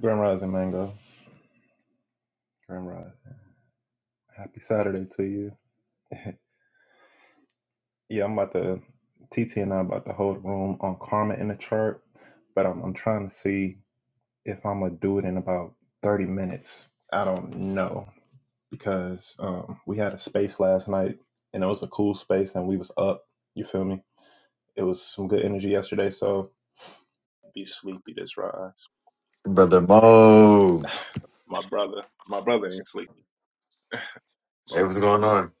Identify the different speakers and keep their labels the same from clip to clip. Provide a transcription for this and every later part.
Speaker 1: Grand Rising Mango. Grand Rising. Happy Saturday to you. yeah, I'm about to TT and I about to hold a room on karma in the chart, but I'm I'm trying to see if I'm gonna do it in about 30 minutes. I don't know because um, we had a space last night and it was a cool space and we was up. You feel me? It was some good energy yesterday, so be sleepy this rise.
Speaker 2: Brother Mo.
Speaker 1: my brother, my brother ain't sleepy. My
Speaker 2: Hey, what's
Speaker 1: brother.
Speaker 2: going on?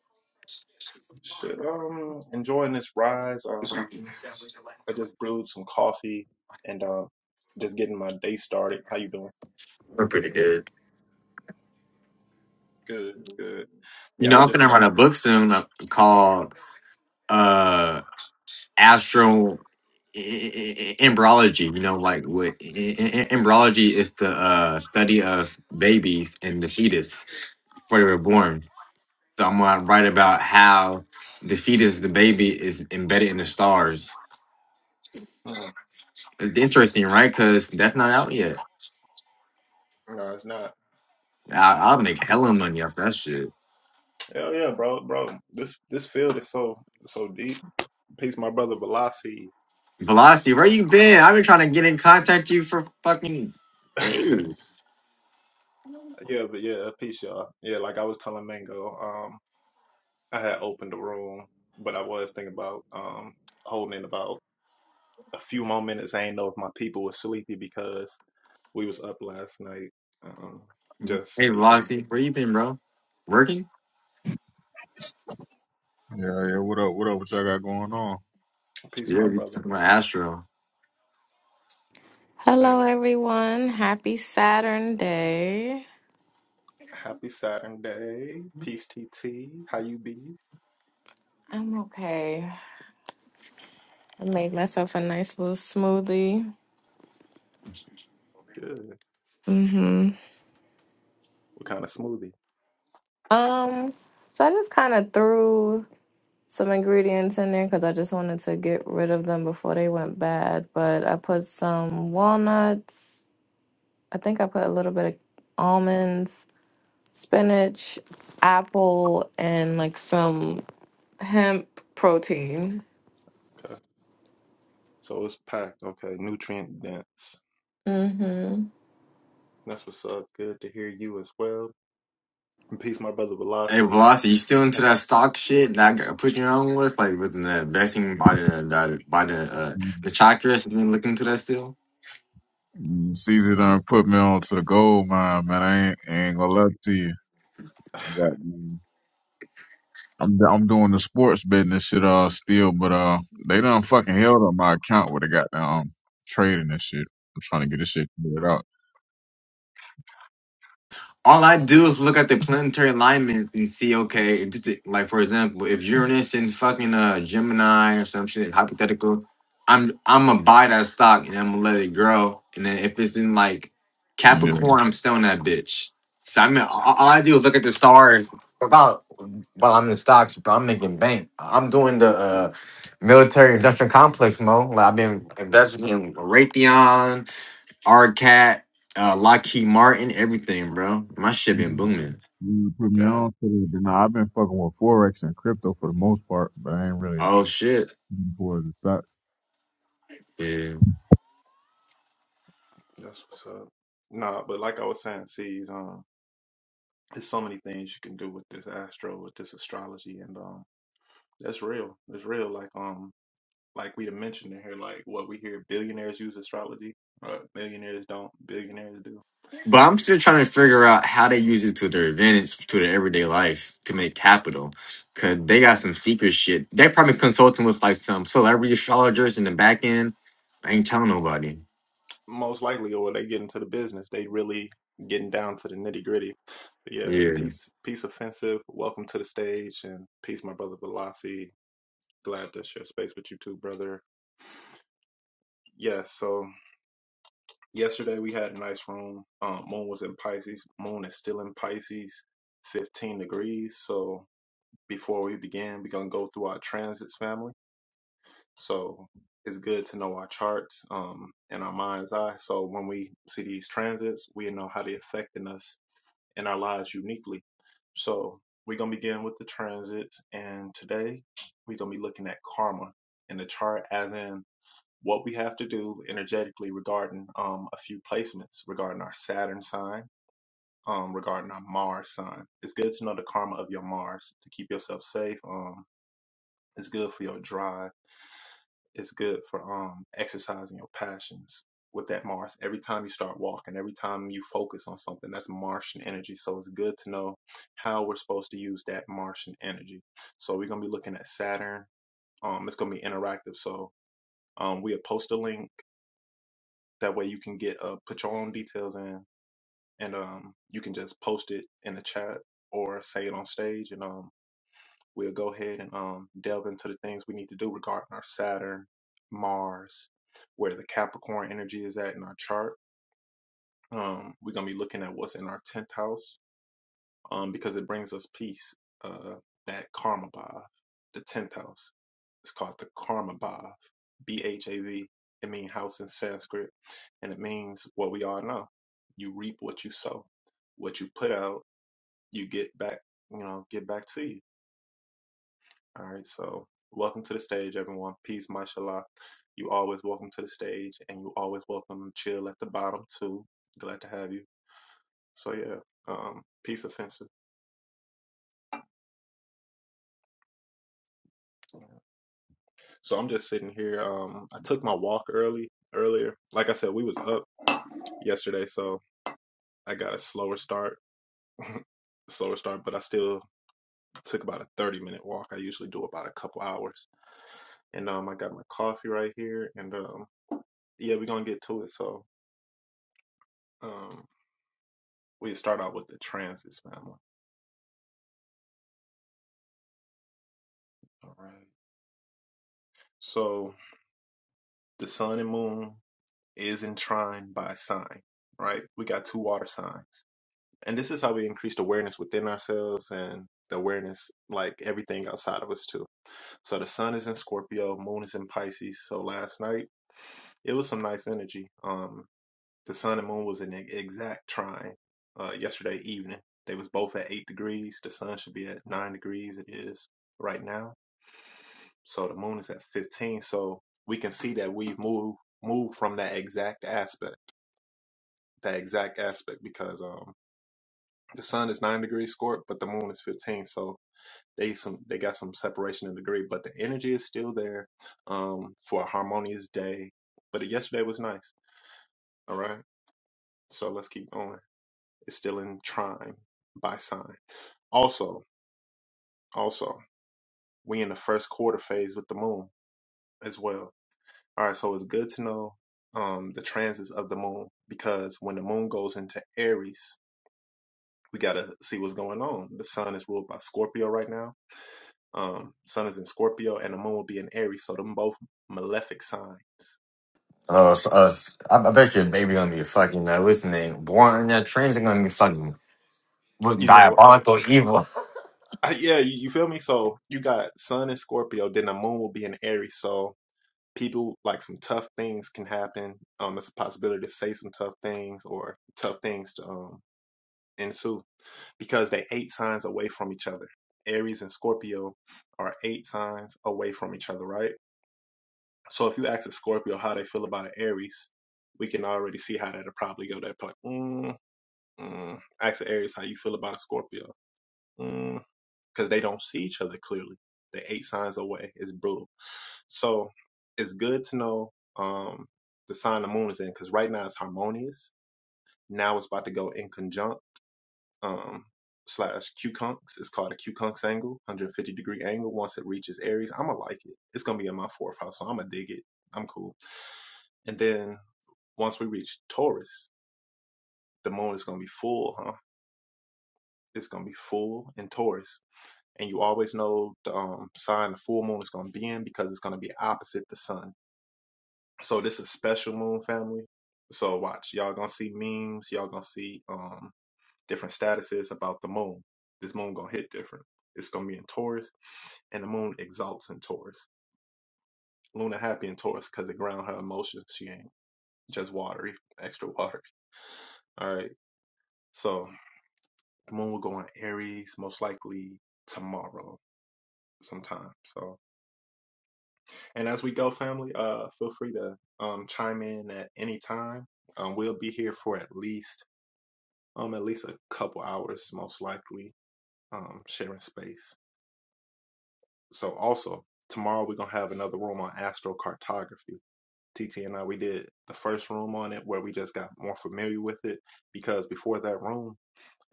Speaker 1: Shit, um, enjoying this rise. Um. I just brewed some coffee and uh, just getting my day started. How you doing?
Speaker 2: We're pretty good.
Speaker 1: Good, good.
Speaker 2: You
Speaker 1: Yeah, I
Speaker 2: know,
Speaker 1: was
Speaker 2: I'm
Speaker 1: just
Speaker 2: gonna
Speaker 1: trying.
Speaker 2: write a book soon uh, called uh Astro I- I- Embryology. You know, like what I- I- I- embryology is the uh study of babies and the fetus before they were born. So I'm gonna write about how the fetus, the baby, is embedded in the stars.
Speaker 1: Mm,
Speaker 2: It's interesting, right? Because that's not out yet.
Speaker 1: no, it's not.
Speaker 2: I- I'll make hella money off that shit.
Speaker 1: Hell yeah, bro, bro. This this field is so so deep. Peace, my brother Velasi.
Speaker 2: Velocity, where you been? I've been trying to get in contact with you for fucking
Speaker 1: yeah,
Speaker 2: days.
Speaker 1: but yeah, peace, y'all. Yeah, like I was telling Mango, um, I had opened the room, but I was thinking about um holding it about a few more minutes. I ain't know if my people was sleepy because we was up last night, um, just
Speaker 2: Hey,
Speaker 1: speaking.
Speaker 2: Velocity, where you been, bro? Working?
Speaker 3: Yeah, yeah. What up? What up? What y'all got going on?
Speaker 1: Peace,
Speaker 2: Yeah,
Speaker 1: my
Speaker 2: you
Speaker 1: brother.
Speaker 2: talking about Astro.
Speaker 4: Hello,
Speaker 1: Yeah.
Speaker 4: everyone. Happy Saturn Day.
Speaker 1: Happy Saturday. Peace TT. How you be?
Speaker 4: I'm okay. I made myself a nice little smoothie.
Speaker 1: Good.
Speaker 4: hmm
Speaker 1: What kind of smoothie?
Speaker 4: Um, so I just kind of threw some ingredients in there because I just wanted to get rid of them before they went bad. But I put some walnuts. I think I put a little bit of almonds, spinach, apple, and like some hemp protein.
Speaker 1: Okay. So it's packed. Okay. Nutrient dense.
Speaker 4: hmm
Speaker 1: That's what's up. Good to hear you as well. And peace, my brother
Speaker 2: Hey,
Speaker 1: Velasi.
Speaker 2: Velocity, you still into
Speaker 1: have
Speaker 2: that stock shit that I got put you on with, like with the investing by the by the, by the uh the chakras? You been looking into that still?
Speaker 3: Mm, Caesar done put me on to the gold mine, man. I ain't, ain't gonna lie to you. I got, I'm I'm doing the sports betting and shit uh still, but uh they done fucking held up my account with the goddamn um, trading and shit. I'm trying to get this shit cleared out.
Speaker 2: all I do is look at the planetary alignments and see, okay, just to- like for example, if Uranus in fucking uh Gemini or some shit, hypothetical, I'm I'm gonna buy that stock and I'm gonna let it grow. And then if it's in like
Speaker 3: Yeah.
Speaker 2: Capricorn, I'm selling that bitch. So I mean, all, all I do is look at the stars about while I'm in stocks, but I'm making bank. I'm doing the uh military industrial complex, mo. Like I've been investing in Raytheon, R Cat, uh, Lockheed Martin, everything, bro. My shit been
Speaker 3: You
Speaker 2: booming.
Speaker 3: you put me
Speaker 1: Damn.
Speaker 3: on to the, but nah, I've been fucking with forex and crypto for the most part, but I ain't really
Speaker 2: Oh shit,
Speaker 3: getting towards the stocks.
Speaker 2: yeah.
Speaker 1: That's what's up. Nah, but like I was saying, see, um there's so many things you can do with this astro, with this astrology, and um that's real. It's real. Like um like we had mentioned in here, like what we hear billionaires use astrology. Right. Millionaires don't, billionaires do
Speaker 2: But I'm still trying to figure out how they use it to their advantage, to their everyday life, to make capital. Cause they got some secret shit. They probably consulting with like some celebrity astrologers in the back end. I ain't telling nobody.
Speaker 1: most likely or they get into the business they really getting down to the nitty gritty yeah
Speaker 2: Yeah.
Speaker 1: peace peace offensive welcome to the stage and peace my brother velasi glad to share space with you too brother yeah so yesterday we had a nice room um moon was in pisces moon is still in pisces 15 degrees so before we begin we're gonna go through our transits family so it's good to know our charts um in our mind's eye so when we see these transits we know how they're affecting us in our lives uniquely. So we're gonna begin with the transits, and today we're gonna be looking at karma in the chart, as in what we have to do energetically regarding um, a few placements regarding our Saturn sign, um, regarding our Mars sign. It's good to know the karma of your Mars to keep yourself safe. Um, it's good for your drive it's good for um exercising your passions with that Mars. Every time you start walking, every time you focus on something, that's Martian energy. So it's good to know how we're supposed to use that Martian energy. So we're gonna be looking at Saturn. Um, it's gonna be interactive. So um, we'll post a link. That way you can get uh put your own details in, and um, you can just post it in the chat or say it on stage, and um, we'll go ahead and um, delve into the things we need to do regarding our Saturn, Mars, where the Capricorn energy is at in our chart. Um, we're going to be looking at what's in our 10th house um, because it brings us peace. Uh, that karma bhav, the 10th house. It's called the karma bhav, B H A V. It means house in Sanskrit, and it means what we all know. You reap what you sow. What you put out, you get back, you know, get back to you All right, so welcome to the stage, everyone. Peace, mashallah. You always welcome to the stage, and you always welcome to chill at the bottom too. Glad to have you. So yeah, um, peace offensive. So I'm just sitting here. Um, I took my walk early earlier. Like I said, we was up yesterday, so I got a slower start, slower start, but I still took about a 30 minute walk. I usually do about a couple hours. And um I got my coffee right here and um yeah, we're gonna get to it. So um We start out with the transits, family. All right. So the sun and moon is in trine by sign, right? We got two water signs. And this is how we increased awareness within ourselves and the awareness, like everything outside of us, too. So the sun is in Scorpio, moon is in Pisces. So last night, it was some nice energy. Um, the sun and moon was in the exact trine uh, yesterday evening. They was both at eight degrees. The sun should be at nine degrees. It is right now So the moon is at 15. So we can see that we've moved moved from that exact aspect, that exact aspect, because um the sun is nine degrees scorp, but the moon is 15. So they some they got some separation in degree, but the energy is still there um for a harmonious day. But yesterday was nice. All right. So let's keep going. It's still in trine by sign. Also, also, we in the first quarter phase with the moon as well. All right, so it's good to know um, the transits of the moon because when the moon goes into Aries, we got to see what's going on. The sun is ruled by Scorpio right now. Um, sun is in Scorpio, and the moon will be in Aries, so them both malefic signs,
Speaker 2: Oh, so,
Speaker 1: right?
Speaker 2: uh, s- I, I bet your baby gonna be fucking uh, listening. Born on that trains are gonna be fucking with
Speaker 1: You said, what-
Speaker 2: diabolical evil.
Speaker 1: I- yeah, you, you feel me? So you got sun in Scorpio, then the moon will be in Aries, so people like some tough things can happen. Um, it's a possibility to say some tough things or tough things to um ensue. because they eight signs away from each other. Aries and Scorpio are eight signs away from each other, right? So if you ask a Scorpio how they feel about an Aries, we can already see how that'll probably go. They're like, mm, mm. ask an Aries how you feel about a Scorpio, Mm, because they don't see each other clearly. They're eight signs away. It's brutal. So it's good to know um, the sign the moon is in, because right now it's harmonious. Now it's about to go in conjunct um, slash QConks. It's called a QConks angle, 150 degree angle. Once it reaches Aries, I'm gonna like it. It's gonna be in my fourth house, so I'm gonna dig it. I'm cool. And then once we reach Taurus, the moon is gonna be full, huh? It's gonna be full in Taurus. And you always know the um, sign the full moon is gonna be in because it's gonna be opposite the sun. So this is special moon family. So watch, y'all gonna see memes, y'all gonna see um different statuses about the moon. This moon gonna hit different. It's gonna be in Taurus and the moon exalts in Taurus. Luna happy in Taurus because it ground her emotions. She ain't just watery, extra watery. All right. So the moon will go in Aries most likely tomorrow sometime. So and as we go, family, uh, feel free to um chime in at any time. Um, we'll be here for at least um at least a couple hours most likely. Um, sharing space. So also tomorrow we're gonna have another room on astrocartography TT and I, we did the first room on it where we just got more familiar with it because before that room,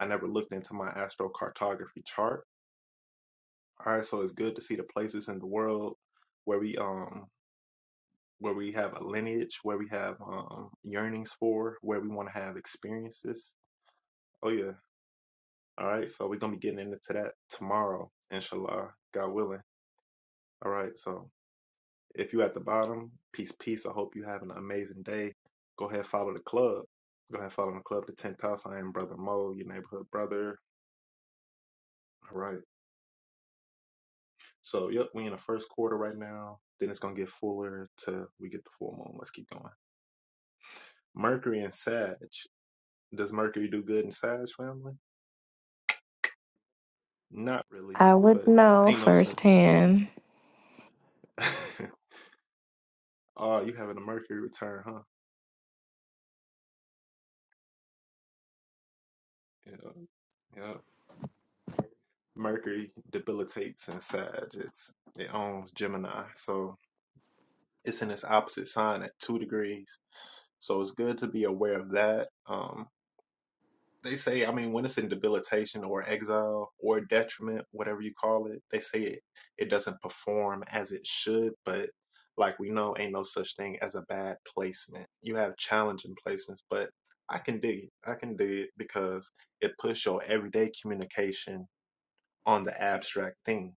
Speaker 1: I never looked into my astrocartography chart. All right, so it's good to see the places in the world where we um where we have a lineage, where we have um yearnings for, where we want to have experiences. Oh yeah. All right, so we're gonna be getting into that tomorrow, inshallah, God willing. All right, so. If you at the bottom, peace, peace. I hope you have an amazing day. Go ahead, follow the club. Go ahead, follow the club, the 10th house. I am Brother Mo, your neighborhood brother. All right. So, yep, we in the first quarter right now. Then it's going to get fuller till we get the full moon. Let's keep going. Mercury and Sag. Does Mercury do good in Sag family? Not really,
Speaker 4: I would
Speaker 1: but
Speaker 4: know
Speaker 1: ain't no sense.
Speaker 4: firsthand.
Speaker 1: oh, you having a Mercury return, huh? Yeah. Yeah. Mercury debilitates in Sag. It's, it owns Gemini. So, it's in its opposite sign at two degrees. So it's good to be aware of that. Um, they say, I mean, when it's in debilitation or exile or detriment, whatever you call it, they say it, it doesn't perform as it should. But like we know, ain't no such thing as a bad placement. You have challenging placements, but I can dig it. I can dig it because it puts your everyday communication on the abstract things.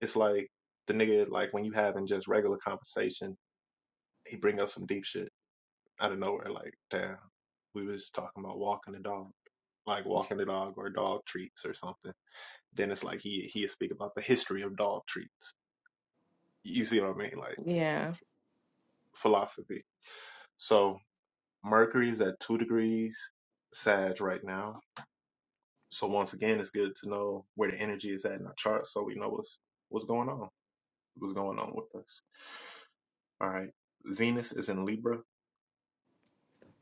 Speaker 1: It's like the nigga, like when you having just regular conversation, he bring up some deep shit out of nowhere, like, damn, we was talking about walking the dog, like walking the dog or dog treats or something. Then it's like he he speak about the history of dog treats. You see what I mean? Like
Speaker 4: Yeah.
Speaker 1: philosophy. So Mercury is at two degrees Sag right now. So once again, it's good to know where the energy is at in our chart, so we know what's what's going on, what's going on with us. All right. Venus is in Libra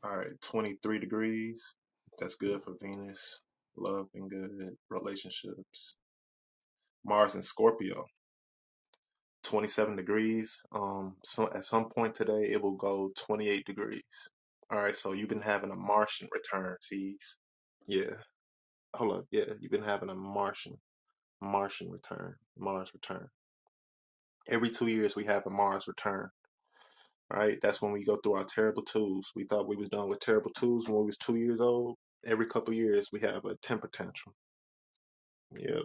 Speaker 1: All right, 23 degrees. That's good for Venus. Love and good relationships. Mars and Scorpio, 27 degrees. Um, so at some point today, it will go 28 degrees. All right, so you've been having a Martian return, sees? Yeah, hold up. Yeah, you've been having a Martian, Martian return, Mars return. Every two years, we have a Mars return. All right? That's when we go through our terrible twos. We thought we was done with terrible twos when we was two years old. Every couple of years, we have a temper tantrum. Yep.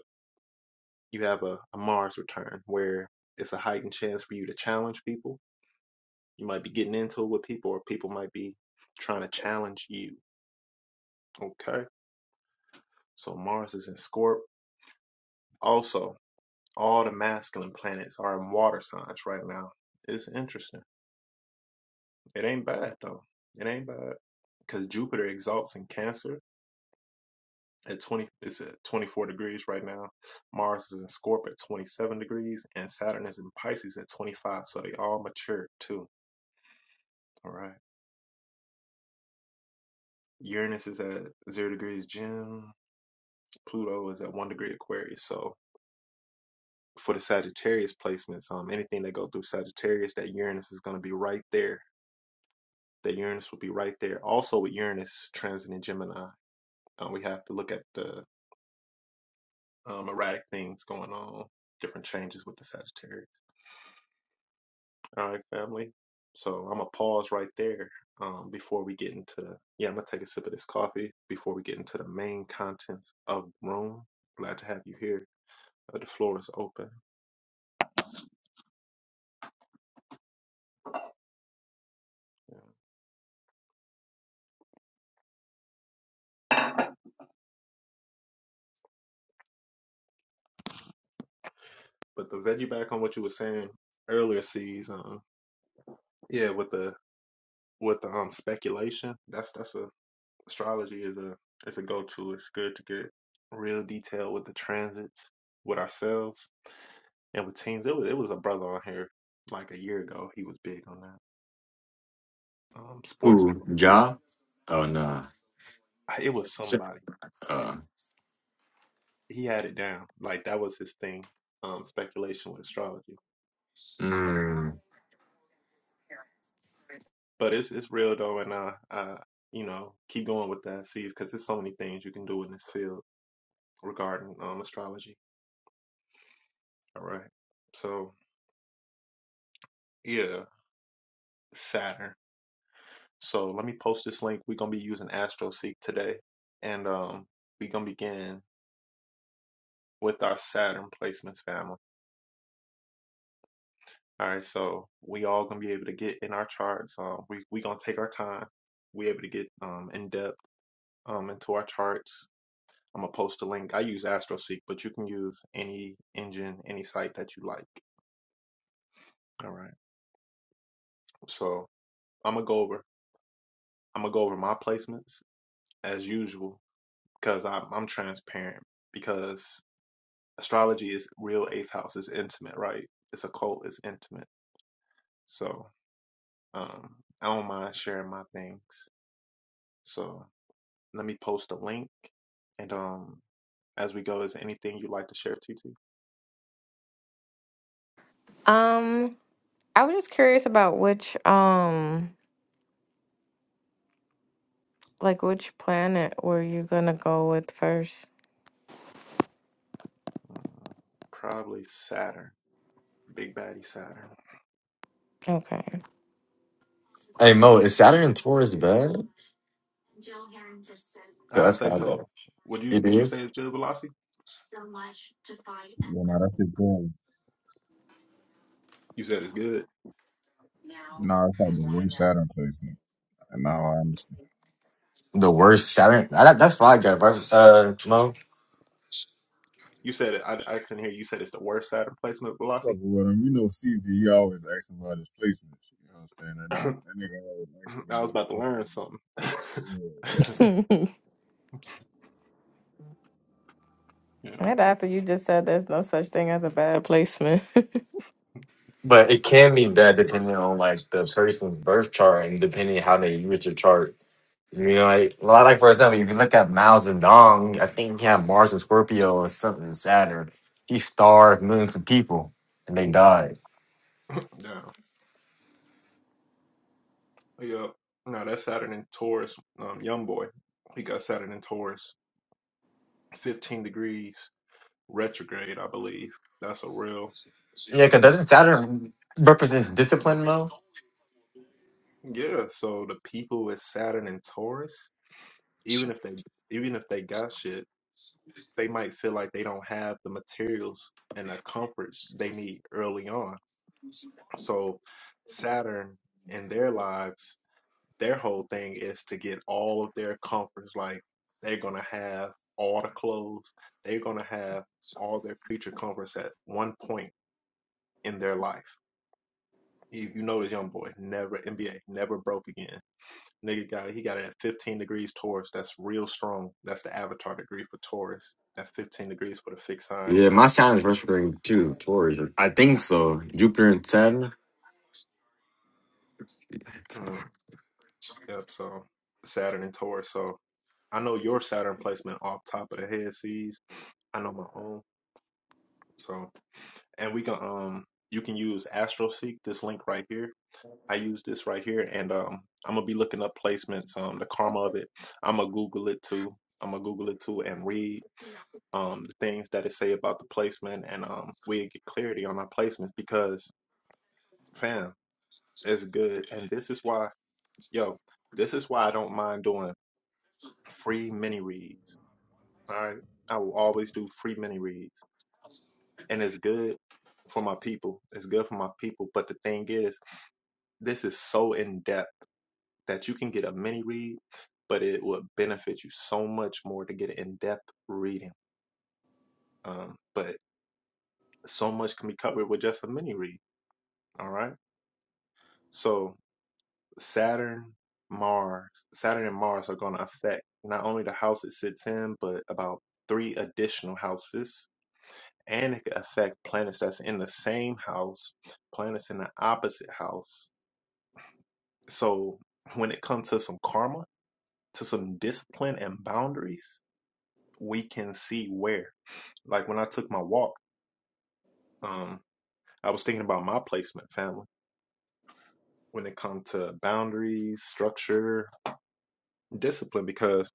Speaker 1: You have a, a Mars return where it's a heightened chance for you to challenge people. You might be getting into it with people, or people might be trying to challenge you. Okay. So Mars is in Scorp. Also, all the masculine planets are in water signs right now. It's interesting. It ain't bad though. It ain't bad because Jupiter exalts in Cancer at 20 it's at 24 degrees right now mars is in Scorpio at 27 degrees and saturn is in pisces at 25 so they all mature too all right uranus is at zero degrees gem pluto is at one degree aquarius so for the sagittarius placements um anything that go through sagittarius that uranus is going to be right there that uranus will be right there also with uranus transiting gemini um, we have to look at the um, erratic things going on different changes with the sagittarius All right, family. So I'm gonna pause right there um, before we get into. the, Yeah, I'm gonna take a sip of this coffee before we get into the main contents of the room. Glad to have you here. Uh, the floor is open. Yeah. But the veggie back on what you were saying earlier, sees. Um, yeah, with the with the um speculation. That's that's a astrology is a is a go to. It's good to get real detail with the transits, with ourselves, and with teams. It was it was a brother on here like a year ago. He was big on that um, sports.
Speaker 2: Who? Ja? Oh no.
Speaker 1: I- It was somebody. He had it down. Like that was his thing. Um, speculation with astrology.
Speaker 2: Mm.
Speaker 1: But it's it's real though, and I, I you know keep going with that. See, because there's so many things you can do in this field regarding um astrology. All right. So yeah, Saturn. So let me post this link. We're gonna be using AstroSeek today, and um we're gonna begin with our Saturn placements, family. All right, so we all gonna be able to get in our charts. Um, we we gonna take our time. We able to get um in depth um into our charts. I'm gonna post a link. I use AstroSeek, but you can use any engine, any site that you like. All right. So I'm gonna go over. I'm gonna go over my placements as usual because I'm I'm transparent because astrology is real eighth house. is intimate, right? It's occult. It's intimate. So um, I don't mind sharing my things. So. let me post a link. And um, as we go, is there anything you'd like to share, TT?
Speaker 4: Um, I was just curious about which um like which planet were you gonna go with first?
Speaker 1: Mm, probably Saturn, Big Baddie Saturn.
Speaker 4: Okay.
Speaker 2: Hey Mo, is Saturn in Taurus bad? Yeah,
Speaker 1: I'd
Speaker 2: That's
Speaker 1: say
Speaker 2: bad. bad.
Speaker 1: so. Would you
Speaker 2: It
Speaker 1: Would you say
Speaker 2: is
Speaker 1: it's good velocity?
Speaker 3: Yeah, nah, that shit it.
Speaker 1: You said it's good.
Speaker 3: Nah, that's like the worst Saturn placement, and now I understand.
Speaker 2: the worst Saturn. That, that's why I got birth, uh, Mo.
Speaker 1: You said it. I, I couldn't hear you. You said it's the worst Saturn placement velocity.
Speaker 3: fucking with him. You know, CZ, he always asking about his placements. You know what I'm saying? That,
Speaker 1: I
Speaker 3: that nigga always asking
Speaker 1: was
Speaker 3: about
Speaker 1: about to learn something.
Speaker 3: placements.
Speaker 1: Yeah.
Speaker 4: And after you just said there's no such thing as a bad placement.
Speaker 2: But it can be bad depending on like the person's birth chart and depending how they use your chart. You know, like a lot like for example, if you look at Mao Zedong, I think he had Mars and Scorpio or something in Saturn. He starved millions of people and they died.
Speaker 1: Yeah. Yeah. No, that's Saturn in Taurus. Um, young boy. He got Saturn in Taurus. 15 degrees retrograde, I believe. That's a real
Speaker 2: Yeah, because doesn't Saturn represents discipline, Mo?
Speaker 1: Yeah, so the people with Saturn and Taurus, even if they even if they got shit, they might feel like they don't have the materials and the comforts they need early on. So Saturn in their lives, their whole thing is to get all of their comforts. Like they're gonna have all the clothes, they're gonna have all their creature comforts at one point in their life. If you know this young boy, never NBA, never broke again Nigga got it. He got it at 15 degrees Taurus. That's real strong. That's the avatar degree for Taurus. At 15 degrees for the fixed sign.
Speaker 2: Yeah, my
Speaker 1: So,
Speaker 2: sign is retrograde too, Taurus. I think so. Jupiter and ten.
Speaker 1: mm, yep. So Saturn and Taurus. So I know your Saturn placement off top of the head. Sees. I know my own. So and we can um you can use AstroSeek. This link right here. I use this right here, and um I'm gonna be looking up placements. Um, the karma of it. I'm gonna Google it too. I'm gonna Google it too and read. um, the things that it say about the placement, and um, we get clarity on our placements because, fam, it's good. And this is why, yo, this is why I don't mind doing free mini reads. All right, I will always do free mini reads, and it's good for my people. It's good for my people. But the thing is, this is so in depth that you can get a mini read, but it would benefit you so much more to get an in depth reading. Um, but so much can be covered with just a mini read. All right. So Saturn, Mars, Saturn and Mars are going to affect not only the house it sits in, but about three additional houses. And it could affect planets that's in the same house, planets in the opposite house. So when it comes to some karma, to some discipline and boundaries, we can see where. Like when I took my walk, um, I was thinking about my placement, family. When it comes to boundaries, structure, discipline because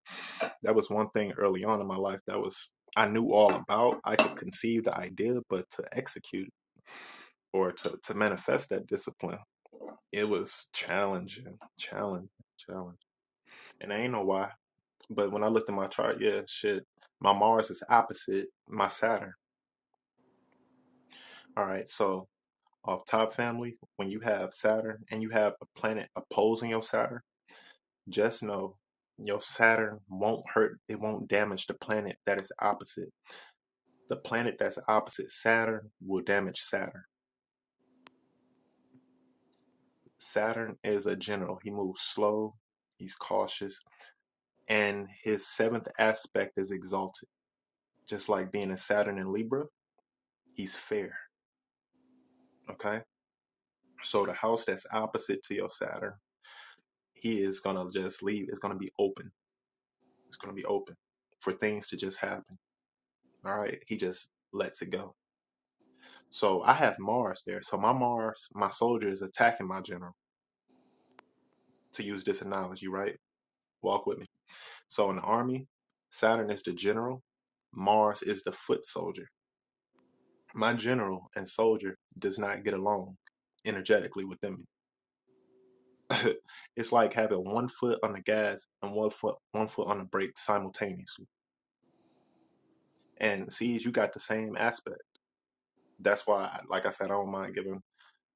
Speaker 1: that was one thing early on in my life that was I knew all about. I could conceive the idea, but to execute or to, to manifest that discipline, it was challenging, challenging, challenging. And I ain't know why. But when I looked at my chart, yeah, shit, my Mars is opposite my Saturn. All right, so off top family, when you have Saturn and you have a planet opposing your Saturn, just know your Saturn won't hurt, it won't damage the planet that is opposite The planet that's opposite Saturn will damage Saturn. Saturn is a general. He moves slow, he's cautious, and his seventh aspect is exalted. Just like being a Saturn in Libra, he's fair. Okay. So the house that's opposite to your Saturn, he is going to just leave. It's going to be open. It's going to be open for things to just happen. All right. He just lets it go. So I have Mars there. So my Mars, my soldier is attacking my general, to use this analogy, right? Walk with me So in the army, Saturn is the general, Mars is the foot soldier. My general and soldier does not get along energetically within me. it's like having one foot on the gas and one foot one foot on the brake simultaneously. And sees you got the same aspect. That's why, like I said, I don't mind giving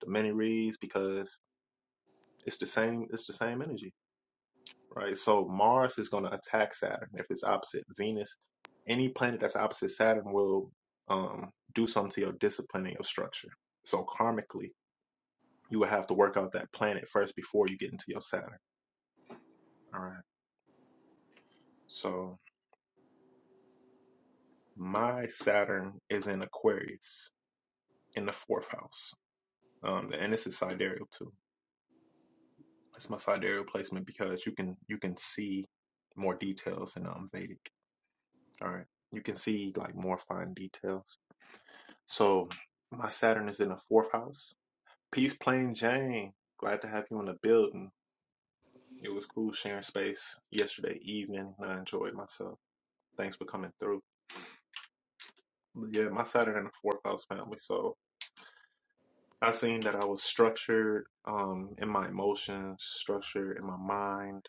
Speaker 1: the many reads because it's the same. It's the same energy right? So Mars is going to attack Saturn if it's opposite Venus. Any planet that's opposite Saturn will um, do something to your discipline and your structure. So karmically, you would have to work out that planet first before you get into your Saturn. All right. So my Saturn is in Aquarius in the fourth house, um, and this is sidereal too. It's my sidereal placement because you can you can see more details in um, Vedic. All right, you can see like more fine details. So my Saturn is in the fourth house. Peace, plain Jane. Glad to have you in the building. It was cool sharing space yesterday evening. I enjoyed myself. Thanks for coming through. But yeah, my Saturn in the fourth house family. So I seen that I was structured um, in my emotions, structured in my mind.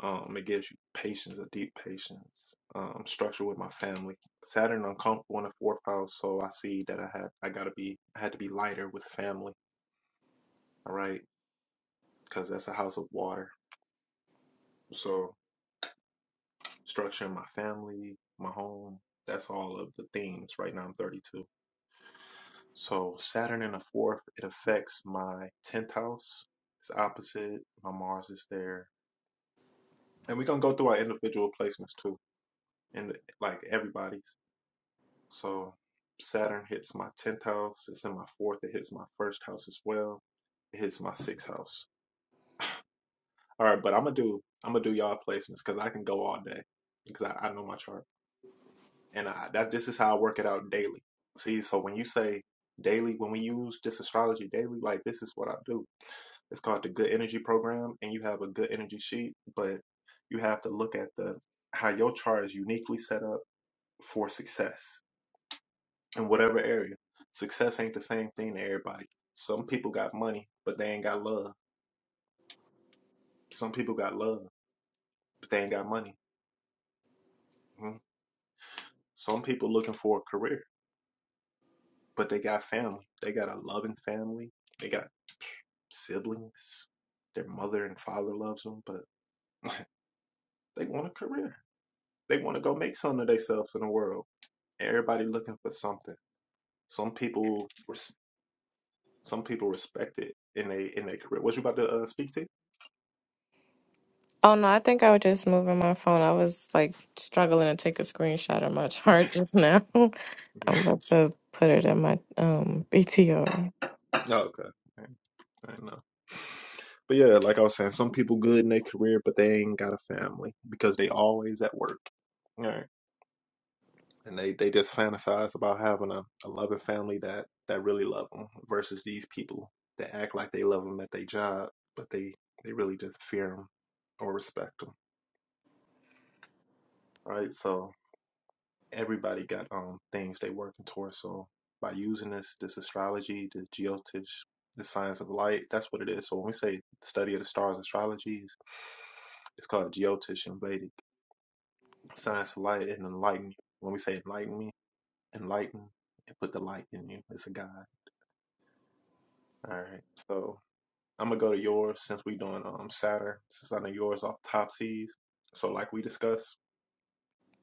Speaker 1: Um, it gives you patience, a deep patience, um, structure with my family. Saturn uncomfortable in the fourth house, so I see that I had I gotta be I had to be lighter with family. All right. because that's a house of water. So structuring my family, my home, that's all of the themes. Right now I'm 32. So Saturn in the fourth, it affects my 10th house. It's opposite. My Mars is there. And we're gonna go through our individual placements too. And eh, like everybody's. So Saturn hits my 10th house. It's in my fourth. It hits my first house as well. It hits my sixth house. All right, but I'm gonna do I'm gonna do y'all placements because I can go all day because I, I know my chart. and I, that this is how I work it out daily. See, so when you say daily, when we use this astrology daily, like this is what I do. It's called the Good Energy Program, and you have a Good Energy sheet, but you have to look at the how your chart is uniquely set up for success in whatever area. Success ain't the same thing to everybody. Some people got money, but they ain't got love. Some people got love, but they ain't got money. Mhm. Some people looking for a career, but they got family. They got a loving family. They got siblings. Their mother and father loves them, but they want a career. They want to go make something of themselves in the world. Everybody looking for something. Some people, res- some people respect it in they in their career. What you about to uh, speak to?
Speaker 4: oh no, I think I was just moving my phone. I was like struggling to take a screenshot of my chart just now. I'm about to put it in my um BTR.
Speaker 1: oh, okay. I know. But yeah, like I was saying, some people good in their career, but they ain't got a family because they always at work. All right. and they they just fantasize about having a, a loving family that that really love them versus these people that act like they love them at their job but they they really just fear them or respect them right so everybody got um things they working towards so by using this this astrology this geotish the science of light that's what it is so when we say study of the stars astrology is it's called geotish and vedic science of light and enlighten when we say enlighten me enlighten and put the light in you it's a guide All right. So I'm gonna go to yours since we doing um Saturn, since I know yours off top So like we discussed,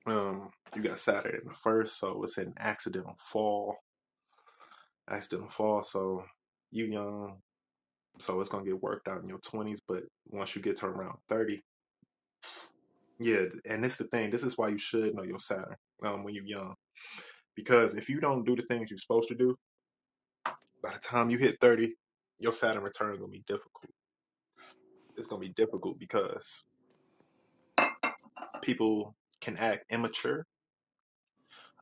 Speaker 1: um, you got Saturn in the first, so it's an accidental fall. Accidental fall, so you young, so it's gonna get worked out in your twenties, but once you get to around thirty, yeah, and this is the thing, this is why you should know your Saturn, um, when you're young. Because if you don't do the things you're supposed to do, by the time you hit thirty, your Saturn return gonna be difficult. It's gonna be difficult because people can act immature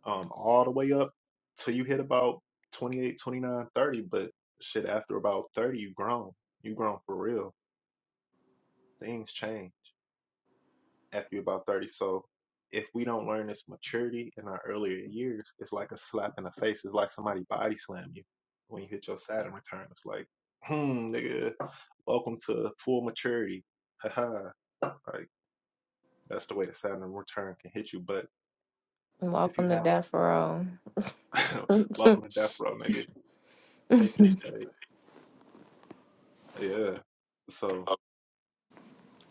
Speaker 1: um, all the way up till you hit about 28, 29, 30. but shit after about 30 you grown you grown for real things change after you're about 30 so if we don't learn this maturity in our earlier years it's like a slap in the face it's like somebody body slam you when you hit your saturn return it's like hmm nigga welcome to full maturity haha like that's the way the saturn return can hit you but if you
Speaker 4: Welcome to
Speaker 1: have
Speaker 4: Death Row.
Speaker 1: Welcome to death row, nigga. Take this fade. Yeah. So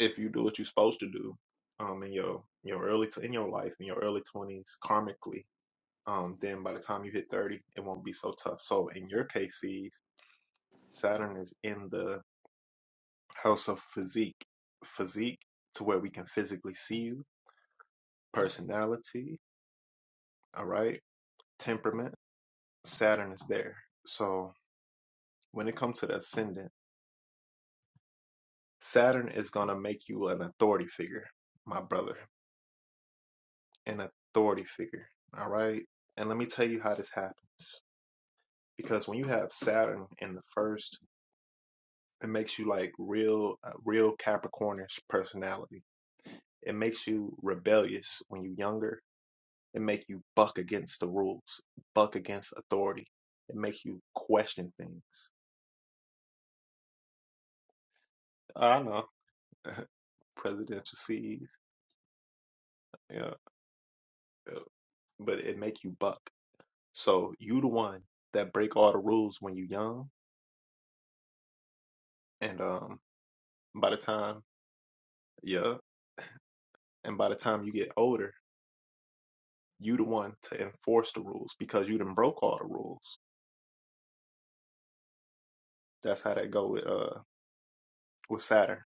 Speaker 1: if you do what you're supposed to do, um, in your your early t- in your life in your early twenties, karmically, um, then by the time you hit thirty, it won't be so tough. So in your case, seeds Saturn is in the house of physique, physique to where we can physically see you, personality, all right, temperament. Saturn is there. So when it comes to the ascendant. Saturn is going to make you an authority figure, my brother, an authority figure. All right. And let me tell you how this happens. Because when you have Saturn in the first, it makes you like real, a real Capricornish personality. It makes you rebellious when you're younger. It makes you buck against the rules, buck against authority. It makes you question things. I know presidential seeds, yeah, yeah, but it make you buck. So you the one that break all the rules when you young, and um, by the time yeah, and by the time you get older, you the one to enforce the rules because you done broke all the rules. That's how that go with uh with Saturn.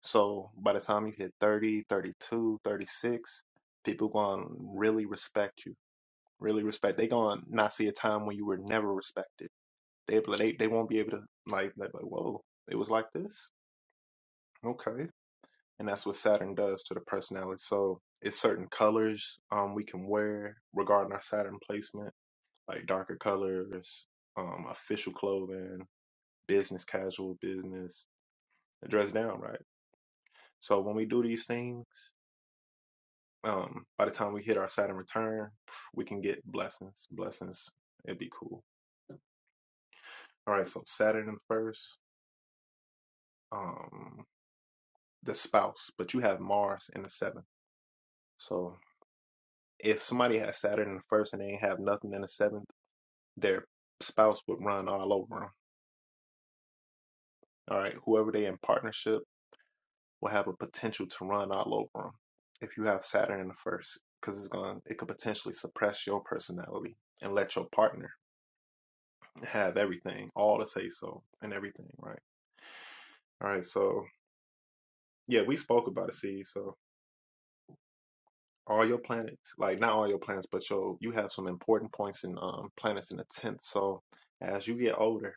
Speaker 1: So by the time you hit 30, 32, 36, people gonna really respect you. Really respect. They gonna not see a time when you were never respected. They they they won't be able to like, they like whoa, it was like this. Okay and that's what Saturn does to the personality. So it's certain colors um, we can wear regarding our Saturn placement, like darker colors, um, official clothing, business casual, business dress down, right? So when we do these things, um, by the time we hit our Saturn return, we can get blessings. Blessings, it'd be cool. All right, so Saturn in first, um, the spouse, but you have Mars in the seventh. So if somebody has Saturn in the first and they ain't have nothing in the seventh their spouse would run all over them. All right, whoever they in partnership will have a potential to run all over them if you have Saturn in the first, because it's going to it could potentially suppress your personality and let your partner have everything, all to say so and everything, right? All right, so yeah, we spoke about it. See, so all your planets, like not all your planets, but your you have some important points in um planets in the tenth. So as you get older,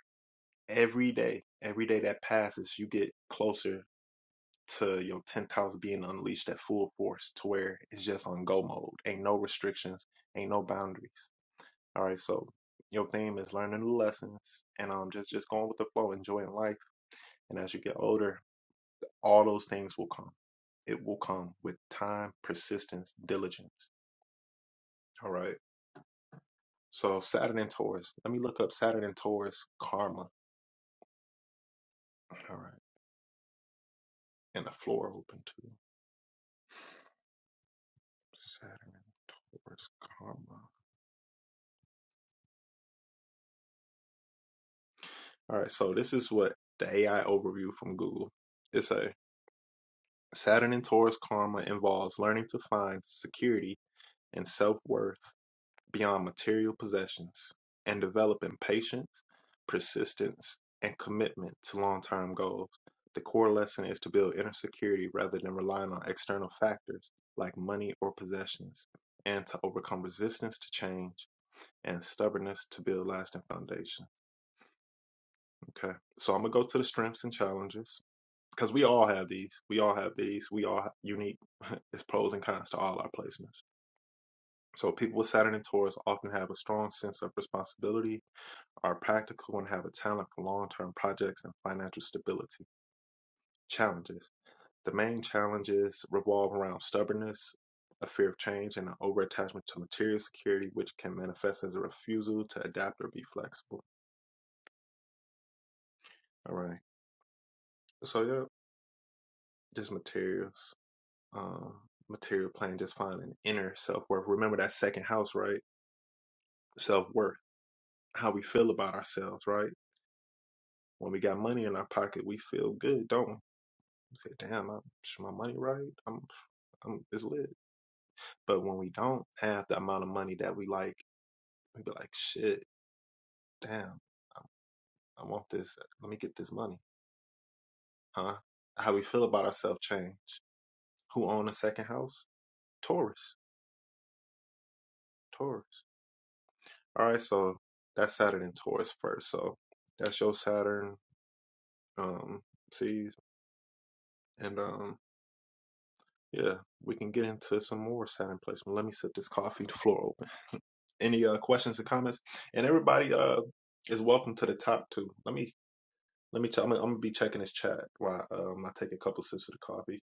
Speaker 1: every day, every day that passes, you get closer to your 10th house being unleashed at full force to where it's just on go mode. Ain't no restrictions, ain't no boundaries. All right, so your theme is learning new lessons and um just just going with the flow, enjoying life. And as you get older, all those things will come. It will come with time, persistence, diligence. All right. So Saturn and Taurus. Let me look up Saturn and Taurus karma. All right. And the floor open too. Saturn and Taurus karma. All right, so this is what the AI overview from Google. It's a Saturn and Taurus karma involves learning to find security and self worth beyond material possessions and developing patience, persistence, and commitment to long term goals. The core lesson is to build inner security rather than relying on external factors like money or possessions, and to overcome resistance to change and stubbornness to build lasting foundation. Okay, so I'm gonna go to the strengths and challenges because we all have these. We all have these. We all unique. it's pros and cons to all our placements. So people with Saturn and Taurus often have a strong sense of responsibility, are practical, and have a talent for long-term projects and financial stability. Challenges. The main challenges revolve around stubbornness, a fear of change, and an over-attachment to material security, which can manifest as a refusal to adapt or be flexible. All right. So yeah, just materials. um, material plane, just finding inner self worth. Remember that second house, right? Self worth, how we feel about ourselves, right? When we got money in our pocket, we feel good, don't we? We say, "Damn, I'm, is my money right? I'm, I'm, it's lit." But when we don't have the amount of money that we like, we be like, "Shit, damn, I, I want this. Let me get this money, huh?" How we feel about ourselves change. Who own a second house? Taurus. Taurus. All right, so that's Saturn in Taurus first. So that's your Saturn um seeds. And um yeah, we can get into some more Saturn placement. Let me sip this coffee, the floor open. Any uh questions and comments? And everybody uh is welcome to the top too. Let me let me ch- I'm, gonna- I'm gonna be checking this chat while um I take a couple sips of the coffee.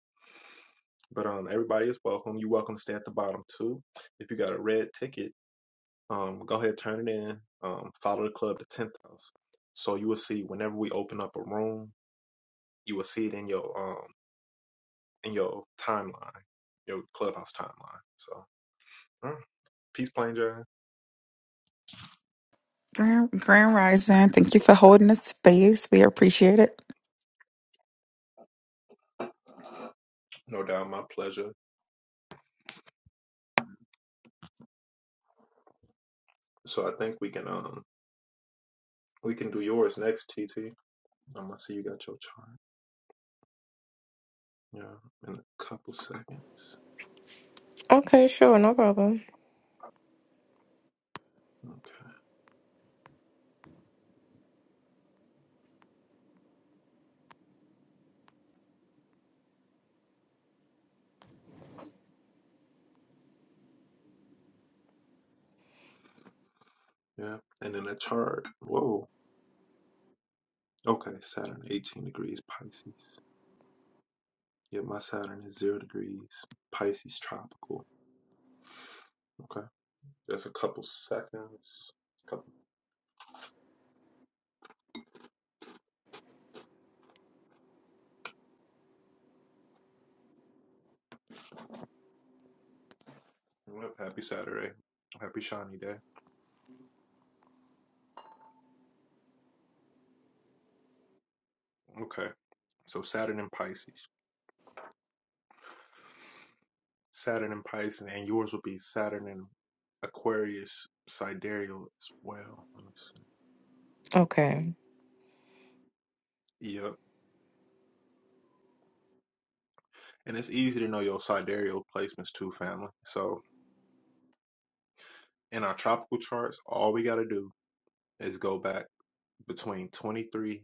Speaker 1: But um everybody is welcome. You're welcome to stay at the bottom too. If you got a red ticket, um go ahead turn it in. Um follow the club to tenth house. So you will see whenever we open up a room you will see it in your um in your timeline, your clubhouse timeline. So mm, peace, plain Jane.
Speaker 5: Grand, Grand Rising, thank you for holding the space. We appreciate it.
Speaker 1: No doubt, my pleasure. So I think we can um we can do yours next, TT. I'm gonna see you got your chart. Yeah, in a couple seconds.
Speaker 4: okay, sure, no problem.
Speaker 1: Okay. Yeah, and then the chart. Whoa. Okay, Saturn, 18 degrees Pisces. Yeah, my Saturn is zero degrees Pisces tropical. Okay, just a couple seconds. Couple. yep, Happy Saturday. Happy shiny day. Okay. So Saturn in Pisces. Saturn in Pisces, and yours will be Saturn in Aquarius sidereal as well. Let me see.
Speaker 4: Okay.
Speaker 1: Yep. And it's easy to know your sidereal placements too, family. So in our tropical charts, all we gotta do is go back between 23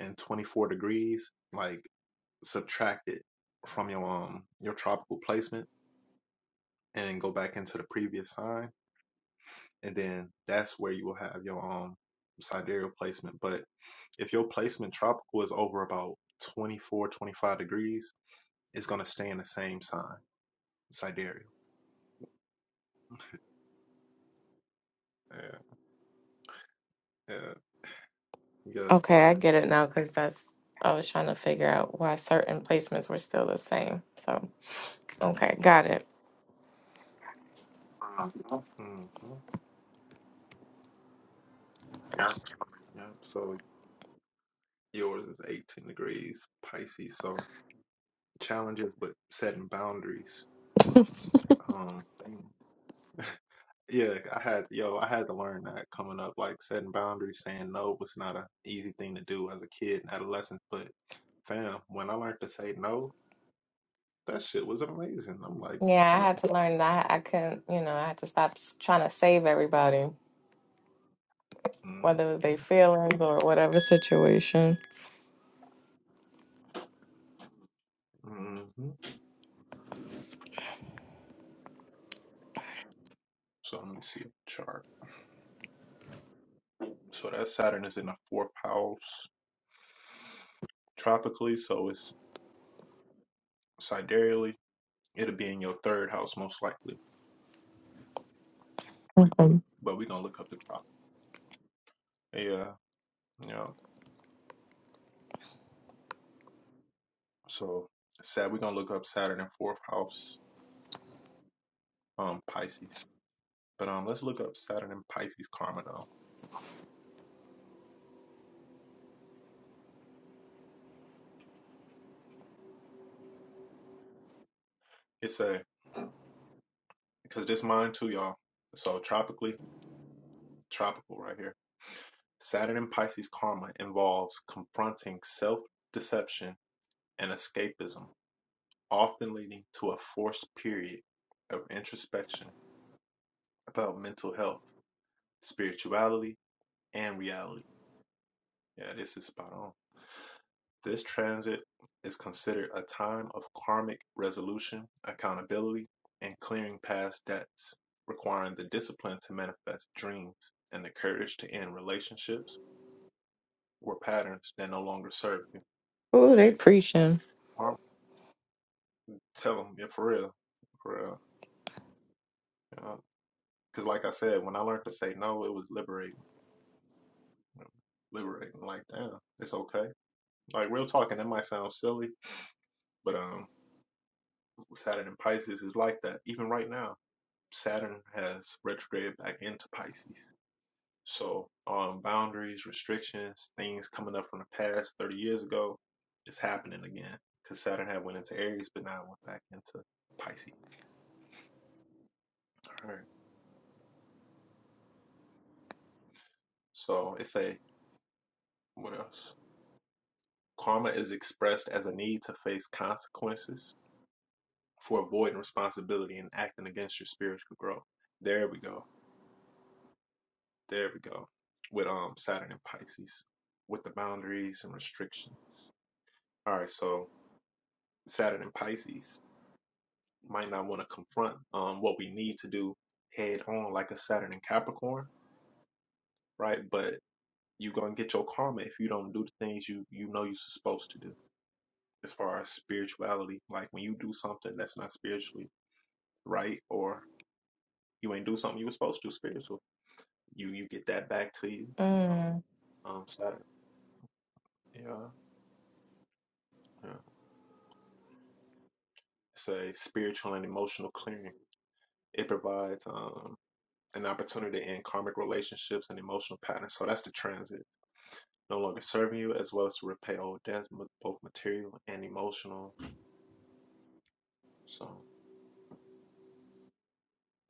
Speaker 1: and 24 degrees, like subtract it from your um your tropical placement and then go back into the previous sign and then that's where you will have your um sidereal placement but if your placement tropical is over about 24, 25 degrees it's going to stay in the same sign sidereal yeah yeah yes
Speaker 4: Okay, I
Speaker 1: fine
Speaker 4: get it now because that's I was trying to figure out why certain placements were still the same. So, okay, got it.
Speaker 1: hmm yeah so yours is 18 degrees pisces so challenges with setting boundaries um Yeah, I had yo, I had to learn that coming up, like setting boundaries, saying no was not an easy thing to do as a kid and adolescent. But fam, when I learned to say no, that shit was amazing. I'm like,
Speaker 4: Yeah, I
Speaker 1: no.
Speaker 4: had to learn that I couldn't, you know, I had to stop s- trying to save everybody,
Speaker 1: Mm,
Speaker 4: whether it was their feelings or whatever situation.
Speaker 1: mm, mm-hmm. So let me see a chart. So that Saturn is in the fourth house tropically, so it's sidereally. It'll be in your third house most likely.
Speaker 4: Um,
Speaker 1: But we're gonna look up the trop. Yeah, yeah. So sad we're gonna look up Saturn in fourth house, um Pisces. But um, let's look up Saturn and Pisces karma now. It's a because this mine too, y'all. So tropically, tropical right here. Saturn and Pisces karma involves confronting self-deception and escapism, often leading to a forced period of introspection about mental health, spirituality, and reality. Yeah, this is spot on. This transit is considered a time of karmic resolution, accountability, and clearing past debts, requiring the discipline to manifest dreams and the courage to end relationships or patterns that no longer serve you.
Speaker 4: ooh, they
Speaker 1: See,
Speaker 4: preaching.
Speaker 1: karm- tell them, yeah, for real, for real. You know? Because, like I said, when I learned to say no, it was liberating. Liberating, like, damn, it's okay. Like, real talking, that might sound silly, but um, Saturn in Pisces is like that, even right now. Saturn has retrograded back into Pisces. So, um, boundaries, restrictions, things coming up from the past 30 years ago, it's happening again because Saturn had went into Aries, but now it went back into Pisces. All right. So it's a what else? Karma is expressed as a need to face consequences for avoiding responsibility and acting against your spiritual growth. There we go. There we go. With um Saturn and Pisces, with the boundaries and restrictions. All right. So Saturn and Pisces might not want to confront um, what we need to do head on, like a Saturn and Capricorn, right? But you're gonna get your karma if you don't do the things you you know you're supposed to do. As far as spirituality, like when you do something that's not spiritually right, or you ain't do something you were supposed to do spiritual, you you get that back to you.
Speaker 4: Mm.
Speaker 1: Um, Saturn, yeah, yeah. It's a spiritual and emotional clearing. It provides. um. an opportunity to end karmic relationships and emotional patterns. So that's the transit. No longer serving you, as well as to repay old debts, both material and emotional. So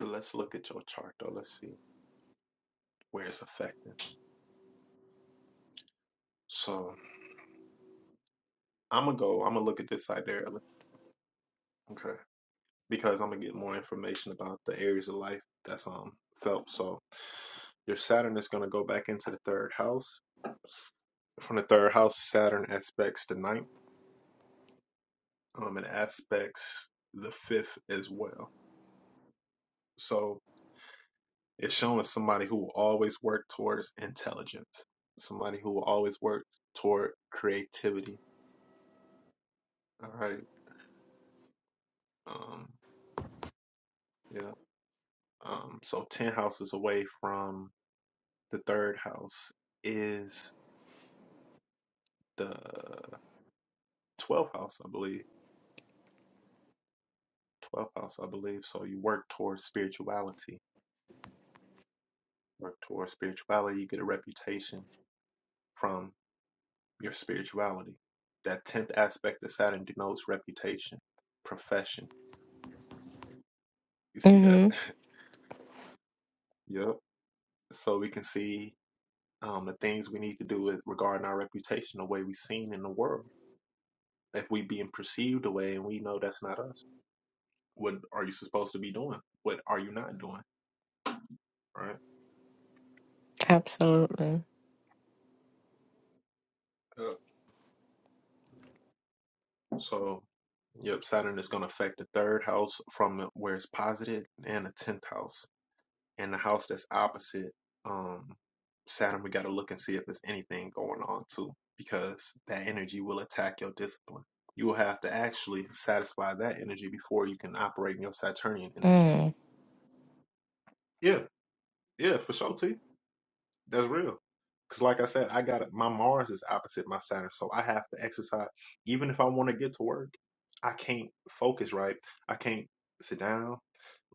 Speaker 1: let's look at your chart though. Let's see where it's affecting. So I'm gonna go. I'm gonna look at this sidereally, okay? Because I'm gonna get more information about the areas of life that's um felt. So your Saturn is gonna go back into the third house. From the third house, Saturn aspects the ninth, um, and aspects the fifth as well. So It's showing somebody who will always work towards intelligence, somebody who will always work toward creativity. All right. Um, yeah. Um, so 10 houses away from the third house is the 12th house, I believe. 12th house, I believe. So you work towards spirituality, work towards spirituality. You get a reputation from your spirituality. That 10th aspect of Saturn denotes reputation, profession. You see that?
Speaker 4: hmm
Speaker 1: Yep. so we can see um, the things we need to do with regarding our reputation, the way we're seen in the world. If we being perceived away and we know that's not us, what are you supposed to be doing? What are you not doing? Right.
Speaker 4: Absolutely.
Speaker 1: Uh, so, yep, Saturn is going to affect the third house from where it's positive and the tenth house. and the house that's opposite um Saturn, we got to look and see if there's anything going on too, because that energy will attack your discipline. You will have to actually satisfy that energy before you can operate in your Saturnian energy.
Speaker 4: Mm.
Speaker 1: Yeah, yeah, for sure, T. That's real. Because, like I said, I got my Mars is opposite my Saturn, so I have to exercise. Even if I want to get to work, I can't focus right. I can't sit down.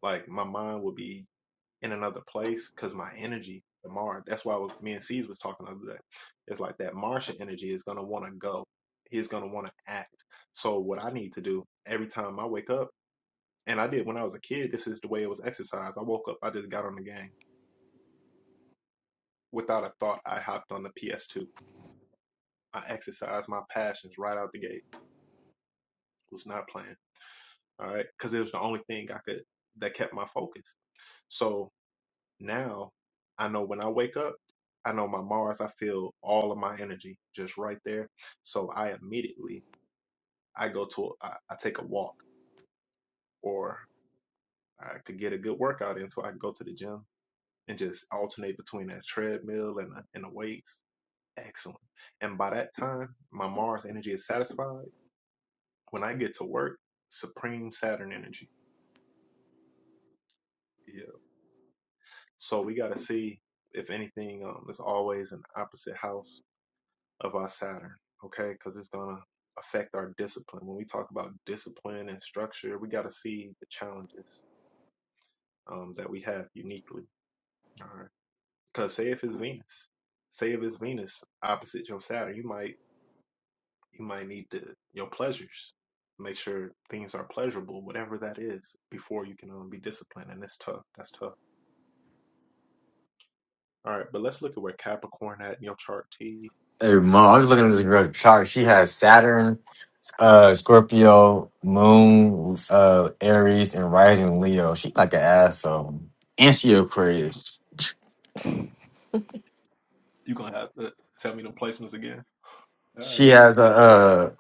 Speaker 1: Like my mind will be in another place because my energy, the Mars. that's why I was, me and C's was talking the other day. It's like that Martian energy is going to want to go. He's going to want to act. So what I need to do every time I wake up, and I did when I was a kid, this is the way it was exercised. I woke up, I just got on the game. Without a thought, I hopped on the PS2. I exercised my passions right out the gate. Was not playing. All right. Cause it was the only thing I could, that kept my focus. So Now I know when I wake up, I know my Mars, I feel all of my energy just right there. So I immediately I go to a, I, I take a walk or I could get a good workout in so I can go to the gym and just alternate between that treadmill and the, and the weights. Excellent. And by that time, my Mars energy is satisfied. When I get to work, supreme Saturn energy. Yeah. So we got to see if anything um, is always an opposite house of our Saturn, okay? Because it's going to affect our discipline. When we talk about discipline and structure, we got to see the challenges um, that we have uniquely, all right? Because say if it's Venus, say if it's Venus opposite your Saturn, you might you might need to your pleasures. Make sure things are pleasurable, whatever that is, before you can um, be disciplined. And it's tough. That's tough. All right, but let's look at where Capricorn at in your chart T.
Speaker 2: Hey, mom, I was looking at this girl chart. She has Saturn, uh, Scorpio, Moon, uh, Aries, and Rising Leo. She like an asshole, and she Aquarius.
Speaker 4: You
Speaker 1: You're gonna have to tell me the placements again. Uh,
Speaker 2: She
Speaker 1: he says,
Speaker 2: has a,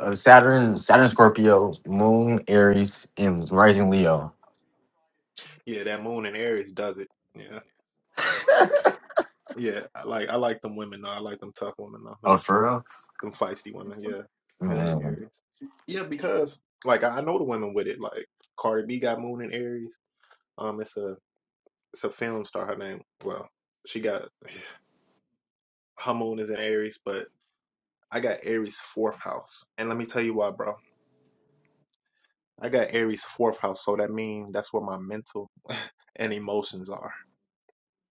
Speaker 2: a, a Saturn, Saturn, Scorpio, Moon, Aries, and Rising Leo.
Speaker 1: yeah, that moon in Aries does it. Yeah. Yeah, I like I like them women though. I like them tough women though.
Speaker 2: Oh, for real?
Speaker 1: Them them feisty women. Yeah, Moon and
Speaker 2: Man.
Speaker 1: Aries. Yeah, because like I I know the women with it. Like Cardi B got Moon and Aries. Um, it's a it's a film star. Her name. Well, she got her Moon is in Aries, but I got Aries fourth house. And let me tell you why, bro. I got Aries fourth house, so that means that's where my mental and emotions are.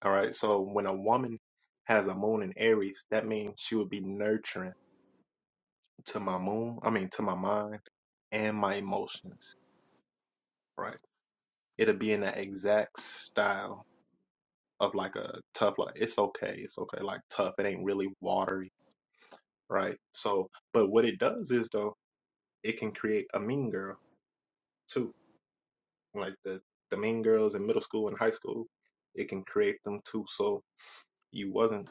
Speaker 1: All right. So when a woman has a Moon in Aries, that means she would be nurturing. to my moon, I mean to my mind and my emotions, right? It'll be in that exact style of like a tough like it's okay, it's okay, like tough. It ain't really watery, right? So but what it does is though, it can create a mean girl too. Like the the mean girls in middle school and high school, it can create them too. So you wasn't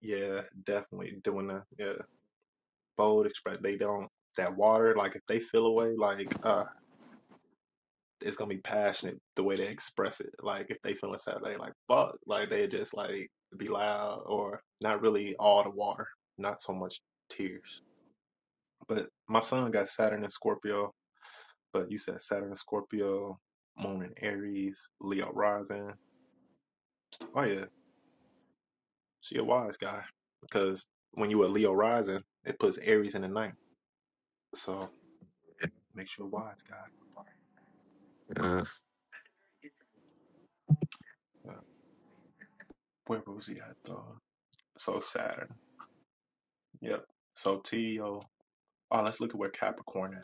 Speaker 1: yeah, definitely doing a yeah, bold express they don't that water, like if they feel away, like uh, it's gonna be passionate the way they express it. Like if they feeling sad, they like fuck, like they just like be loud or not really all the water, not so much tears. But my son got Saturn in Scorpio, but you said Saturn in Scorpio, Moon in Aries, Leo rising. Oh yeah, she a wise guy because when you a Leo rising, it puts Aries in the ninth. So makes you a wise guy.
Speaker 2: Uh,
Speaker 1: Uh, Where was he at though? So Saturn. Yep. So T O. Oh, let's look at where Capricorn at.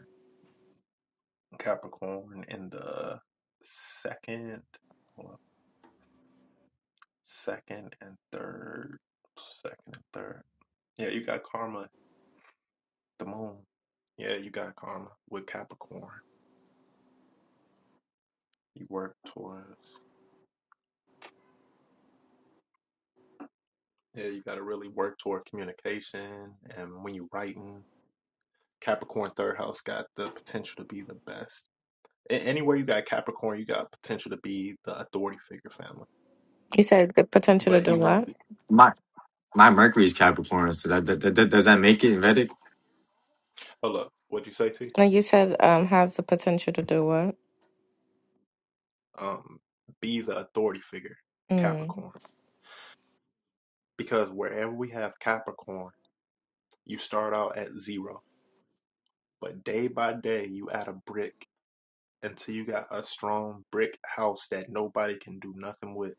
Speaker 1: Capricorn in the second, well, second and third, second and third. Yeah, you got karma, the moon. Yeah, you got karma with Capricorn. You work towards, yeah, you got to really work toward communication. And when you're writing, Capricorn third house got the potential to be the best. Anywhere you got Capricorn, you got potential to be the authority figure family.
Speaker 4: said the potential to
Speaker 1: But
Speaker 4: do
Speaker 1: you won't
Speaker 4: what?
Speaker 1: be.
Speaker 2: my my Mercury is Capricorn, so that, that, that, that- does that make it Vedic?
Speaker 1: Hold up. What'd you say, T?
Speaker 4: No, you said um has the potential to do what?
Speaker 1: um, be the authority figure,
Speaker 4: Mm.
Speaker 1: Capricorn. Because wherever we have Capricorn, you start out at zero, but day by day you add a brick until you got a strong brick house that nobody can do nothing with.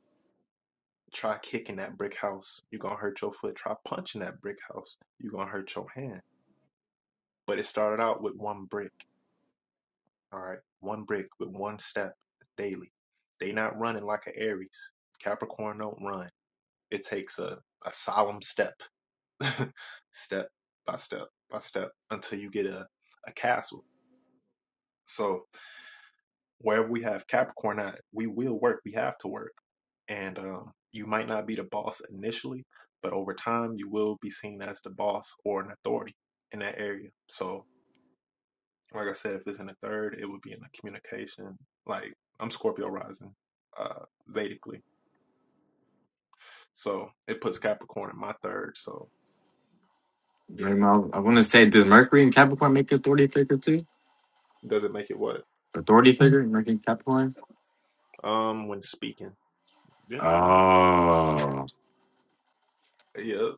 Speaker 1: Try kicking that brick house, you're gonna hurt your foot. Try punching that brick house, you're gonna hurt your hand. But it started out with one brick, all right? One brick with one step daily. They not running like an Aries. Capricorn don't run. It takes a, a solemn step step by step by step until you get a, a castle. So wherever we have Capricorn at, we will work. We have to work. And um, you might not be the boss initially, but over time you will be seen as the boss or an authority in that area. So like I said, if it's in the third, it would be in the communication. Like I'm Scorpio rising, uh, Vedically. So it puts Capricorn in my third. So
Speaker 2: Right,
Speaker 1: yeah.
Speaker 2: Mal? I want to say, does Mercury and Capricorn make authority figure too?
Speaker 1: Does it make it what?
Speaker 2: Authority figure, Mercury and Capricorn.
Speaker 1: Um when speaking. Yeah.
Speaker 2: Oh,
Speaker 1: Yeah.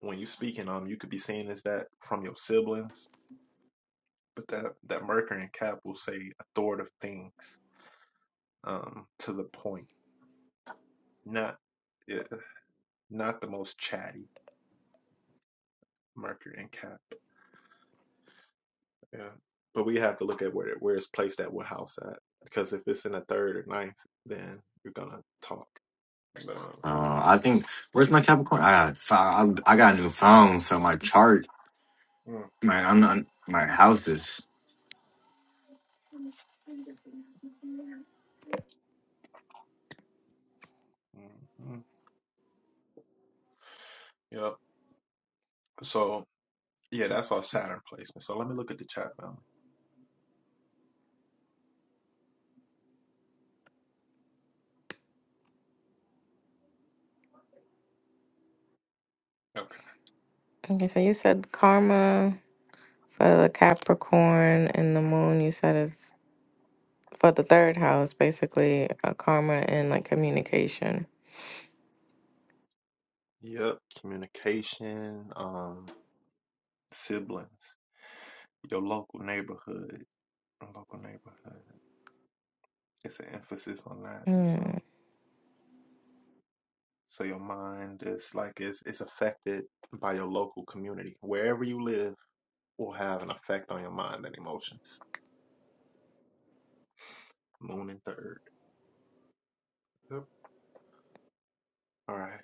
Speaker 1: when you speaking um you could be seeing is that from your siblings but that that mercury and cap will say authoritative things um to the point not yeah, not the most chatty mercury and cap yeah but we have to look at where where it's placed at what house at because if it's in the third or ninth then you're gonna talk but
Speaker 2: oh,
Speaker 1: um
Speaker 2: I think where's my Capricorn? I got fi- I got a new phone, so my chart,
Speaker 1: mm,
Speaker 2: my I'm not, my house is.
Speaker 1: mm, mm. yep so yeah that's our saturn placement so let me look at the chat family okay
Speaker 4: Okay, so you said karma. For the Capricorn and the moon, you said it's for the third house, basically, uh, karma and like communication.
Speaker 1: yep communication um siblings your local neighborhood. Local neighborhood. It's an emphasis on that.
Speaker 4: Hmm.
Speaker 1: So so your mind is like it's it's affected by your local community. Wherever you live will have an effect on your mind and emotions. Moon and third. Yep. All right.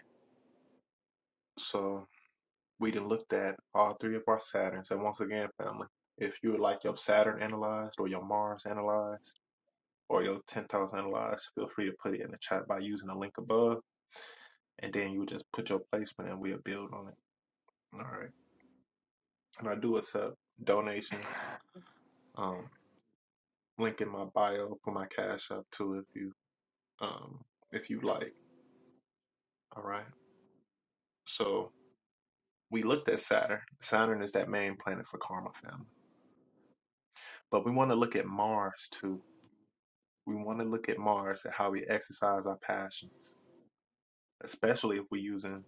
Speaker 1: So we done looked at all three of our Saturns. And once again, family, if you would like your Saturn analyzed or your Mars analyzed or your 10th house analyzed, feel free to put it in the chat by using the link above. And then you just put your placement and we'll build on it. All right. and I do accept donations. Um, link in my bio for my cash up too, if you um if you like. All right. So we looked at Saturn. Saturn is that main planet for karma family, but we want to look at Mars too. We want to look at Mars and how we exercise our passions, especially if we're using.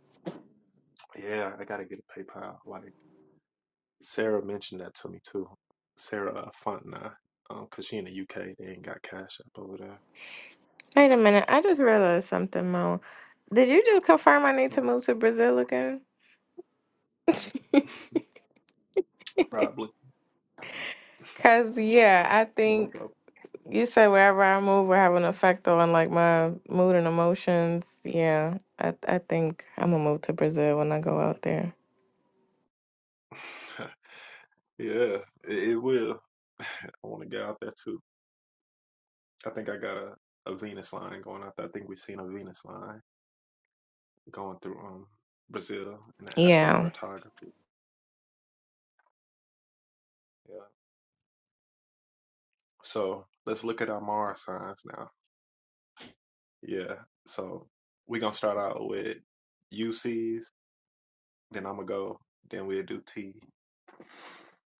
Speaker 1: Yeah, I gotta get a PayPal. Like Sarah mentioned that to me too. Sarah uh, Fontenay, um, cause she in the UK, they ain't got cash up over there.
Speaker 4: Wait a minute. I just realized something, Mo. Did you just confirm I need to move to Brazil again?
Speaker 1: Probably
Speaker 4: Cause yeah, I
Speaker 1: Or
Speaker 4: think
Speaker 1: Probably.
Speaker 4: you said wherever I move will have an effect on like my mood and emotions. Yeah, I I think I'm gonna move to Brazil when I go out there.
Speaker 1: Yeah, it, it will. I want to get out there too. I think I got a, a Venus line going out there. I think we've seen a Venus line going through um Brazil in the
Speaker 4: Yeah,
Speaker 1: astrocartography. Yeah. So let's look at our Mars signs now. Yeah. So we're gonna start out with UCs, then I'm gonna go, then we'll do T.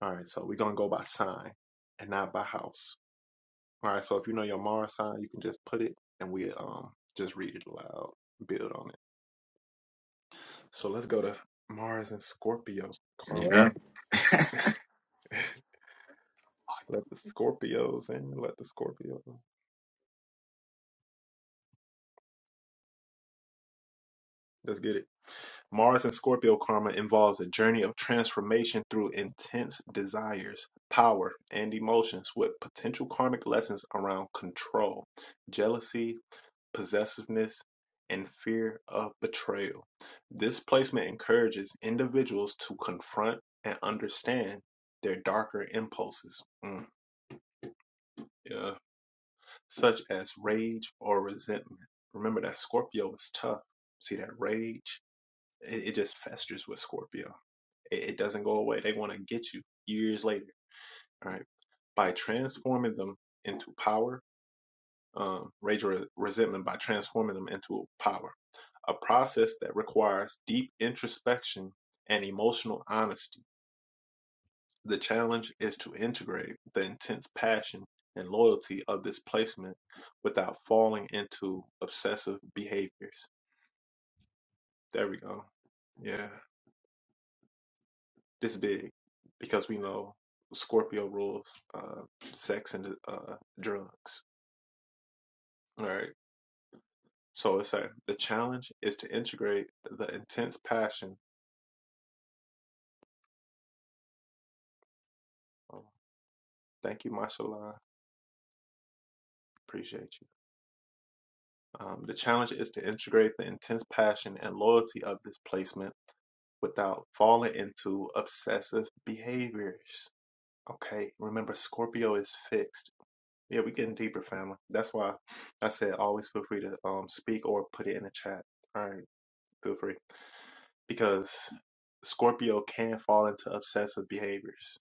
Speaker 1: All right, so we're gonna go by sign and not by house. All right, so if you know your Mars sign, you can just put it and we um just read it aloud, build on it. So let's go to Mars and Scorpio karma.
Speaker 2: Yeah.
Speaker 1: let the Scorpios in. Let the Scorpio. Let's get it. Mars and Scorpio karma involves a journey of transformation through intense desires, power, and emotions with potential karmic lessons around control, jealousy, possessiveness, and fear of betrayal. This placement encourages individuals to confront and understand their darker impulses. Mm, yeah. such as rage or resentment. Remember that Scorpio is tough. See that rage? It, it just festers with Scorpio. It, it doesn't go away. They want to get you years later. All right. By transforming them into power, um, rage or resentment, by transforming them into power, a process that requires deep introspection and emotional honesty The challenge is to integrate the intense passion and loyalty of this placement without falling into obsessive behaviors. There we go. Yeah, this is big because we know Scorpio rules uh, sex and uh, drugs. All right. So it's like the challenge is to integrate the intense passion. Oh, thank you, Mashallah. Appreciate you. Um, the challenge is to integrate the intense passion and loyalty of this placement without falling into obsessive behaviors. Okay, remember Scorpio is fixed. Yeah, we're getting deeper, family. That's why I said always feel free to um speak or put it in the chat. All right, feel free because Scorpio can fall into obsessive behaviors.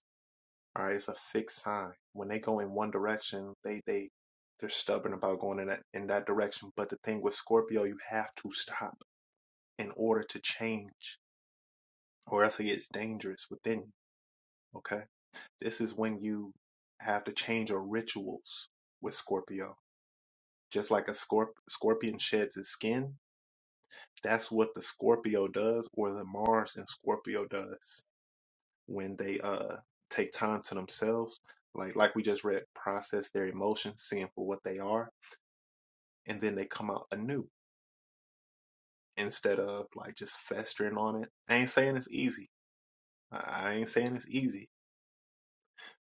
Speaker 1: All right, it's a fixed sign. When they go in one direction, they they they're stubborn about going in that in that direction. But the thing with Scorpio, you have to stop in order to change, or else it gets dangerous within you. Okay, this is when you have to change your rituals with Scorpio. Just like a scorp- scorpion sheds its skin, that's what the Scorpio does, or the Mars in Scorpio does when they uh take time to themselves like like we just read process their emotions seeing for what they are and then they come out anew instead of like just festering on it i ain't saying it's easy i, I ain't saying it's easy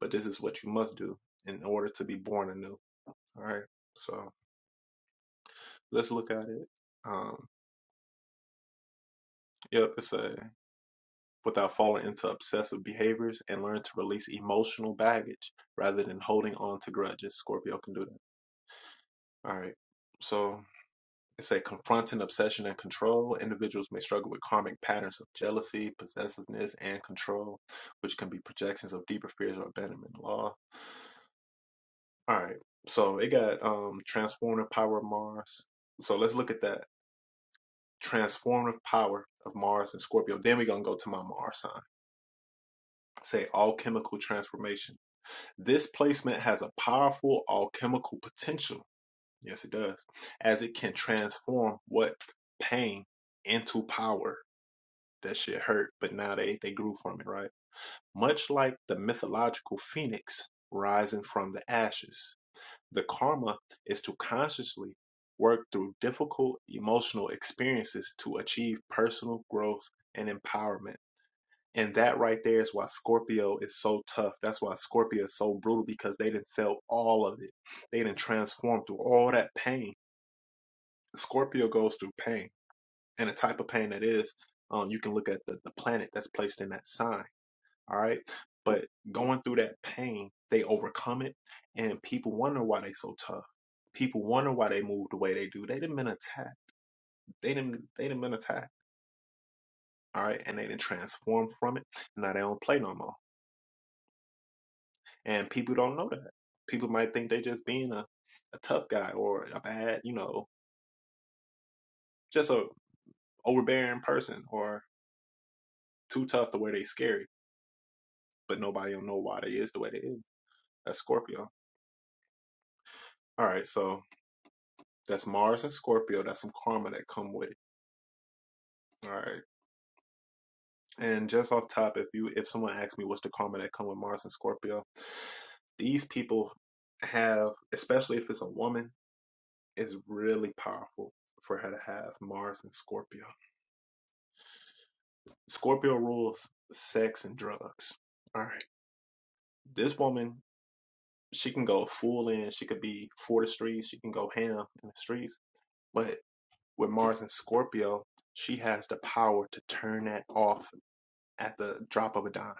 Speaker 1: but this is what you must do in order to be born anew all right so let's look at it um yep it's a without falling into obsessive behaviors and learn to release emotional baggage rather than holding on to grudges scorpio can do that all right so It say confronting obsession and control. Individuals may struggle with karmic patterns of jealousy, possessiveness, and control, which can be projections of deeper fears or abandonment law. All right. So it got um transformative power of Mars. So let's look at that transformative power of Mars and Scorpio. Then we're gonna go to my Mars sign. Say alchemical transformation. This placement has a powerful alchemical potential. Yes, it does, as it can transform what pain into power that shit hurt, but now they they grew from it, right? Much like the mythological phoenix rising from the ashes, the karma is to consciously work through difficult emotional experiences to achieve personal growth and empowerment. And that right there is why Scorpio is so tough. That's why Scorpio is so brutal because they didn't felt all of it. They didn't transform through all that pain. Scorpio goes through pain, and the type of pain that is, um, you can look at the, the planet that's placed in that sign All right. But going through that pain, they overcome it. And people wonder why they so tough. People wonder why they move the way they do. They didn't been attacked. They didn't they didn't been attacked. All right. And they didn't transform from it. Now they don't play no more. And people don't know that. People might think they just being a, a tough guy or a bad, you know, just a overbearing person or too tough to where they scary. But nobody will know why they is the way they is. That's Scorpio. All right, so that's Mars and Scorpio. That's some karma that come with it All right. And just off top, if you if someone asks me what's the karma that come with Mars and Scorpio, these people have, especially if it's a woman, is really powerful for her to have Mars and Scorpio. Scorpio rules sex and drugs. All right. This woman, she can go full in, she could be for the streets, she can go ham in the streets. But with Mars and Scorpio, she has the power to turn that off at the drop of a dime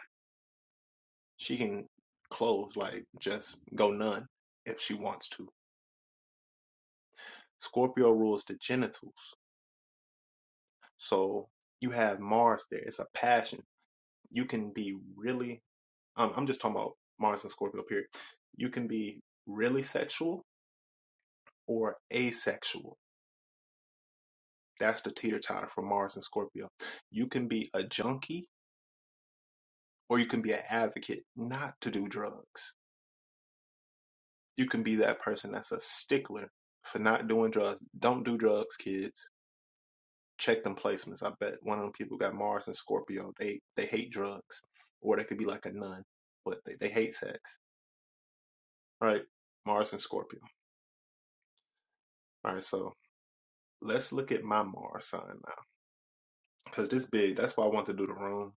Speaker 1: She can close, like just go none if she wants to. Scorpio rules the genitals. So you have Mars there. It's a passion. You can be really, um, I'm just talking about Mars and Scorpio, period. You can be really sexual or asexual. That's the teeter totter for Mars and Scorpio. You can be a junkie or you can be an advocate not to do drugs. You can be that person that's a stickler for not doing drugs. Don't do drugs, kids check them placements. I bet one of them people got Mars and Scorpio. They they hate drugs, or they could be like a nun, but they, they hate sex. All right, Mars and Scorpio. All right, so let's look at my Mars sign now, because this big. That's why I want to do the room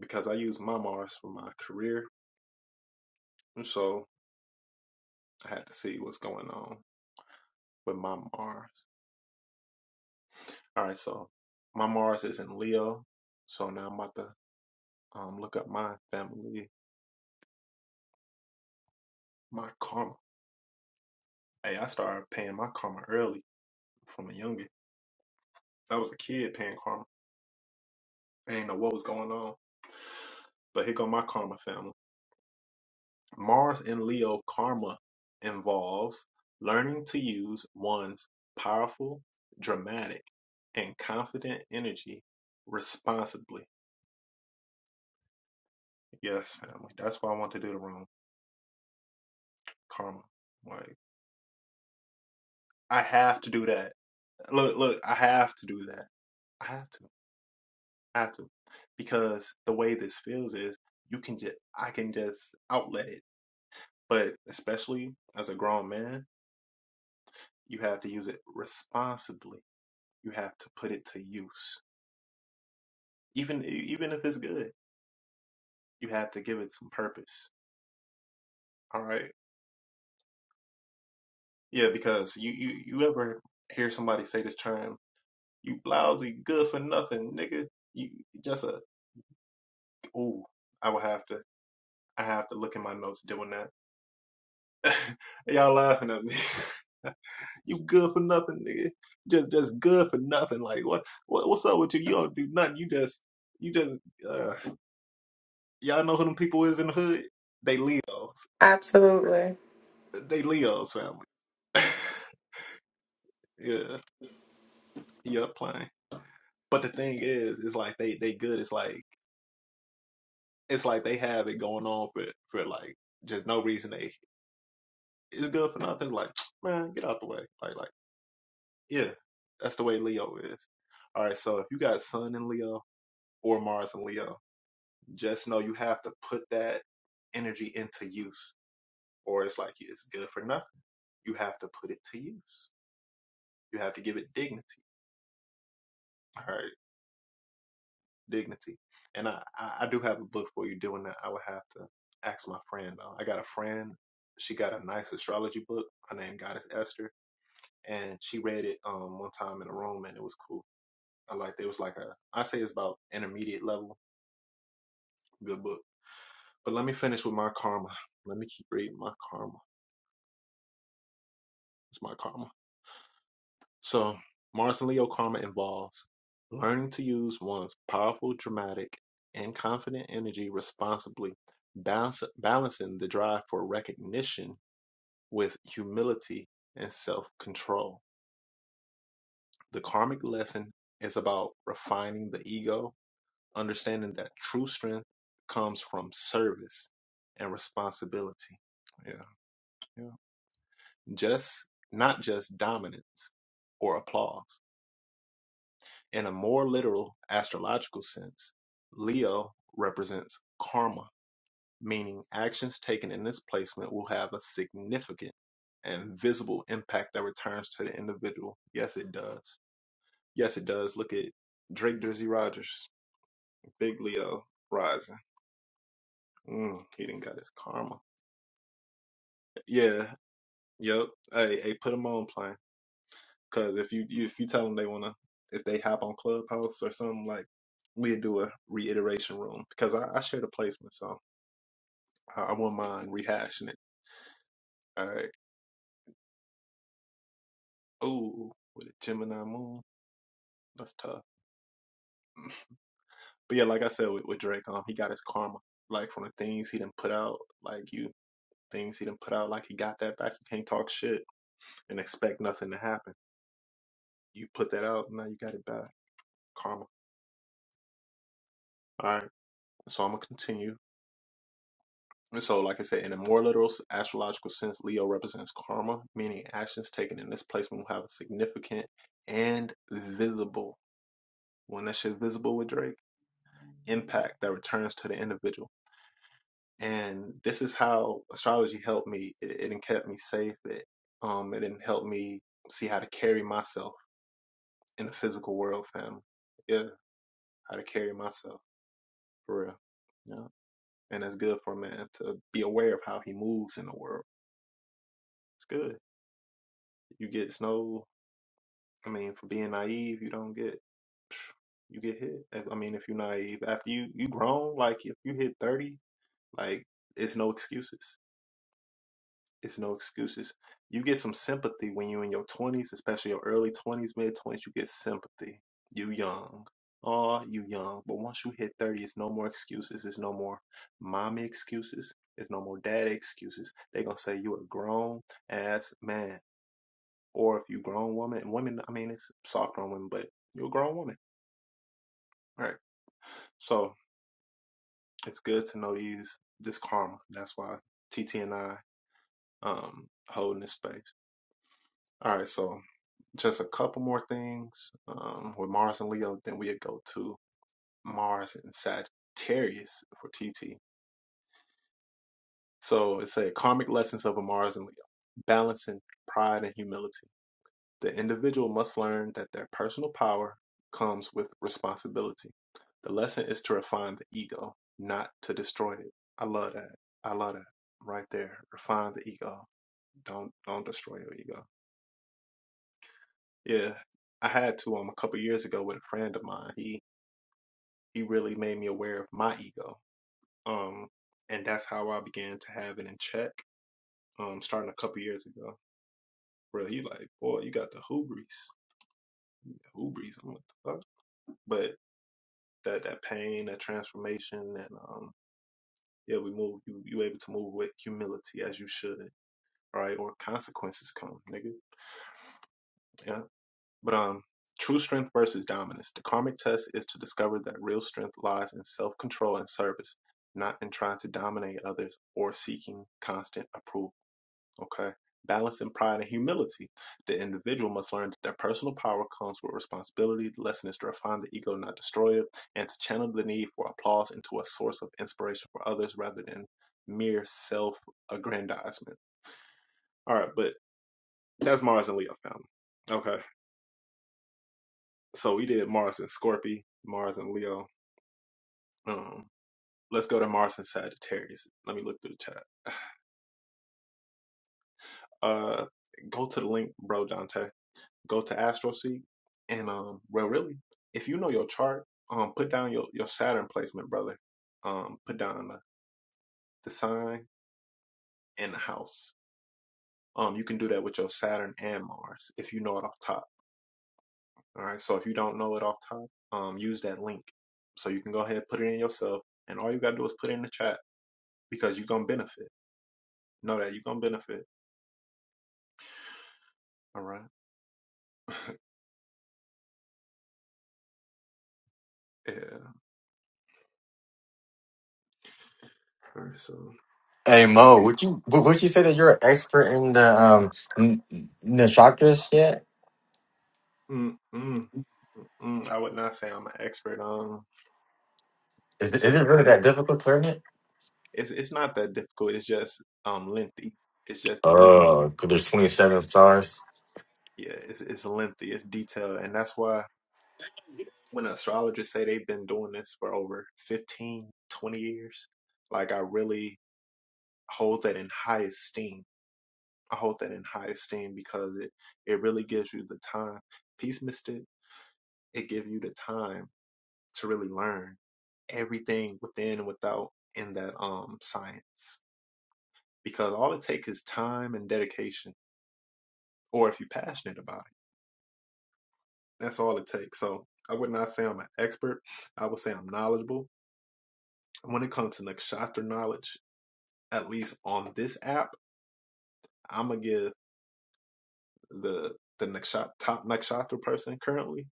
Speaker 1: because I use my Mars for my career, and so I had to see what's going on with my Mars. All right, so my Mars is in Leo, so now I'm about to um, look up my family, my karma. Hey, I started paying my karma early from a youngin'. I was a kid paying karma. I didn't know what was going on. But here go my karma family. Mars and Leo karma involves learning to use one's powerful, dramatic, and confident energy responsibly. Yes, family. That's why I want to do the room. Karma. Like I have to do that. Look, look, I have to do that. I have to. I have to. Because the way this feels is you can just I can just outlet it. But especially as a grown man, You have to use it responsibly. You have to put it to use. Even e, even if it's good, you have to give it some purpose. All right? Yeah, because you you, you ever hear somebody say this term, you lousy good for nothing, nigga. You just a ooh, I will have to I have to look in my notes doing that. Y'all laughing at me. you good for nothing, nigga. Just just good for nothing. Like what, what what's up with you? You don't do nothing. You just you just uh, Y'all know who them people is in the hood? They Leos.
Speaker 4: absolutely.
Speaker 1: They Leos family. yeah. Yeah, playing. But the thing is, it's like they they good. It's like it's like they have it going on for for like just no reason. They it's good for nothing. Like man, get out the way. Like like yeah, that's the way Leo is. All right. So if you got Sun in Leo or Mars in Leo, just know you have to put that energy into use, or it's like it's good for nothing. You have to put it to use. You have to give it dignity. her dignity. And I, I, I do have a book for you doing that. I would have to ask my friend. Uh, I got a friend. She got a nice astrology book. Her name Goddess Esther, and she read it um one time in a room, and it was cool. I liked it. It was like a I say it's about intermediate level good book. But let me finish with my karma. Let me keep reading my karma. It's my karma. So, Mars and Leo karma involves learning to use one's powerful, dramatic, and confident energy responsibly, balance, balancing the drive for recognition with humility and self control. The karmic lesson is about refining the ego, understanding that true strength comes from service and responsibility. Yeah, yeah. Just not just dominance or applause. In a more literal astrological sense, Leo represents karma, meaning actions taken in this placement will have a significant and visible impact that returns to the individual. Yes, it does. Yes, it does. Look at Drake Jersey Rogers, big Leo rising. Mm, he didn't got his karma. Yeah, yep. Hey, hey, put him on, plane. Cause if you, you if you tell them they wanna if they hop on Clubhouse or something like we'll do a reiteration room because I, I share the placement, so I, I wouldn't mind rehashing it. All right. Oh, with a Gemini moon, that's tough. But yeah, like I said with, with Drake, um, he got his karma. Like from the things he didn't put out, like you things he didn't put out, like he got that back. You can't talk shit and expect nothing to happen. You put that out, now you got it back. Karma. All right. So I'm gonna continue. And so, like I said, in a more literal astrological sense, Leo represents karma, meaning actions taken in this placement will have a significant and visible, when that shit visible with Drake, impact that returns to the individual. And this is how astrology helped me. It, it didn't kept me safe. It um, it didn't help me see how to carry myself in the physical world, fam. Yeah, how to carry myself for real. Yeah, and it's good for a man to be aware of how he moves in the world. It's good. You get snow I mean, for being naive, you don't get you get hit. If- I mean, if you're naive, after you you grown, like if you hit thirty, like it's no excuses. It's no excuses. You get some sympathy when you in your twenties, especially your early twenties, mid twenties. You get sympathy. You young. Oh, you young. But once you hit thirty, it's no more excuses. It's no more mommy excuses. It's no more daddy excuses. They gonna say you a grown ass man or if you grown woman and women, I mean, it's soft grown women, but you're a grown woman, right? So it's good to know these this karma. That's why TT and I um holding this space. All right, so just a couple more things um with Mars and Leo, then we go to Mars and Sagittarius for TT. So it's a karmic lessons of a Mars and Leo, balancing pride and humility. The individual must learn that their personal power comes with responsibility. The lesson is to refine the ego, not to destroy it. I love that. I love that right there. Refine the ego. Don't don't destroy your ego. Yeah, I had to um a couple years ago with a friend of mine. He he really made me aware of my ego. Um, and that's how I began to have it in check. Um, starting a couple years ago. Where he like, boy, you got the hubris. The hubris. I'm like, the fuck? But that that pain, that transformation, and um, yeah, we move. You you able to move with humility as you should, right? Or consequences come, nigga. Yeah, but um, true strength versus dominance. The karmic test is to discover that real strength lies in self control and service, not in trying to dominate others or seeking constant approval. Okay. balance and pride and humility. The individual must learn that their personal power comes with responsibility. The lesson is to refine the ego, not destroy it, and to channel the need for applause into a source of inspiration for others rather than mere self aggrandizement. All right, but that's Mars and Leo family. Okay. So we did Mars and Scorpio, Mars and Leo. Um, let's go to Mars and Sagittarius. Let me look through the chat. Uh, go to the link, bro, Dante. go to AstroSeek, and um, well, really, if you know your chart, um, put down your your Saturn placement, brother. Um, put down the, the sign and the house. Um, you can do that with your Saturn and Mars if you know it off top. All right. So if you don't know it off top, um, use that link. So you can go ahead and put it in yourself, and all you gotta do is put it in the chat because you're gonna benefit. Know that you're gonna benefit. All right. Yeah. All right. So.
Speaker 2: Hey Mo, would you would would you say that you're an expert in the um n- n- nakshatras yet?
Speaker 1: Mm, mm, mm, mm. I would not say I'm an expert on
Speaker 2: Is it, is
Speaker 1: to
Speaker 2: it really that difficult to learn it?
Speaker 1: It's it's not that difficult. It's just um lengthy. It's just detail.
Speaker 2: Oh, 'cause there's 27 stars.
Speaker 1: Yeah, it's it's lengthy. It's detailed, and that's why when astrologers say they've been doing this for over 15, 20 years, like I really hold that in high esteem. I hold that in high esteem because it it really gives you the time. Peace mystic. It gives you the time to really learn everything within and without in that um science because all it takes is time and dedication, or if you're passionate about it That's all it takes. So I would not say I'm an expert. I would say I'm knowledgeable. When it comes to nakshatra knowledge, at least on this app, I'm gonna give the the nakshatra, top nakshatra person currently.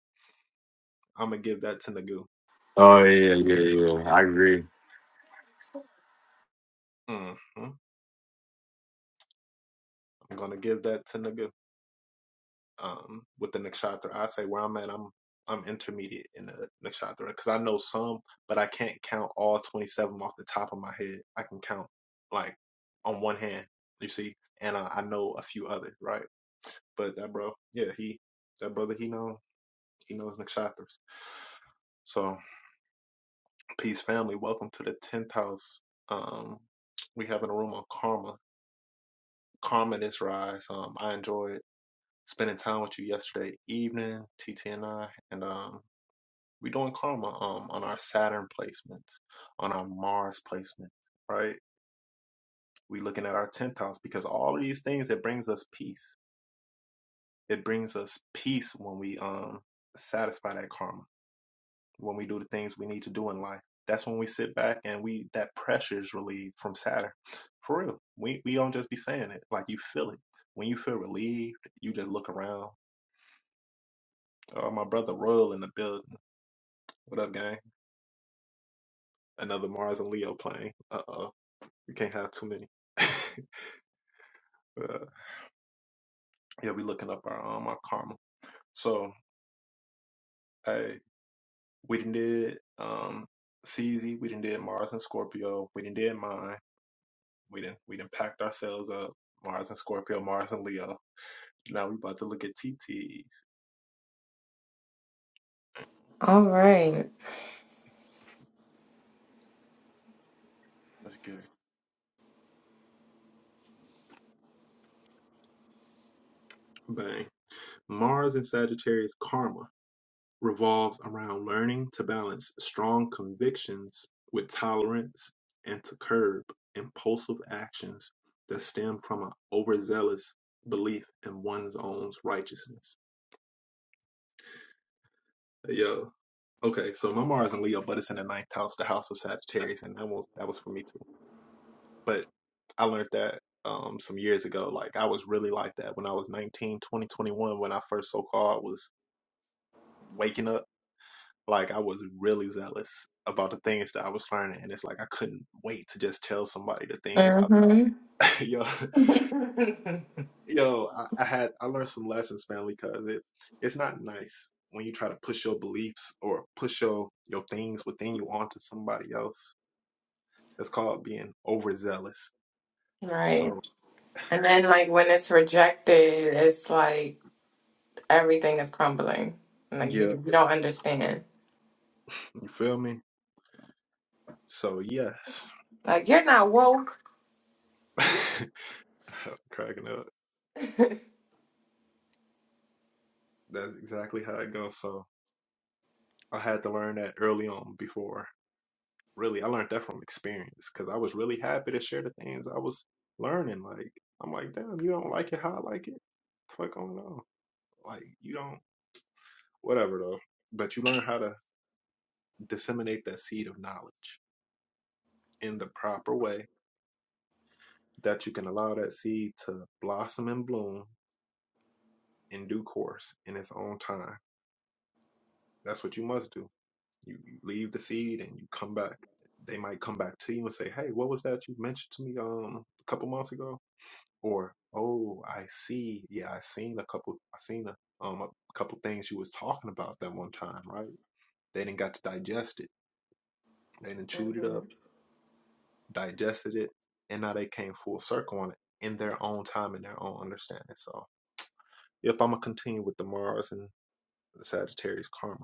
Speaker 1: I'm gonna give that to Nagu.
Speaker 2: Oh yeah, yeah, yeah. I agree.
Speaker 1: Mm-hmm. I'm gonna give that to Nagu. Um, with the nakshatra, I say where I'm at, I'm I'm intermediate in the nakshatra because I know some, but I can't count all 27 off the top of my head. I can count like on one hand, you see, and I, I know a few other, right? But that bro, yeah, he that brother he know he knows Nick So peace family, welcome to the tenth house. Um we having a room on karma. Karma this rise. Um I enjoyed spending time with you yesterday evening, TT and I, and um we doing karma um on our Saturn placements, on our Mars placements, right? We looking at our tenth house because all of these things it brings us peace. It brings us peace when we um satisfy that karma when we do the things we need to do in life. That's when we sit back and we that pressure is relieved from Saturn. For real. We we don't just be saying it. Like you feel it. When you feel relieved, you just look around. Oh, my brother Royal in the building. What up, gang? Another Mars and Leo playing. Uh oh. We can't have too many. Uh, yeah, we looking up our um our karma. So hey, we done did um CZ, we done did Mars and Scorpio, we done did mine, we didn't we done packed ourselves up, Mars and Scorpio, Mars and Leo. Now we about to look at TTs.
Speaker 4: All right.
Speaker 1: Let's get it. Bang. Mars and Sagittarius karma revolves around learning to balance strong convictions with tolerance and to curb impulsive actions that stem from an overzealous belief in one's own righteousness. Yo, okay, so my Mars in Leo, but it's in the ninth house, the house of Sagittarius, and that was that was for me too. But I learned that um, some years ago. Like I was really like that when I was 19, 20, 21. when I first so called was waking up. Like I was really zealous about the things that I was learning, and it's like I couldn't wait to just tell somebody the things I was.
Speaker 4: Mm-hmm.
Speaker 1: yo, yo, I, I had I learned some lessons, family, because it it's not nice when you try to push your beliefs or push your your things within you onto somebody else. That's called being overzealous.
Speaker 4: right.
Speaker 1: So
Speaker 4: And then like when it's rejected, it's like everything is crumbling. Like you,
Speaker 1: yeah,
Speaker 4: you don't understand.
Speaker 1: you feel me? So yes.
Speaker 4: Like you're not woke.
Speaker 1: I'm cracking up. That's exactly how it goes. So I had to learn that early on before. Really, I learned that from experience because I was really happy to share the things I was learning. Like, I'm like, damn, you don't like it how I like it? What's going on? Like, you don't, whatever though. But you learn how to disseminate that seed of knowledge in the proper way that you can allow that seed to blossom and bloom in due course in its own time. That's what you must do You, you leave the seed and you come back. They might come back to you and say, "Hey, what was that you mentioned to me um a couple months ago?" Or, "Oh, I see. Yeah, I seen a couple. I seen a um a couple things you was talking about that one time, right?" They didn't got to digest it. They didn't chewed it
Speaker 4: hmm
Speaker 1: up, digested it, and now they came full circle on it in their own time and their own understanding. So, if I'm gonna continue with the Mars and the Sagittarius karma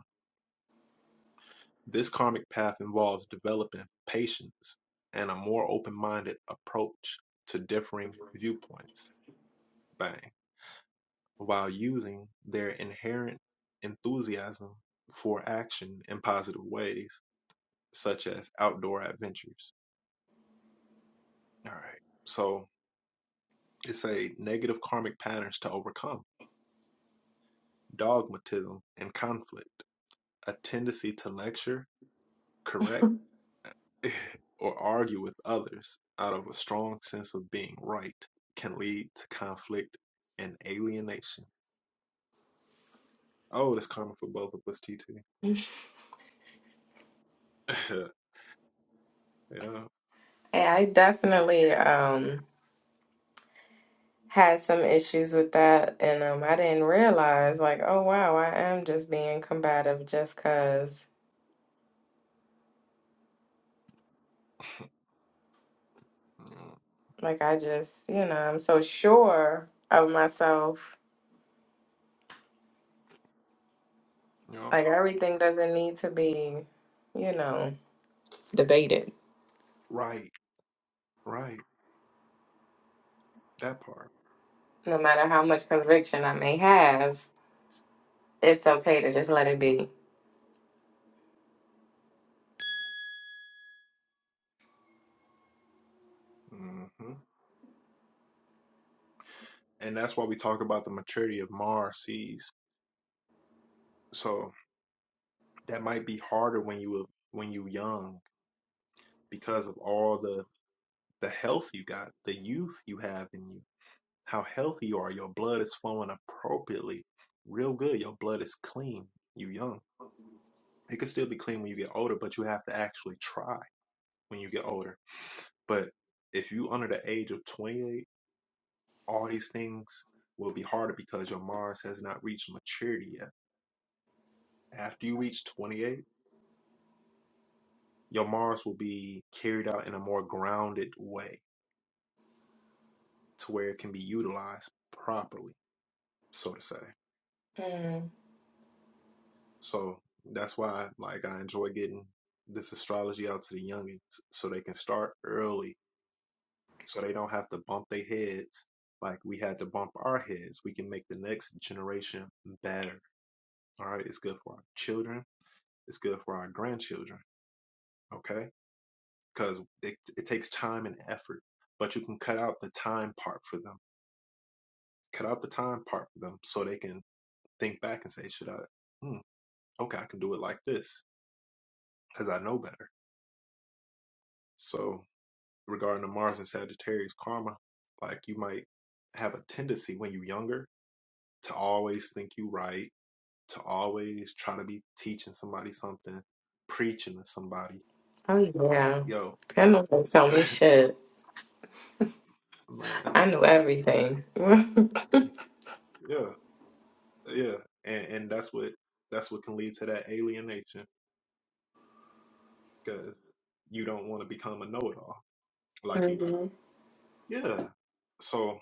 Speaker 1: This karmic path involves developing patience and a more open minded approach to differing viewpoints bang, while using their inherent enthusiasm for action in positive ways, such as outdoor adventures. All right. So it's a negative karmic patterns to overcome, dogmatism and conflict, a tendency to lecture, correct, or argue with others out of a strong sense of being right can lead to conflict and alienation. Oh, that's karma for both of us, T T. yeah.
Speaker 4: And I definitely um had some issues with that, and um I didn't realize like, oh wow, I am just being combative just 'cause
Speaker 1: Mm,
Speaker 4: like I just, you know, I'm so sure of myself.
Speaker 1: yeah.
Speaker 4: Like everything doesn't need to be, you know, debated.
Speaker 1: Right. Right. That part.
Speaker 4: No matter how much conviction I may have, It's okay to just let it be.
Speaker 1: hmm And that's why we talk about the maturity of Mars seas. So that might be harder when you were when you young because of all the the health you got, the youth you have in you how healthy you are. Your blood is flowing appropriately, real good. Your blood is clean. You young. It could still be clean when you get older, but you have to actually try when you get older. But if you under the age of 28, all these things will be harder because your Mars has not reached maturity yet. After you reach 28, your Mars will be carried out in a more grounded way to where it can be utilized properly, so to say.
Speaker 4: Mm.
Speaker 1: So that's why like I enjoy getting this astrology out to the youngins so they can start early so they don't have to bump their heads like we had to bump our heads. We can make the next generation better. All right. It's good for our children. It's good for our grandchildren. Okay. Because it, it takes time and effort, but you can cut out the time part for them. Cut out the time part for them so they can think back and say, should I? Hmm, okay. I can do it like this because I know better. So regarding the Mars and Sagittarius karma. Like you might have a tendency when you're younger to always think you are right, to always try to be teaching somebody something, preaching to somebody.
Speaker 4: Oh yeah.
Speaker 1: Yo,
Speaker 4: That motherfucker told me shit.
Speaker 1: man,
Speaker 4: I knew everything.
Speaker 1: yeah, yeah, and and that's what that's what can lead to that alienation because you don't want to become a know-it-all like you.
Speaker 4: hmm
Speaker 1: Yeah, so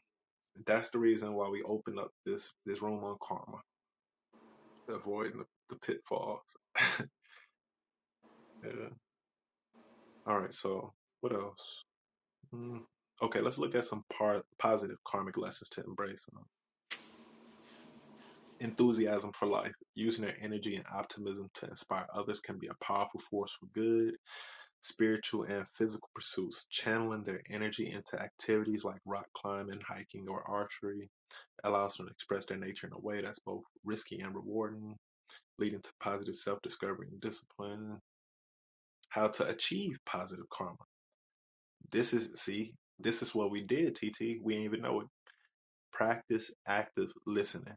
Speaker 1: that's the reason why we open up this this room on karma, avoiding the, the pitfalls. Yeah. All right, so what else? Mm, okay, let's look at some par positive karmic lessons to embrace. Um, enthusiasm for life, using their energy and optimism to inspire others can be a powerful force for good. Spiritual and physical pursuits, channeling their energy into activities like rock climbing, hiking, or archery allows them to express their nature in a way that's both risky and rewarding, leading to positive self-discovery and discipline. How to achieve positive karma This is see, this is what we did, TT. We didn't even know it. Practice active listening.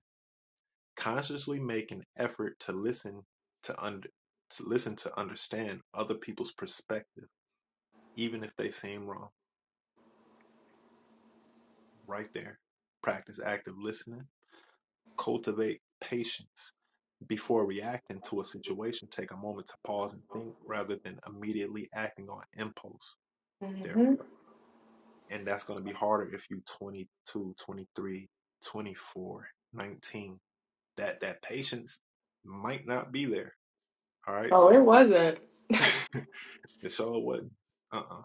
Speaker 1: Consciously make an effort to listen to under to listen to understand other people's perspective, even if they seem wrong. Right there. Practice active listening. Cultivate patience. Before reacting to a situation, take a moment to pause and think rather than immediately acting on impulse. There we
Speaker 4: hmm
Speaker 1: go. and that's going to be harder if you 22 23 twenty-four, nineteen. that that patience might not be there all right
Speaker 4: Oh,
Speaker 1: so
Speaker 4: it
Speaker 1: it's good
Speaker 4: wasn't.
Speaker 1: to show what uh-uh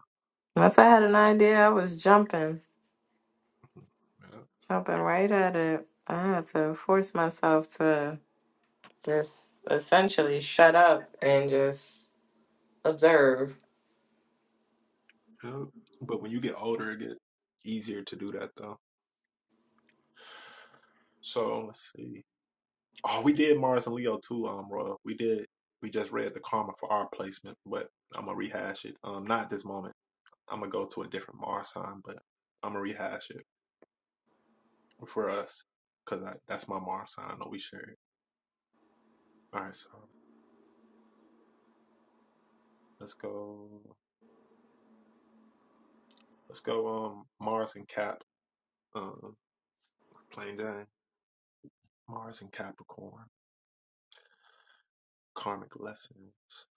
Speaker 4: Once I had an idea, I was jumping,
Speaker 1: Mm-hmm.
Speaker 4: jumping right at it. I had to force myself to just essentially shut up and just observe.
Speaker 1: Yep, yep. but when you get older it get easier to do that though so let's see oh we did mars and leo too um royal we did we just read the karma for our placement but i'm gonna rehash it um not this moment i'm gonna go to a different mars sign but i'm gonna rehash it for us because that's my Mars sign. I know we share it. All right, so let's go. Let's go. Um, Mars and Cap. Um, plain Jane. Mars and Capricorn. Karmic lessons.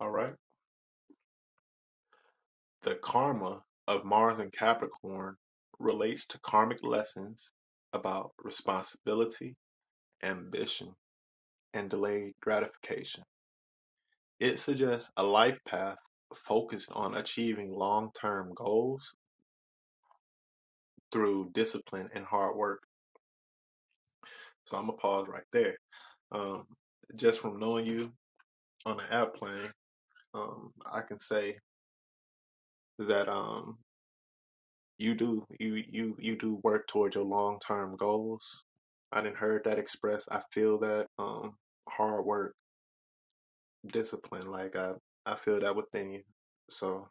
Speaker 1: All right. The karma of Mars and Capricorn relates to karmic lessons about responsibility, ambition, and delayed gratification. It suggests a life path focused on achieving long-term goals through discipline and hard work So I'm gonna pause right there. Um, just from knowing you on the app plane, um, I can say that um, you do you you you do work towards your long term goals. I didn't heard that expressed. I feel that um, hard work, discipline. Like I I feel that within you. So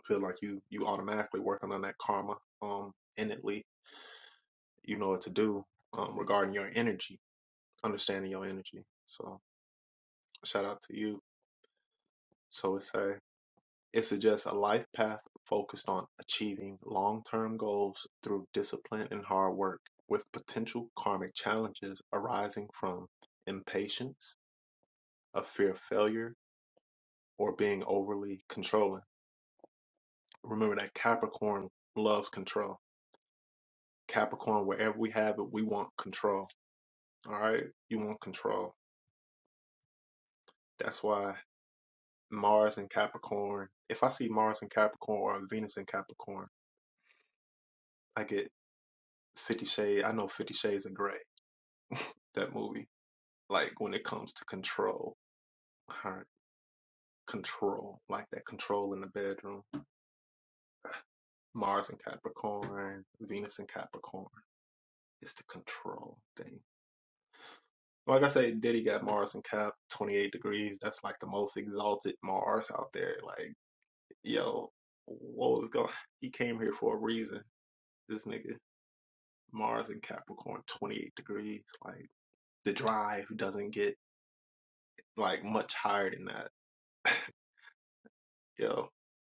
Speaker 1: I feel like you you automatically working on that karma. Um, innately, you know what to do. Um, regarding your energy, understanding your energy. So shout out to you. So it's say. It suggests a life path focused on achieving long-term goals through discipline and hard work, with potential karmic challenges arising from impatience, a fear of failure, or being overly controlling. Remember that Capricorn loves control. Capricorn, wherever we have it, we want control. All right? You want control. That's why Mars and Capricorn, if I see Mars and Capricorn or Venus and Capricorn, I get 50 Shades, I know 50 Shades of Grey, that movie like when it comes to control, her control, like that control in the bedroom. Mars and Capricorn, Venus and Capricorn. It's the control thing. Like I say, Diddy got Mars and Cap, 28 degrees. That's like the most exalted Mars out there. Like, yo, what was going? He came here for a reason. This nigga, Mars and Capricorn, 28 degrees. Like, the drive doesn't get like much higher than that. Yo,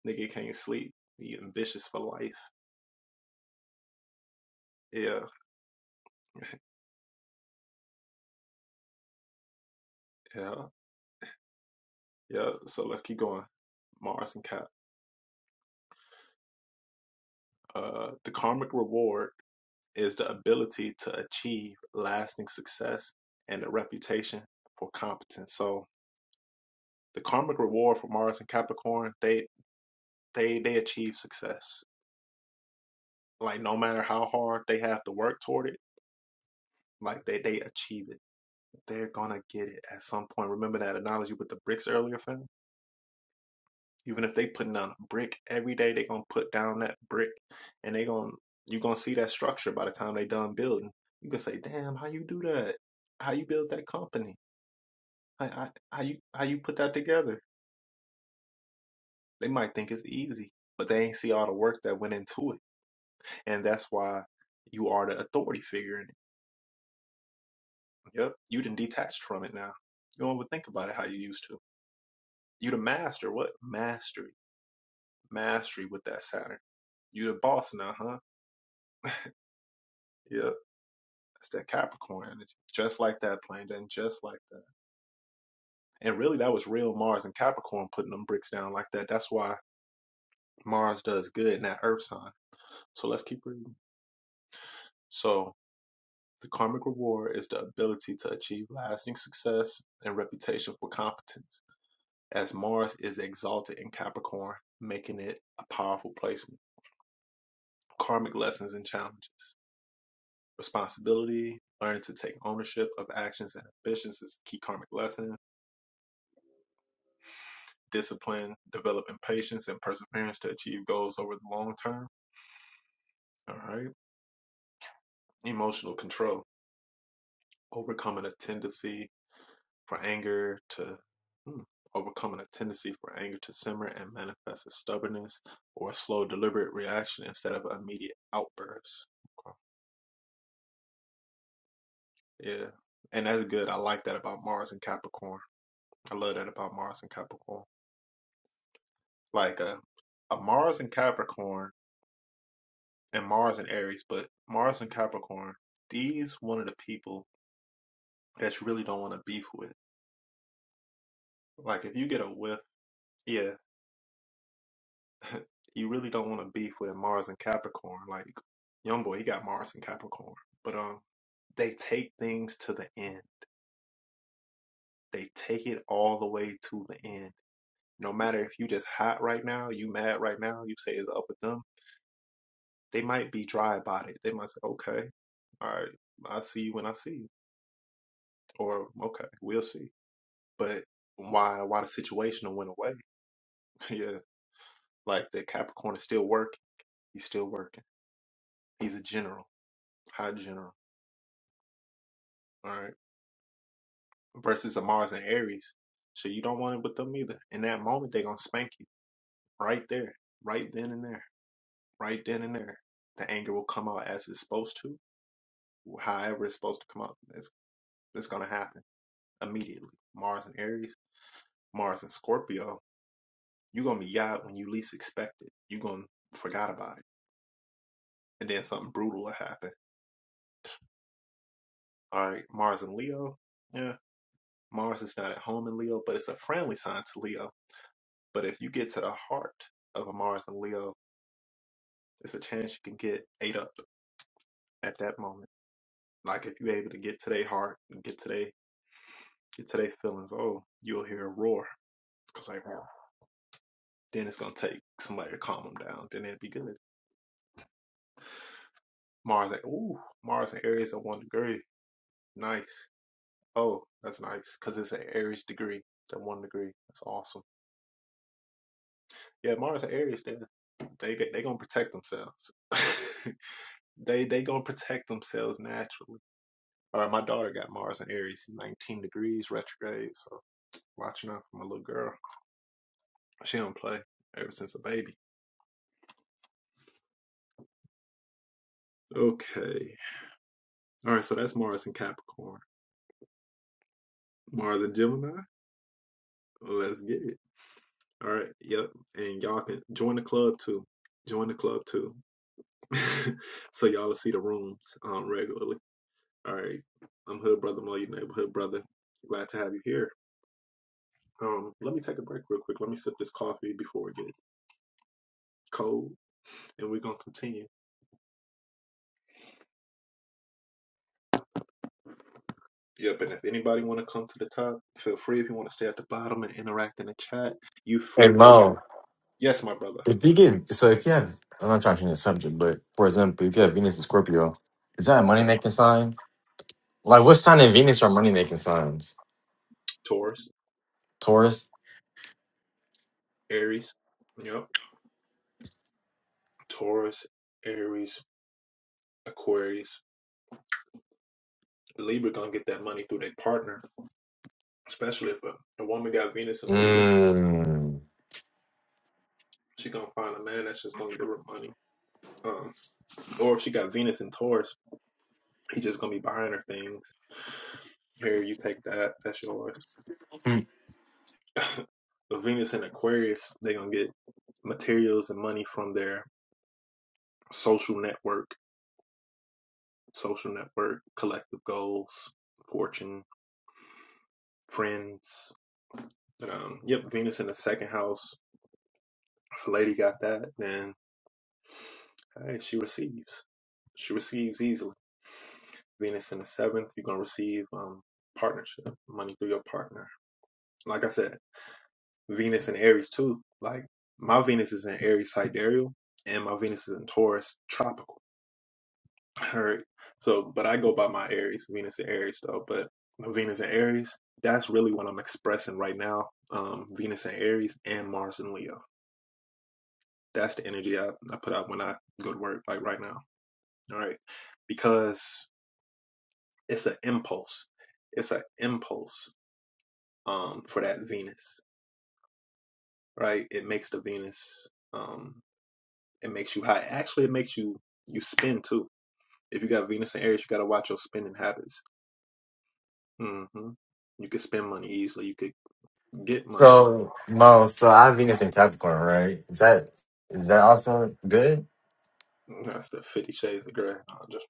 Speaker 1: nigga can't sleep. He ambitious for life. Yeah, yeah, yeah. So let's keep going. Mars and Cap. Uh, the karmic reward is the ability to achieve lasting success and a reputation for competence. So the karmic reward for Mars and Capricorn, they they they achieve success. Like no matter how hard they have to work toward it, like they they achieve it. They're gonna get it at some point. Remember that analogy with the bricks earlier, fam? Even if they putting down a brick every day, they gonna put down that brick, and they gonna you gonna see that structure by the time they done building. You can say, "Damn, how you do that? How you build that company? How, how, how you how you put that together?" They might think it's easy, but they ain't see all the work that went into it, and that's why you are the authority figure in it. Yep, you done detached from it now. You don't even think about it how you used to. You the master. What mastery? Mastery with that Saturn. You the boss now, huh? Yep That's that Capricorn energy. Just like that, plane, and just like that. And really, that was real Mars and Capricorn putting them bricks down like that. That's why Mars does good in that Earth sign. So let's keep reading. So the karmic reward is the ability to achieve lasting success and reputation for competence, as Mars is exalted in Capricorn, making it a powerful placement. Karmic lessons and challenges. Responsibility, learning to take ownership of actions and ambitions is a key karmic lesson discipline, developing patience and perseverance to achieve goals over the long term. All right. Emotional control, overcoming a tendency for anger to hmm, overcoming a tendency for anger to simmer and manifest as stubbornness or a slow, deliberate reaction instead of immediate outbursts. Okay. Yeah. And that's good. I like that about Mars and Capricorn. I love that about Mars and Capricorn. Like a, a Mars and Capricorn and Mars and Aries, but Mars and Capricorn, these one of the people that you really don't want to beef with. Like if you get a whiff, yeah, you really don't want to beef with a Mars and Capricorn. Like young boy, he got Mars and Capricorn, but um, they take things to the end. They take it all the way to the end. No matter if you just hot right now, you mad right now, you say it's up with them. They might be dry about it. They might say, okay, all right, I see you when I see you, or okay, we'll see but why why the situational went away? yeah, like the Capricorn is still working. He's still working. He's a general, high general. All right, versus a Mars and Aries. So you don't want it with them either. In that moment, they're gonna spank you right there, right then and there, right then and there. The anger will come out as it's supposed to, however it's supposed to come out. It's it's gonna happen immediately. Mars and Aries, Mars and Scorpio. You're gonna be yacht when you least expect it. You're gonna forgot about it, and then something brutal will happen All right, Mars and Leo. Yeah, Mars is not at home in Leo, but it's a friendly sign to Leo. But if you get to the heart of a Mars and Leo, it's a chance you can get ate up at that moment. Like if you're able to get to their heart, get to their get to their feelings, oh, you'll hear a roar. Cause like "Roar." then it's gonna take somebody to calm them down. Then it'd be good. Mars and ooh, Mars and Aries at one degree. Nice. Oh, that's nice. Cause it's an Aries degree. That one degree. That's awesome. Yeah, Mars and Aries, they they they gonna protect themselves. they they gonna protect themselves naturally. All right, my daughter got Mars and Aries, 19 degrees retrograde. So watching out for my little girl. She don't play ever since a baby. Okay. All right, so that's Mars and Capricorn. Mars and Gemini. Let's get it. All right. Yep. And y'all can join the club too. Join the club too. so y'all will see the rooms um, regularly. All right. I'm Hood Brother Mo, your neighborhood brother. Glad to have you here. Um, let me take a break real quick. Let me sip this coffee before it gets cold, and we're gonna continue. Yep, and if anybody want to come to the top, feel free. If you want to stay at the bottom and interact in the chat, you
Speaker 2: Hey
Speaker 1: free there.
Speaker 2: Mo.
Speaker 1: Yes, my brother.
Speaker 2: If you get so if you have I'm not trying to change the subject, but for example, if you have Venus and Scorpio, is that a money making sign? Like what sign in Venus are money making signs?
Speaker 1: Taurus,
Speaker 2: Taurus?
Speaker 1: Aries. Yep. Taurus, Aries, Aquarius. Libra gonna get that money through their partner, especially if a, a woman got Venus in Libra.
Speaker 2: Mm.
Speaker 1: She gonna find a man that's just gonna give her money. Um. Or if she got Venus in Taurus, he's just gonna be buying her things. Here, you take that. That's yours.
Speaker 2: Hmm.
Speaker 1: But Venus in Aquarius, they gonna get materials and money from their social network, social network, collective goals, fortune, friends. But um, yep, Venus in the second house. If a lady got that, then hey, she receives. She receives easily. Venus in the seventh, you're gonna receive um partnership, money through your partner. Like I said, Venus and Aries too. Like my Venus is in Aries sidereal and my Venus is in Taurus tropical. All right. So, but I go by my Aries, Venus and Aries though. But Venus and Aries, that's really what I'm expressing right now. Um, Venus and Aries and Mars and Leo. That's the energy I, I put out when I go to work, like right now. All right. Because it's an impulse. It's an impulse um, for that Venus, right? It makes the Venus. Um, It makes you high. Actually, it makes you you spend too. If you got Venus and Aries, you got to watch your spending habits. hmm You could spend money easily. You could get money.
Speaker 2: So Mo, so I have Venus in Capricorn, right? Is that is that also good?
Speaker 1: Mm, That's the Fifty Shades of Grey. No, just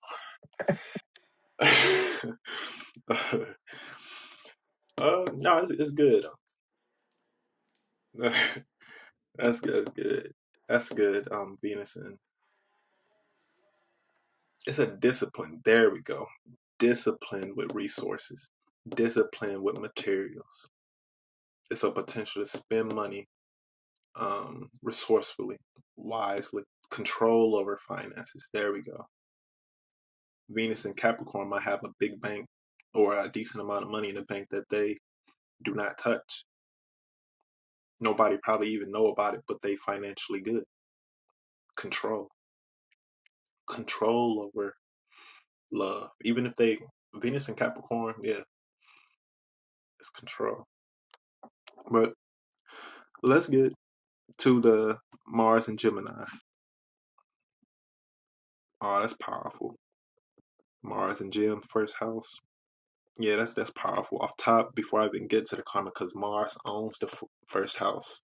Speaker 1: uh, no, it's, it's good. that's That's good. That's good. Um, Venus and it's a discipline. There we go. Discipline with resources. Discipline with materials. It's a potential to spend money um, resourcefully, wisely, control over finances. There we go. Venus and Capricorn might have a big bank or a decent amount of money in the bank that they do not touch. Nobody probably even know about it, but they financially good. Control, control over love. Even if they Venus and Capricorn, yeah, it's control. But let's get to the Mars and Gemini. Oh, that's powerful. Mars and Gem, first house. Yeah, that's that's powerful. Off top, before I even get to the karma, because Mars owns the f first house,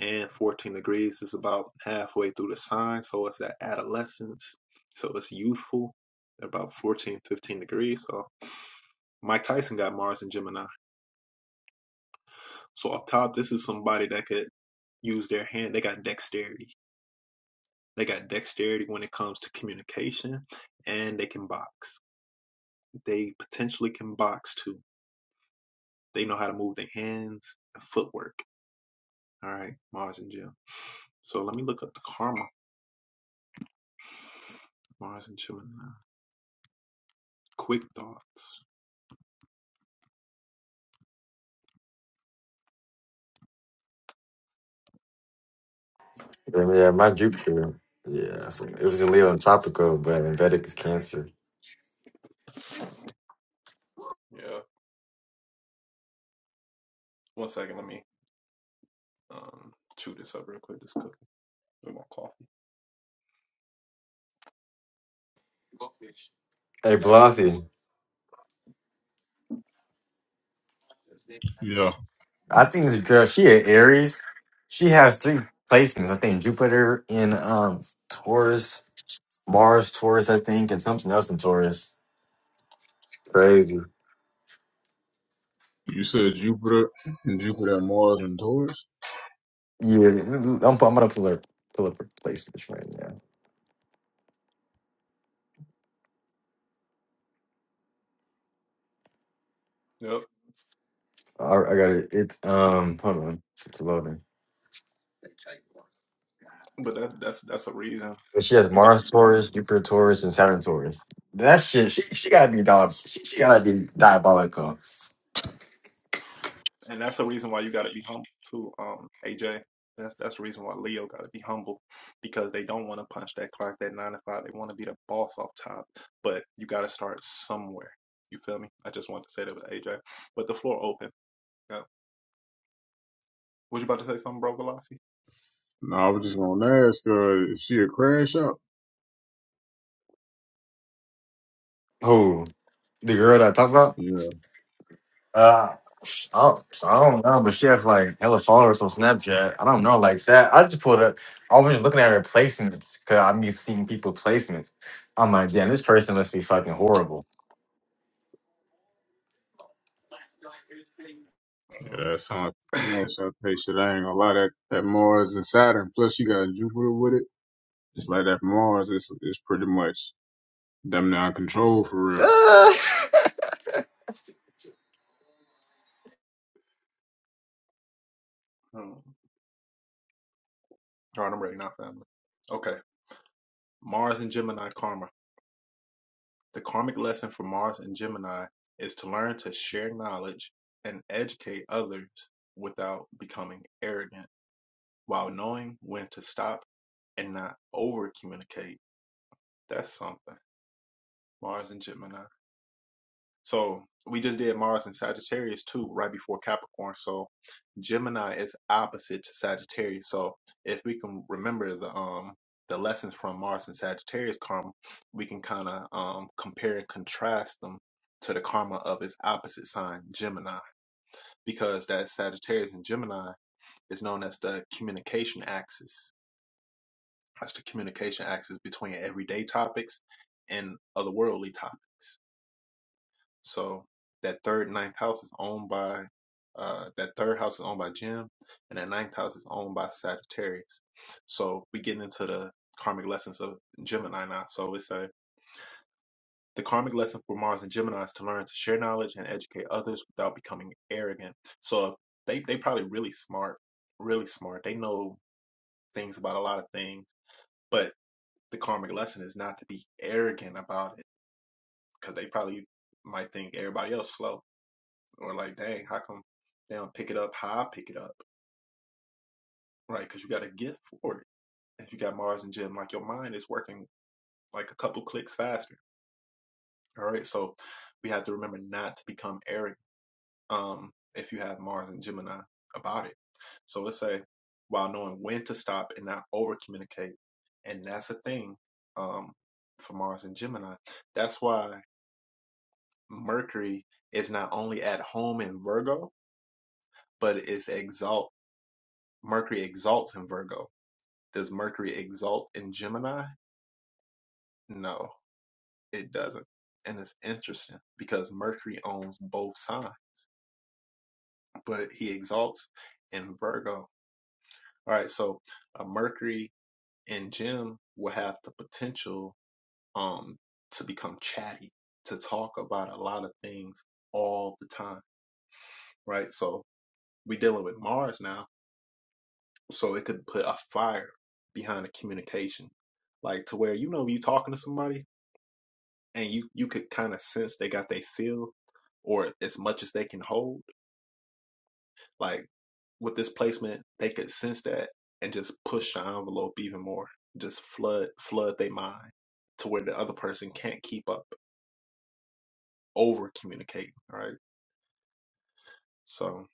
Speaker 1: and 14 degrees is about halfway through the sign, so it's that adolescence, so it's youthful, about 14, 15 degrees. So Mike Tyson got Mars in Gemini. So up top, this is somebody that could use their hand. They got dexterity. They got dexterity when it comes to communication, and they can box. They potentially can box too. They know how to move their hands and footwork. All right, Mars and Gemini. So let me look up the karma. Mars and Gemini. Quick thoughts.
Speaker 2: Really? Yeah, my Jupiter. Yeah, so it was in Leo and Tropical, but in Vedic is Cancer.
Speaker 1: Yeah. One second. Let me um chew this up real quick. This cookie with my coffee.
Speaker 2: Hey, Pelosi,
Speaker 3: Yeah.
Speaker 2: I seen this girl. She a Aries. She has three placements. I think Jupiter in um Taurus Mars, Taurus, I think, and something else in Taurus. Crazy.
Speaker 3: You said Jupiter, Jupiter, Mars, and Taurus.
Speaker 2: Yeah, I'm, I'm gonna pull up pull up her placements right now.
Speaker 1: Yep.
Speaker 2: I, I got it. It's um, hold on, it's loading.
Speaker 1: But that's that's that's a reason
Speaker 2: But she has
Speaker 1: you gotta
Speaker 2: Mars,
Speaker 1: be humble,
Speaker 2: Taurus, Jupiter, Taurus, and Saturn, Taurus. That shit, she, she gotta be dog. She, she gotta be diabolical.
Speaker 1: and that's a reason why you gotta be humble too. Um, AJ. That's that's the reason why Leo gotta be humble, because they don't want to punch that clock, that nine to five. They want to be the boss off top, but you gotta start somewhere. You feel me? I just wanted to say that with AJ. But the floor open. Yeah. Was you about to say something, bro, Velocity?
Speaker 3: No, I was just gonna ask uh, is she a crash out?
Speaker 2: Who the girl that I talk about?
Speaker 3: Yeah.
Speaker 2: Uh, oh, so I don't know, but she has like hella followers on Snapchat. I don't know like that. I just pulled up. I was just looking at her placements because I'm used to seeing people placements. I'm like, damn, this person must be fucking horrible.
Speaker 1: No.
Speaker 3: Yeah, that sounds like a crash out Shit, I ain't gonna lie. That that Mars and Saturn. Plus, you got Jupiter with it. It's like that Mars. It's it's pretty much them now control for real.
Speaker 2: Uh,
Speaker 1: um, All right, I'm ready now, family. Okay. Mars and Gemini karma. The karmic lesson for Mars and Gemini is to learn to share knowledge and educate others without becoming arrogant while knowing when to stop and not over communicate. That's something. Mars and Gemini. So we just did Mars and Sagittarius too, right before Capricorn. So Gemini is opposite to Sagittarius. So if we can remember the um the lessons from Mars and Sagittarius karma, we can kind of um compare and contrast them to the karma of its opposite sign, Gemini, because that Sagittarius and Gemini is known as the communication axis. That's the communication axis between everyday topics and otherworldly topics. So that third ninth house is owned by uh that third house is owned by Jim and that ninth house is owned by Sagittarius. So we getting into the karmic lessons of Gemini now. So it's a the karmic lesson for Mars and Gemini is to learn to share knowledge and educate others without becoming arrogant. So if they they probably really smart, really smart. They know things about a lot of things, but the karmic lesson is not to be arrogant about it because they probably might think everybody else slow or like, dang, how come they don't pick it up how I pick it up, right? Because you got a gift for it. If you got Mars and Jim, like your mind is working like a couple clicks faster. All right, so we have to remember not to become arrogant. Um, if you have Mars and Gemini about it, so let's say while knowing when to stop and not over communicate, and that's a thing um, for Mars and Gemini. That's why Mercury is not only at home in Virgo, but it's exalt. Mercury exalts in Virgo Does Mercury exalt in Gemini? No, it doesn't. And it's interesting because Mercury owns both signs, but he exalts in Virgo. All right, so a Mercury in Gem will have the potential um to become chatty, to talk about a lot of things all the time, right? So we are dealing with Mars now, so it could put a fire behind the communication, like to where you know you talking to somebody and you you could kind of sense they got they feel or as much as they can hold. Like with this placement, they could sense that and just push the envelope even more. Just flood flood their mind to where the other person can't keep up, over communicate, right? So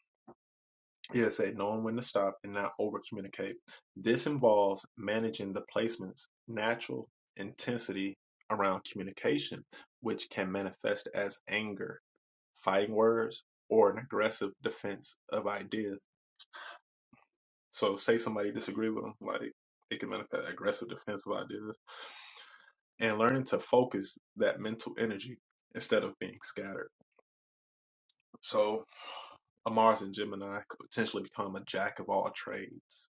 Speaker 1: yeah, say knowing when to stop and not over communicate. This involves managing the placement's natural intensity around communication, which can manifest as anger fighting words or an aggressive defense of ideas. So say somebody disagree with them, like it can manifest aggressive defense of ideas and learning to focus that mental energy instead of being scattered. So a Mars and Gemini could potentially become a jack of all trades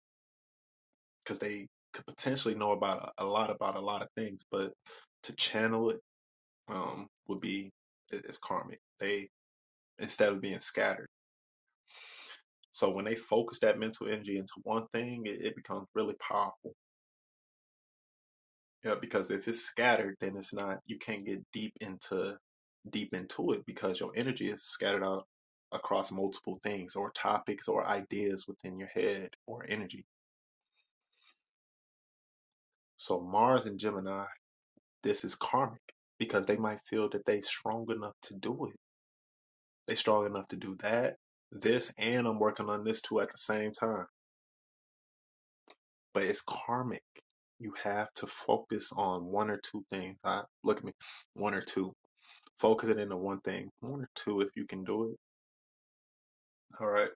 Speaker 1: because they could potentially know about a, a lot about a lot of things, but to channel it um, would be it's karmic. They instead of being scattered. So when they focus that mental energy into one thing, it, it becomes really powerful. Yeah, because if it's scattered, then it's not you can't get deep into deep into it because your energy is scattered out across multiple things or topics or ideas within your head or energy. So Mars and Gemini, this is karmic because they might feel that they strong enough to do it. They strong enough to do that, this, and I'm working on this too at the same time but it's karmic. You have to focus on one or two things. I look at me, one or two. Focus it into one thing, one or two if you can do it. All right.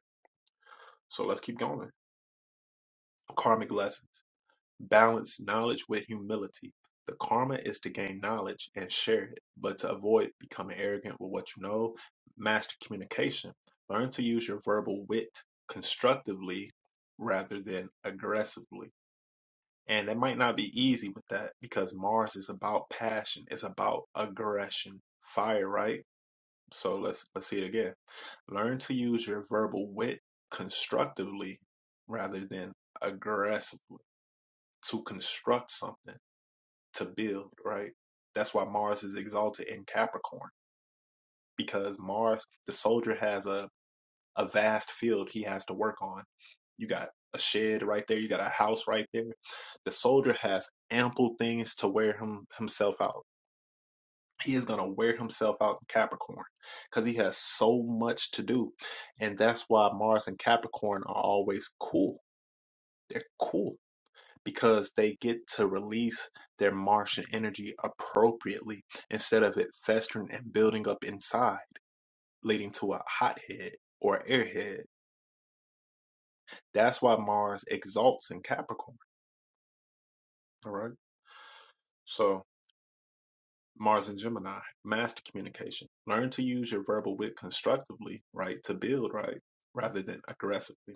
Speaker 1: So let's keep going. Karmic lessons. Balance knowledge with humility. The karma is to gain knowledge and share it, but to avoid becoming arrogant with what you know. Master communication. Learn to use your verbal wit constructively rather than aggressively And it might not be easy with that because Mars is about passion. It's about aggression. Fire, right? So let's let's see it again. Learn to use your verbal wit constructively rather than aggressive to construct something, to build, right? That's why Mars is exalted in Capricorn because Mars, the soldier has a a vast field he has to work on. You got a shed right there. You got a house right there. The soldier has ample things to wear him himself out. He is gonna wear himself out in Capricorn because he has so much to do, and that's why Mars and Capricorn are always cool. They're cool because they get to release their Martian energy appropriately instead of it festering and building up inside, leading to a hothead or airhead. That's why Mars exalts in Capricorn. All right. So Mars and Gemini, master communication. Learn to use your verbal wit constructively, right? To build, right? Rather than aggressively.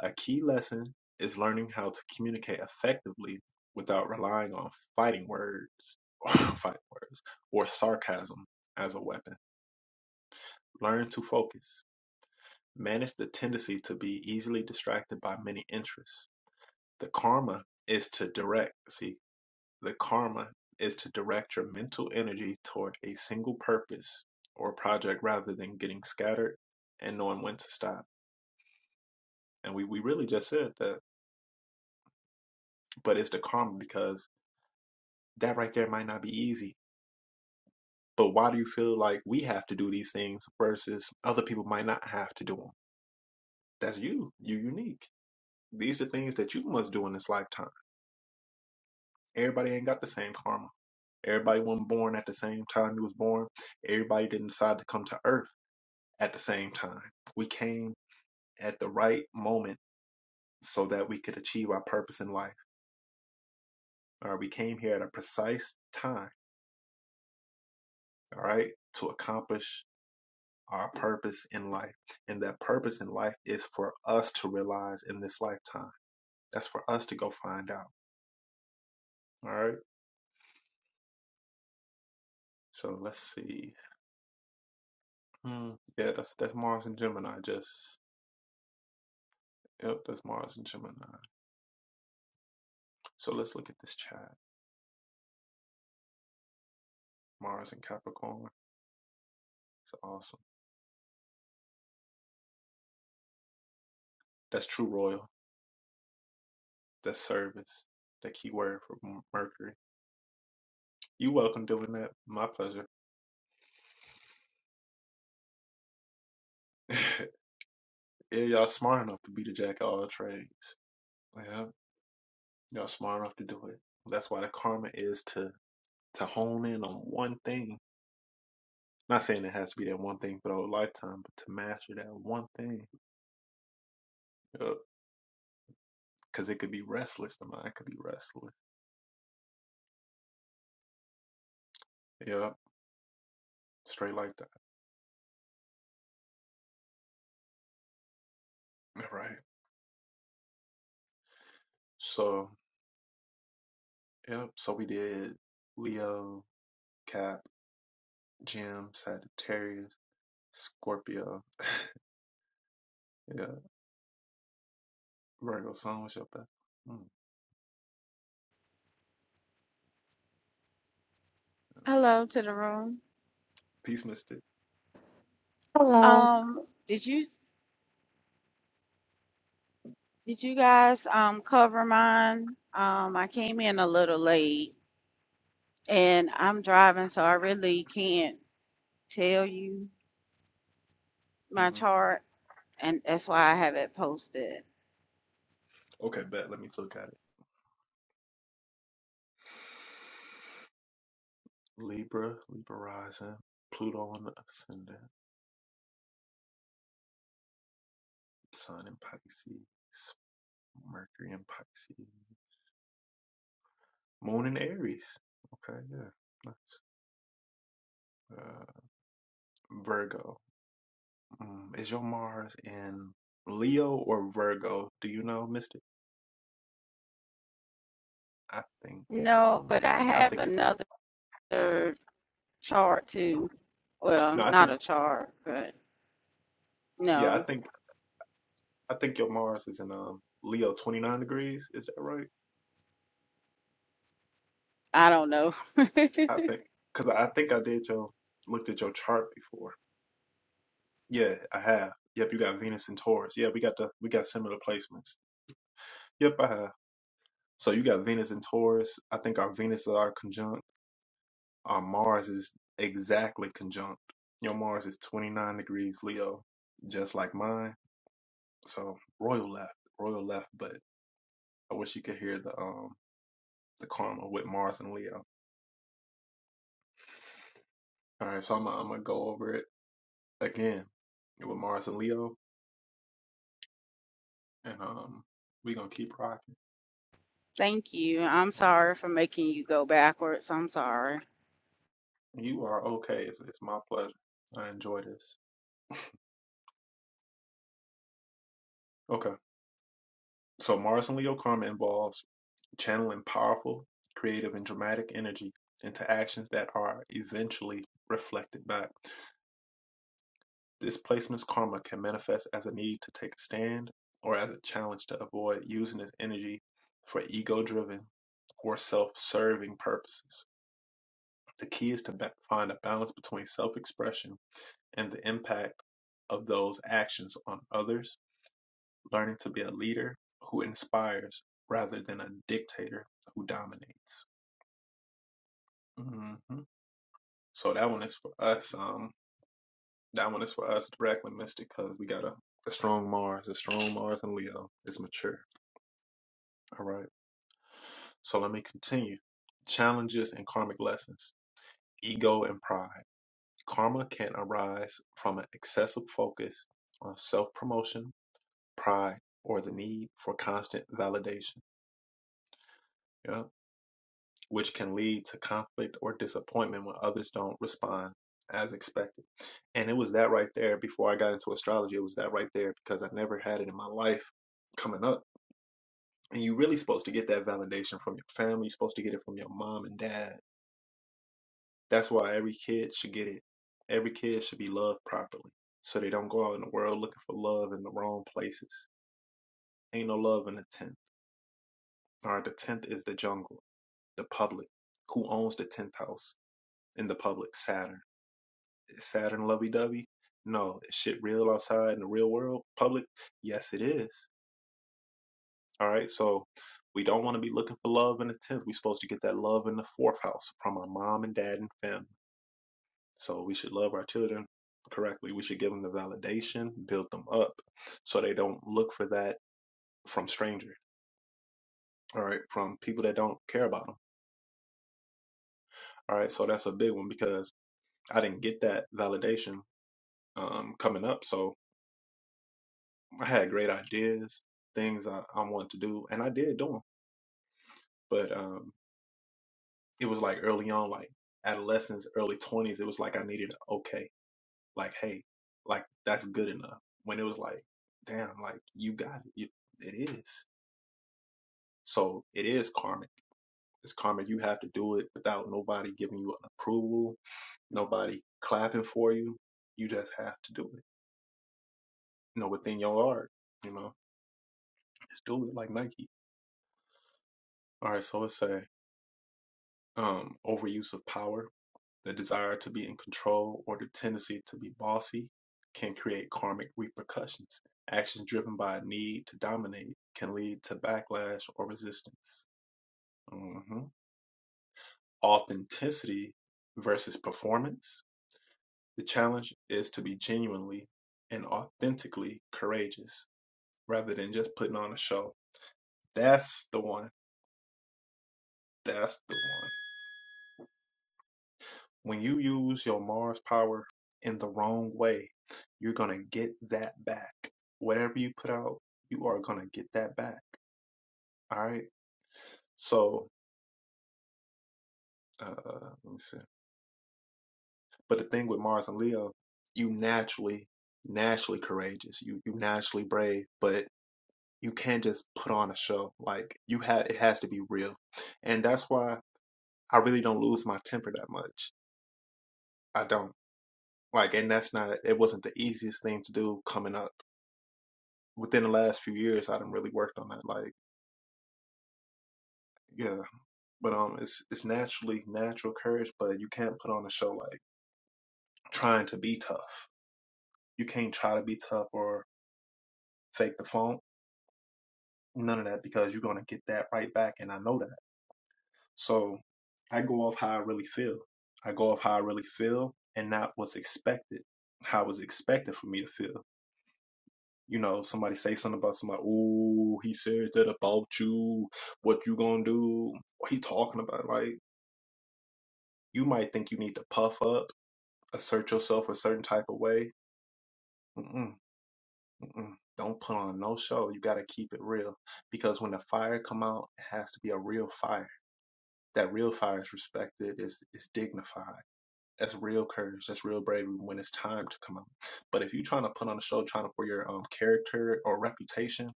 Speaker 1: A key lesson is learning how to communicate effectively without relying on fighting words, or fighting words, or sarcasm as a weapon. Learn to focus. Manage the tendency to be easily distracted by many interests. The karma is to direct. See, The karma is to direct your mental energy toward a single purpose or project rather than getting scattered and knowing when to stop. And we, we really just said that, but it's the karma because that right there might not be easy. But why do you feel like we have to do these things versus other people might not have to do them? That's you. You're unique. These are things that you must do in this lifetime. Everybody ain't got the same karma. Everybody wasn't born at the same time you was born. Everybody didn't decide to come to earth at the same time. We came at the right moment so that we could achieve our purpose in life. All right, we came here at a precise time, all right, to accomplish our purpose in life. And that purpose in life is for us to realize in this lifetime. That's for us to go find out. All right. So let's see. Hmm, yeah, that's that's Mars and Gemini. Just yep, that's Mars and Gemini. So let's look at this chat. Mars and Capricorn. It's awesome. That's true royal. the service, the key word for Mercury. You welcome doing that. My pleasure. yeah, y'all smart enough to be the jack of all trades. Yeah, y'all smart enough to do it. That's why the karma is to to hone in on one thing. Not saying it has to be that one thing for the whole lifetime, but to master that one thing. Yup. Cause it could be restless. The mind could be restless. Yep. Straight like that. All right. So yep. So we did Leo, Cap, Jim, Sagittarius, Scorpio. Yeah, Virgo Sun, what's your best? Mm.
Speaker 6: Hello to the room.
Speaker 1: Peace Mystic.
Speaker 4: Hello.
Speaker 6: Um, did you did you guys um cover mine? Um, I came in a little late and I'm driving, so I really can't tell you my
Speaker 1: hmm
Speaker 6: chart, and that's why I have it posted.
Speaker 1: Okay, bet. Let me look at it. Libra, Libra rising, Pluto on the ascendant, Sun in Pisces, Mercury in Pisces, Moon in Aries. Okay, yeah, nice. Uh, Virgo, mm, is your Mars in Leo or Virgo? Do you know, Mystic? I think.
Speaker 6: No, but I
Speaker 1: I
Speaker 6: have
Speaker 1: think it's in.
Speaker 6: another chart too. Well,
Speaker 1: No, I
Speaker 6: not
Speaker 1: think.
Speaker 6: a chart, but
Speaker 1: Yeah, I
Speaker 6: no,
Speaker 1: think. I think your Mars is in um Leo twenty nine degrees. Is that right?
Speaker 6: I don't know.
Speaker 1: I think because I think I did your looked at your chart before. Yeah, I have. Yep, you got Venus and Taurus. Yeah, we got the we got similar placements. Yep, I have. So you got Venus and Taurus. I think our Venus is our conjunct. Our Mars is exactly conjunct. Your Mars is twenty nine degrees Leo, just like mine. So royal left, royal left. But I wish you could hear the um the karma with Mars and Leo. All right, so I'm gonna, I'm gonna go over it again with Mars and Leo, and um, we gonna keep rocking.
Speaker 6: Thank you. I'm
Speaker 1: All
Speaker 6: sorry for making you go backwards. I'm sorry.
Speaker 1: right, you are okay. It's, it's my pleasure. I enjoy this. Okay, so Mars and Leo karma involves channeling powerful, creative, and dramatic energy into actions that are eventually reflected back. This placement's karma can manifest as a need to take a stand or as a challenge to avoid using its energy for ego driven or self serving purposes. The key is to find a balance between self expression and the impact of those actions on others, learning to be a leader who inspires rather than a dictator who dominates. hmm So that one is for us. Um, That one is for us, direct with Mystic, because we got a, a strong Mars, a strong Mars in Leo. It's mature. All right. So let me continue. Challenges and karmic lessons, ego and pride. Karma can arise from an excessive focus on self promotion, pride, or the need for constant validation, yeah, which can lead to conflict or disappointment when others don't respond as expected. And it was that right there before I got into astrology. It was that right there because I never had it in my life coming up and you're really supposed to get that validation from your family. You're supposed to get it from your mom and dad. That's why every kid should get it. Every kid should be loved properly, so they don't go out in the world looking for love in the wrong places. Ain't no love in the tenth. All right, the tenth is the jungle, the public. Who owns the tenth house in the public? Saturn. Is Saturn lovey dovey? No. Is shit real outside in the real world? Public? Yes, it is. All right. So we don't want to be looking for love in the 10th. We're supposed to get that love in the fourth house from our mom and dad and family. So we should love our children correctly. We should give them the validation, build them up so they don't look for that from strangers. All right. From people that don't care about them. All right. So that's a big one because I didn't get that validation um, coming up. So I had great ideas, things I, I wanted to do, and I did do them. But um, it was like early on, like adolescence, early twenties, it was like I needed a okay, like hey, like that's good enough. When it was like, damn, like you got it, You- it is. So it is karmic. It's karmic. You have to do it without nobody giving you an approval, nobody clapping for you. You just have to do it. You know, within your art. You know, just do it like Nike. All right. So let's say um overuse of power The desire to be in control or the tendency to be bossy can create karmic repercussions. Actions driven by a need to dominate can lead to backlash or resistance. hmm Authenticity versus performance. The challenge is to be genuinely and authentically courageous rather than just putting on a show. That's the one. That's the one. When you use your Mars power in the wrong way, you're going to get that back. Whatever you put out, you are going to get that back. All right. So, uh, let me see. But the thing with Mars and Leo, you naturally, naturally courageous. You, you naturally brave, but you can't just put on a show. Like you have, it has to be real. And that's why I really don't lose my temper that much. I don't like, and that's not, it wasn't the easiest thing to do coming up within the last few years I done really worked on that. Like, yeah. But um it's it's naturally natural courage, but you can't put on a show like trying to be tough. You can't try to be tough or fake the funk. None of that because you're gonna get that right back and I know that. So I go off how I really feel. I go off how I really feel and not what's expected. How it was expected for me to feel. You know, somebody say something about somebody, ooh, he said that about you, what you gonna do, what he talking about, like You might think you need to puff up, assert yourself a certain type of way. Mm-mm, mm-mm. Don't put on no show. You got to keep it real because when the fire come out, it has to be a real fire. That real fire is respected. Is is dignified. That's real courage. That's real bravery when it's time to come out. But if you're trying to put on a show, trying to for your um character or reputation,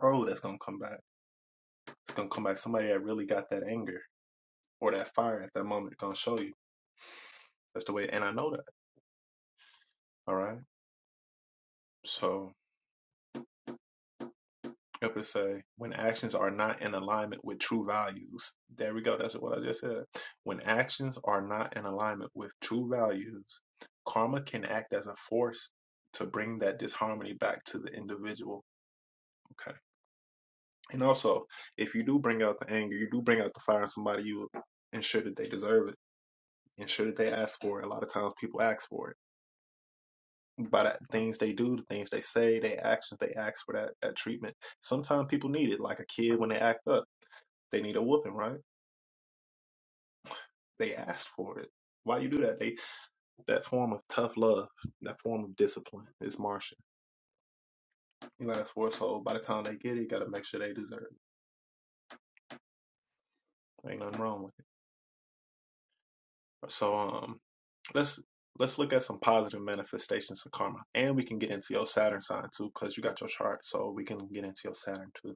Speaker 1: oh, that's gonna come back. It's gonna come back. Somebody that really got that anger or that fire at that moment gonna show you. That's the way. And I know that. All right. So episode when actions are not in alignment with true values. There we go. That's what I just said. When actions are not in alignment with true values, karma can act as a force to bring that disharmony back to the individual. Okay. And also, if you do bring out the anger, you do bring out the fire in somebody, you will ensure that they deserve it, ensure that they ask for it. A lot of times people ask for it. By the things they do, the things they say, they actions, they ask for that, that treatment. Sometimes people need it, like a kid when they act up They need a whooping, right? They asked for it. Why you do that? They that form of tough love, that form of discipline is Martian. You ask for it, so by the time they get it, you gotta make sure they deserve it. Ain't nothing wrong with it. So um let's let's look at some positive manifestations of karma. And we can get into your Saturn sign too, because you got your chart, so we can get into your Saturn too.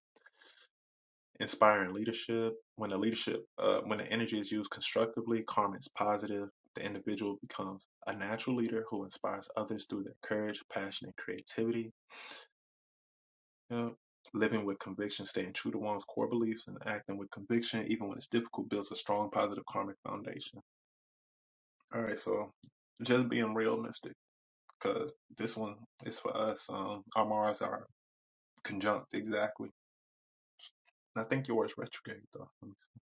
Speaker 1: Inspiring leadership. When the leadership, uh, when the energy is used constructively, karma is positive. The individual becomes a natural leader who inspires others through their courage, passion, and creativity. You know, Living with conviction, staying true to one's core beliefs, and acting with conviction, even when it's difficult, builds a strong, positive karmic foundation. All right, so just being realistic, because this one is for us. Um, our Mars are conjunct exactly. I think yours retrograde though. Let me see.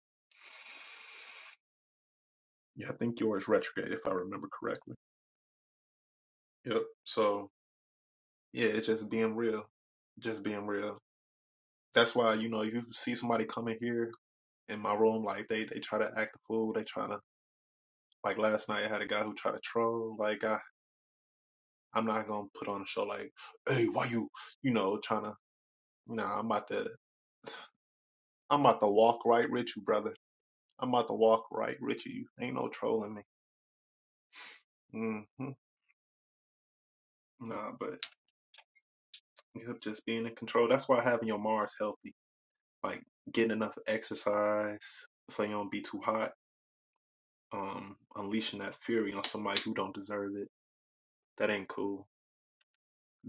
Speaker 1: Yeah, I think yours retrograde if I remember correctly. Yep. So yeah, it's just being real. Just being real. That's why, you know, if you see somebody coming here in my room, like they they try to act a fool, they try to like last night I had a guy who tried to troll. Like I I'm not gonna put on a show like, hey, why you you know, trying to nah, I'm about to I'm about to walk right with you, brother. I'm about to walk right with you. Ain't no trolling me. Mm-hmm. Nah, but yep, just being in control. That's why having your Mars healthy, like getting enough exercise, so you don't be too hot um unleashing that fury on somebody who don't deserve it that ain't cool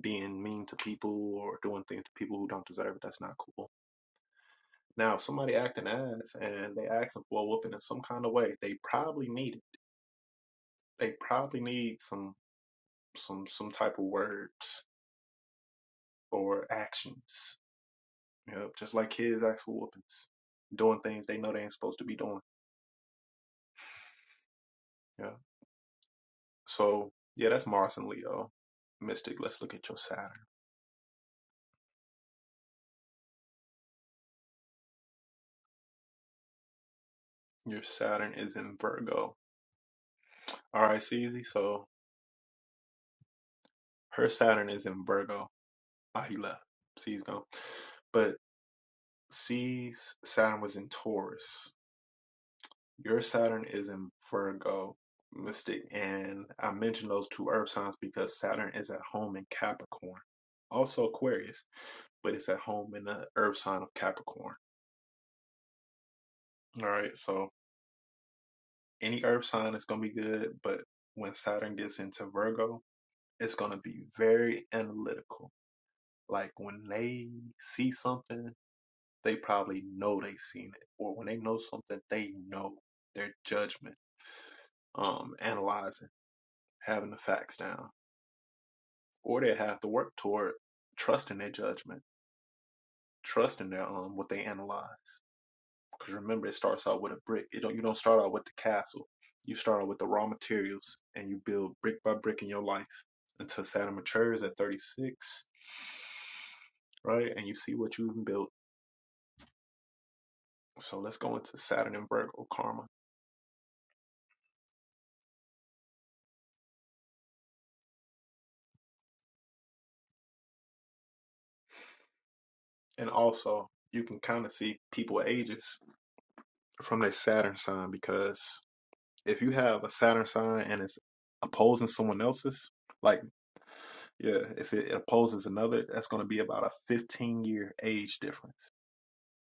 Speaker 1: being mean to people or doing things to people who don't deserve it that's not cool now if somebody acting ass and they asking for a whooping in some kind of way they probably need it they probably need some some some type of words or actions you know just like kids ask for whoopings doing things they know they ain't supposed to be doing yeah so yeah that's mars and leo mystic let's look at your saturn your saturn is in virgo All right, CZ. So her Saturn is in Virgo. Ah, he left. C's gone. But C's Saturn was in Taurus. Your Saturn is in Virgo. Mystic. And I mentioned those two earth signs because Saturn is at home in Capricorn, also Aquarius, but it's at home in the earth sign of Capricorn. All right. So any earth sign is going to be good, but when Saturn gets into Virgo, it's going to be very analytical like when they see something they probably know they have seen it. Or when they know something, they know their judgment, um, analyzing, having the facts down. Or they have to work toward trusting their judgment, trusting their um what they analyze. Because remember, it starts out with a brick. It don't you don't start out with the castle. You start out with the raw materials and you build brick by brick in your life until Saturn matures at 36, right? And you see what you can build. So let's go into Saturn and Virgo karma. And also, you can kind of see people ages from their Saturn sign because if you have a Saturn sign and it's opposing someone else's, like yeah, if it opposes another, that's going to be about a 15 year age difference.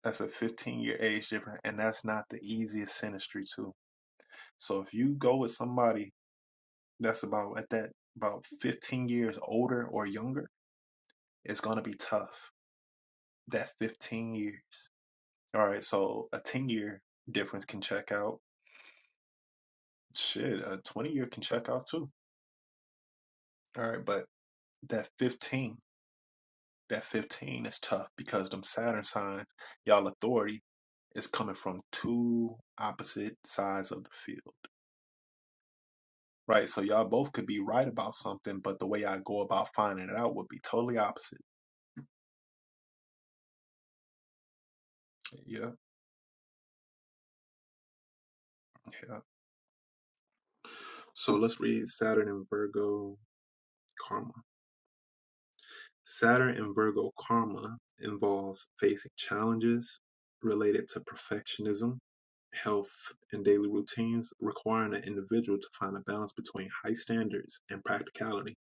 Speaker 1: That's a 15 year age difference, and that's not the easiest synastry too. So if you go with somebody that's about at that about 15 years older or younger, it's going to be tough. That 15 years. All right, so a 10 year difference can check out. Shit, a 20 year can check out too. All right, but that 15 that 15 is tough because them saturn signs y'all authority is coming from two opposite sides of the field right so y'all both could be right about something but the way i go about finding it out would be totally opposite yeah yeah so let's read saturn and virgo karma Saturn in Virgo karma involves facing challenges related to perfectionism, health, and daily routines, requiring an individual to find a balance between high standards and practicality.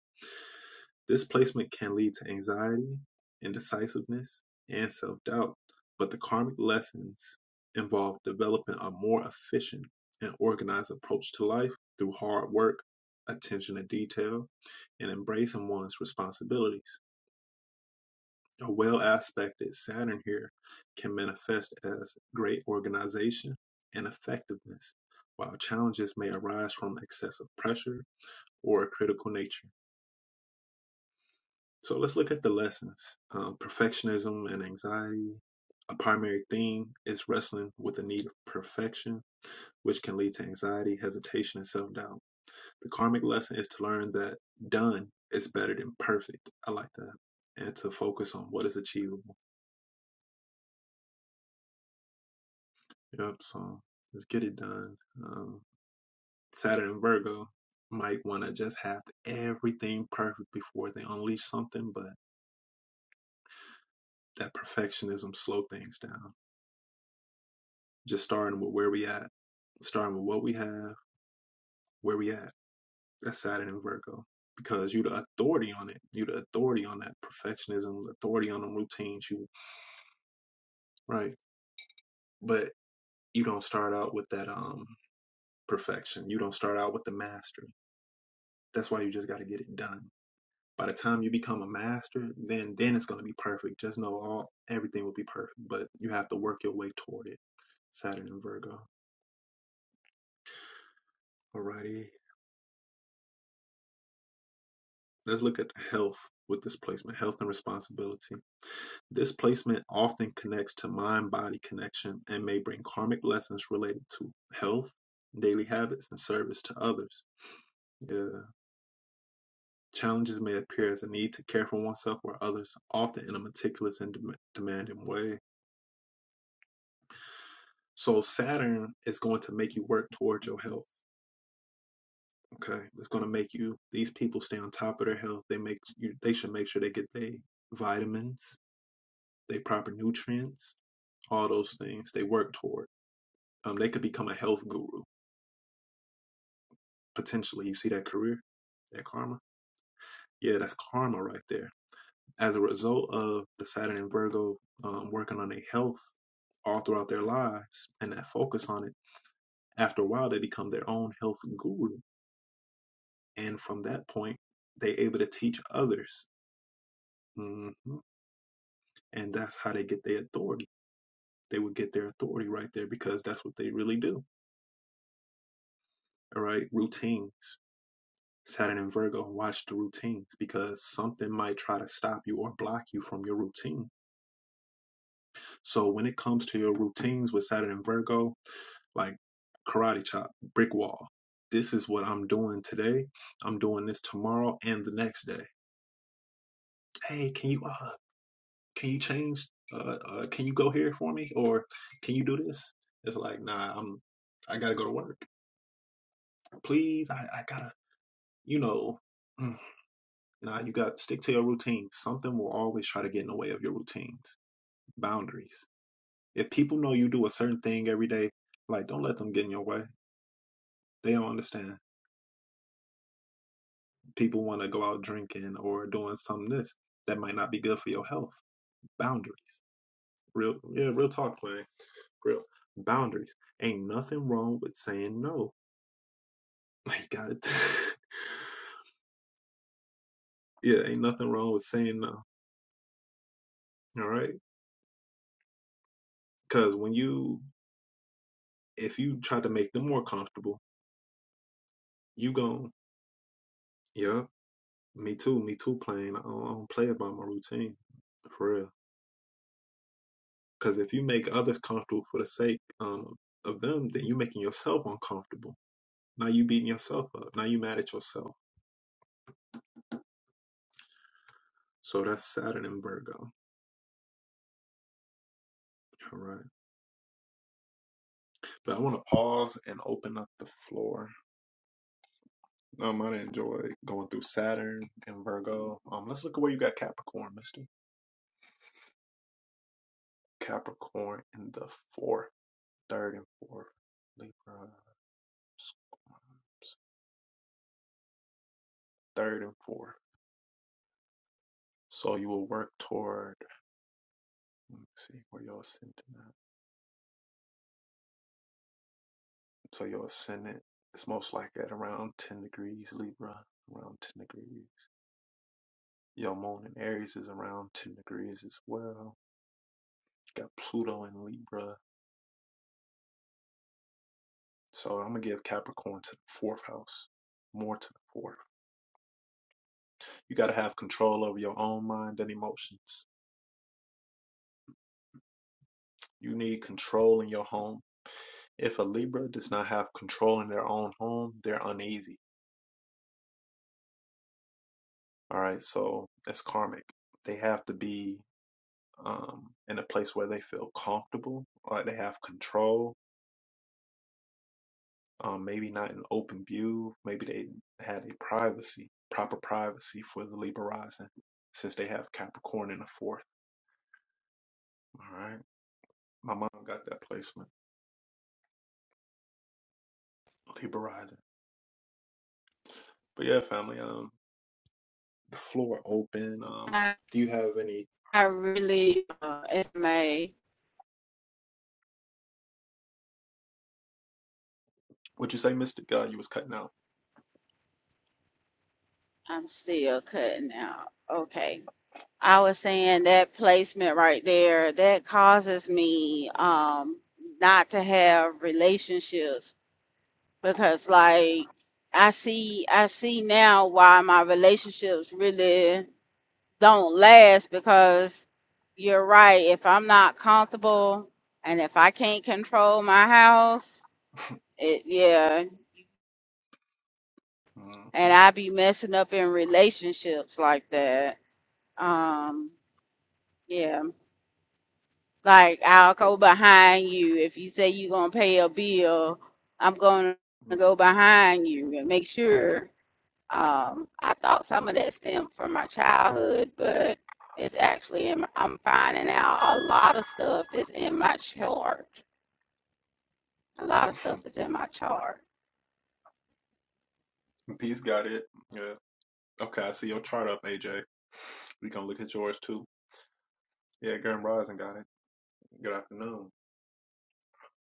Speaker 1: This placement can lead to anxiety, indecisiveness, and self doubt, but the karmic lessons involve developing a more efficient and organized approach to life through hard work, attention to detail, and embracing one's responsibilities. A well aspected Saturn here can manifest as great organization and effectiveness, while challenges may arise from excessive pressure or a critical nature. So let's look at the lessons. Um, perfectionism and anxiety. A primary theme is wrestling with the need of perfection, which can lead to anxiety, hesitation, and self doubt. The karmic lesson is to learn that done is better than perfect. I like that. And to focus on what is achievable. Yep. So let's get it done. Um, Saturn and Virgo might want to just have everything perfect before they unleash something, but that perfectionism slow things down. Just starting with where we at, starting with what we have, where we at. That's Saturn and Virgo because you the authority on it. You the authority on that perfectionism, the authority on them routines. You right, but you don't start out with that um perfection. You don't start out with the mastery. That's why you just got to get it done by the time you become a master, then then it's going to be perfect. Just know all everything will be perfect, but you have to work your way toward it. Saturn and Virgo. Alrighty. Let's look at health with this placement, health and responsibility. This placement often connects to mind body connection and may bring karmic lessons related to health, daily habits, and service to others. Yeah. Challenges may appear as a need to care for oneself or others, often in a meticulous and dem- demanding way So Saturn is going to make you work towards your health. Okay. It's going to make you these people stay on top of their health. They make you they should make sure they get their vitamins, they proper nutrients, all those things they work toward. Um they could become a health guru potentially. You see that career? That karma? Yeah, that's karma right there. As a result of the Saturn and Virgo um, working on their health all throughout their lives and that focus on it, after a while they become their own health guru and from that point they able to teach others hmm and that's how they get their authority they would get their authority right there because that's what they really do all right routines saturn and virgo watch the routines because something might try to stop you or block you from your routine so when it comes to your routines with saturn and virgo like karate chop brick wall this is what i'm doing today i'm doing this tomorrow and the next day hey can you uh can you change uh, uh can you go here for me or can you do this it's like nah i'm i gotta go to work please i, I gotta you know mm, nah you gotta stick to your routine something will always try to get in the way of your routines boundaries if people know you do a certain thing every day like don't let them get in your way they don't understand people want to go out drinking or doing something this that might not be good for your health boundaries real yeah real talk man real boundaries ain't nothing wrong with saying no My God. yeah, ain't nothing wrong with saying no. All right? Because when you, if you try to make them more comfortable, you gon' yeah, me too, me too, playing. I don't, I don't play about my routine for real. Because if you make others comfortable for the sake um, of them, then you making yourself uncomfortable. Now you beating yourself up. Now you mad at yourself. So that's Saturn and Virgo. All right. But I want to pause and open up the floor Um, i enjoy going through Saturn and Virgo. Um, let's look at where you got Capricorn, Mister. Capricorn in the fourth, third and fourth. Libra, third and fourth. So you will work toward. Let me see where your ascendant. At. So your ascendant is most likely at around ten degrees Libra, around ten degrees. Your moon in Aries is around ten degrees as well. Got Pluto in Libra. So I'm gonna give Capricorn to the fourth house, more to the fourth. You got to have control over your own mind and emotions. You need control in your home. If a Libra does not have control in their own home, they're uneasy. All right, so that's karmic. They have to be um, in a place where they feel comfortable, like they have control. Um, maybe not in open view. Maybe they have a privacy, proper privacy for the Libra rising, since they have Capricorn in the fourth. All right, my mom got that placement, Libra rising. But yeah, family. Um, the floor open. Um,
Speaker 6: I,
Speaker 1: do you have any?
Speaker 6: I really, uh, it's May.
Speaker 1: What'd you say, Mister God? You was cutting out.
Speaker 6: I'm still cutting out. Okay. I was saying that placement right there, that causes me um not to have relationships because like I see I see now why my relationships really don't last because you're right. If I'm not comfortable and if I can't control my house, it yeah, and I be messing up in relationships like that. Um, yeah, like I'll go
Speaker 1: Mm-hmm.
Speaker 6: behind you if you say you're gonna pay a bill. I'm gonna go behind you and make sure. Um, I thought some of that stemmed from my childhood, but it's actually in my, I'm finding out a lot of stuff is in my chart. A lot of
Speaker 1: Mm-hmm.
Speaker 6: stuff is in my chart.
Speaker 1: Peace got it. Yeah. Okay, I see your chart up, AJ. We gonna look at yours too. Yeah, Garen Rising got it. Good afternoon.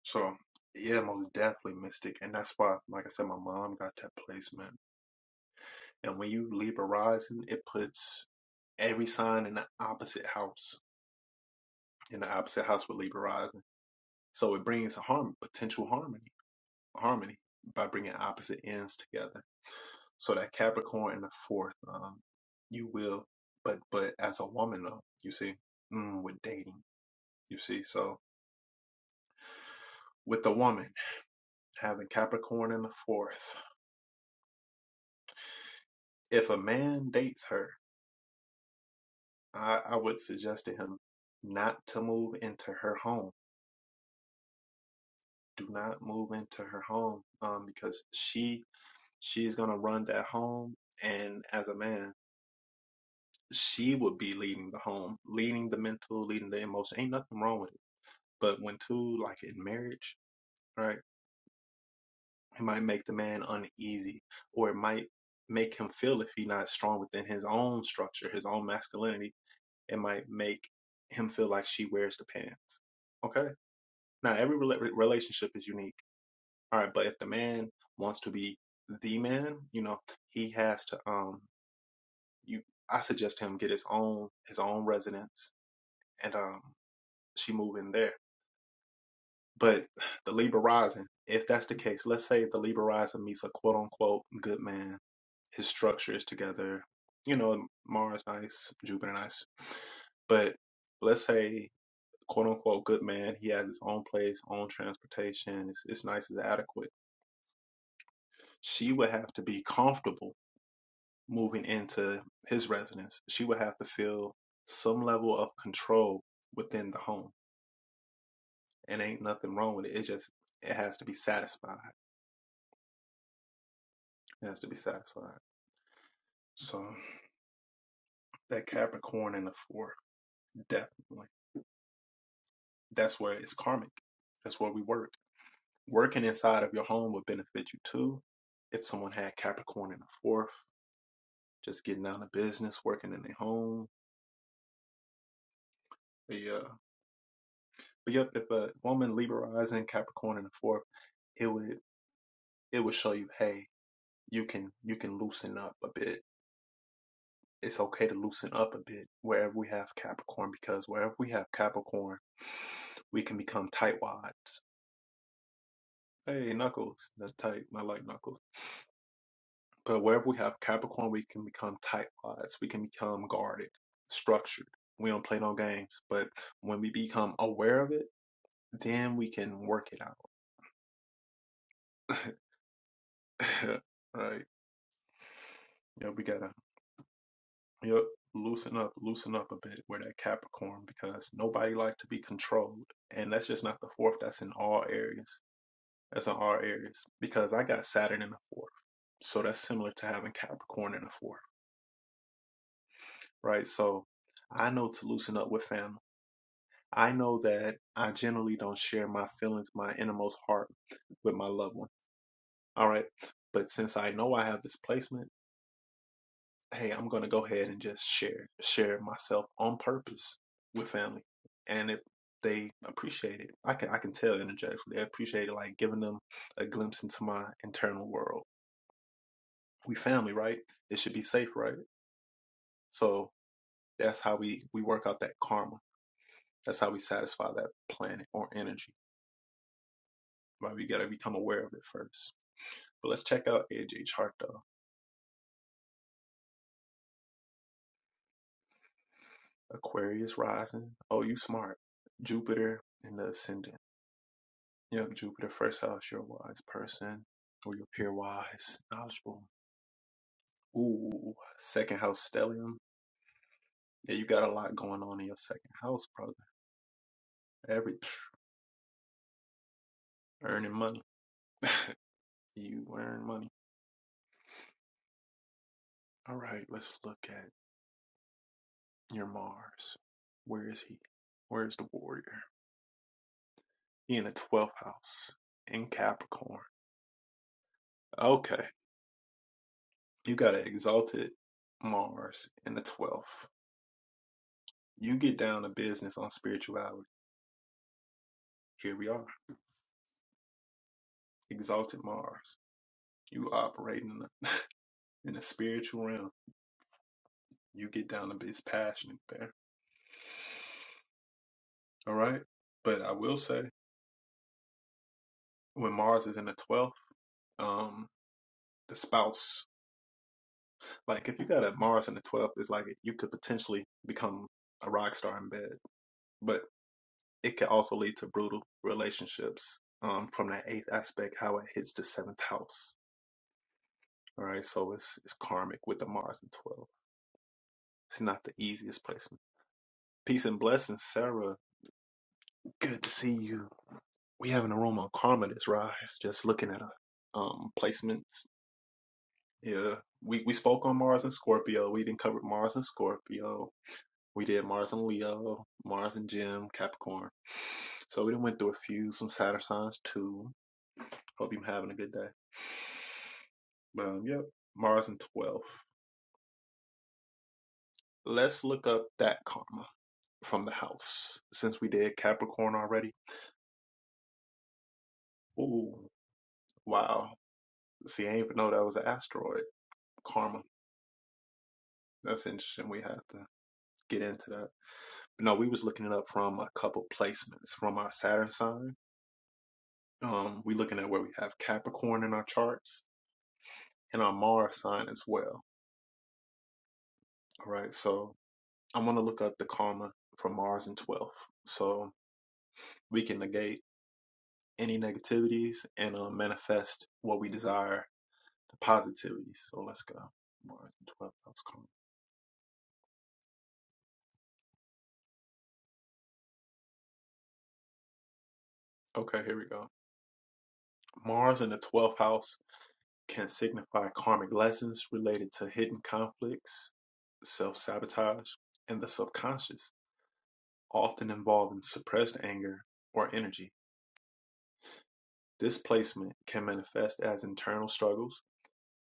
Speaker 1: So yeah, most definitely mystic, and that's why, like I said, my mom got that placement. And when you leave a rising, it puts every sign in the opposite house. In the opposite house with Libra rising, so it brings harm, potential harmony. harmony by bringing opposite ends together. So that Capricorn and the fourth, um, you will, but but as a woman though, you see, mm, with dating, you see, so with the woman having Capricorn in the fourth, if a man dates her, I, I would suggest to him not to move into her home. Do not move into her home, um, because she she's gonna run that home, and as a man. she would be leading the home, leading the mental, leading the emotion. Ain't nothing wrong with it. But when two, like in marriage, right, it might make the man uneasy or it might make him feel if he's not strong within his own structure, his own masculinity, it might make him feel like she wears the pants. Okay. Now, every rela- relationship is unique. All right. But if the man wants to be the man, you know, he has to, um, you, I suggest him get his own, his own residence and, um, she move in there. But the Libra rising, if that's the case, let's say the Libra rising meets a quote unquote good man, his structure is together. You know, Mars nice, Jupiter nice. But let's say quote unquote good man, he has his own place, own transportation, it's, it's nice, it's adequate. She would have to be comfortable moving into his residence. She would have to feel some level of control within the home. And ain't nothing wrong with it. It just it has to be satisfied. It has to be satisfied. So that Capricorn in the fourth, definitely. That's where it's karmic. That's where we work. Working inside of your home would benefit you too. If someone had Capricorn in the fourth, just getting out of business, working in their home. But yeah. But yep, if a woman Libra rising Capricorn in the fourth, it would it would show you, hey, you can you can loosen up a bit. it's okay to loosen up a bit wherever we have Capricorn because wherever we have Capricorn, we can become tightwads. Hey, Knuckles, that's tight. I like Knuckles. But wherever we have Capricorn, we can become tightwads. We can become guarded, structured. We don't play no games. But when we become aware of it, then we can work it out. right? Yeah, we gotta yep, loosen up, loosen up a bit where that Capricorn because nobody likes to be controlled, and that's just not the fourth. That's in all areas As in all areas because I got Saturn in the fourth. So that's similar to having Capricorn in the fourth, right? So I know to loosen up with family. I know that I generally don't share my feelings, my innermost heart with my loved one. All right. But since I know I have this placement, hey, I'm gonna go ahead and just share share myself on purpose with family. And it they appreciate it. I can I can tell energetically. They appreciate it like giving them a glimpse into my internal world we family, right? It should be safe, right? So that's how we we work out that karma. That's how we satisfy that planet or energy. Right? We gotta become aware of it first. But let's check out AJ chart though. Aquarius rising. Oh, you smart. Jupiter in the ascendant. Yep, Jupiter first house. You're a wise person, or you appear wise, knowledgeable. Ooh, second house stellium. Yeah, you got a lot going on in your second house, brother. Every psh, earning money. You earn money. All right, let's look at. Your Mars. Where is he? Where's the warrior? He in the twelfth house in Capricorn. Okay. You got an exalted Mars in the twelfth. You get down to business on spirituality. Here we are. Exalted Mars. You operating in the, in the spiritual realm. You get down to business passionate there. All right. But I will say when Mars is in the twelfth, um, the spouse Like if you got a Mars in the 12th, it's like you could potentially become a rock star in bed, but it can also lead to brutal relationships um, from that eighth aspect, how it hits the seventh house. All right, so it's it's karmic with the Mars in 12. It's not the easiest placement. Peace and blessings, Sarah. Good to see you. We have an aroma of karma this rise. Just looking at a um placements. Yeah, we we spoke on Mars and Scorpio. We didn't cover Mars and Scorpio We did Mars and Leo, Mars and Jim, Capricorn. So we done went through a few, some Saturn signs too. Hope you're having a good day. But um, yep, Mars and 12. Let's look up that karma from the house since we did Capricorn already. Ooh, wow. See, I didn't even know that was an asteroid karma. That's interesting. We have to get into that. But no, we was looking it up from a couple placements from our Saturn sign. Um, we looking at where we have Capricorn in our charts and our Mars sign as well. All right. So I'm going to look up the karma for Mars in 12th. So we can negate any negativities and uh, manifest what we desire, the positivities. So let's go. Mars in 12th house karma. Okay, here we go. Mars in the 12th house can signify karmic lessons related to hidden conflicts, self sabotage, and the subconscious, often involving suppressed anger or energy. This placement can manifest as internal struggles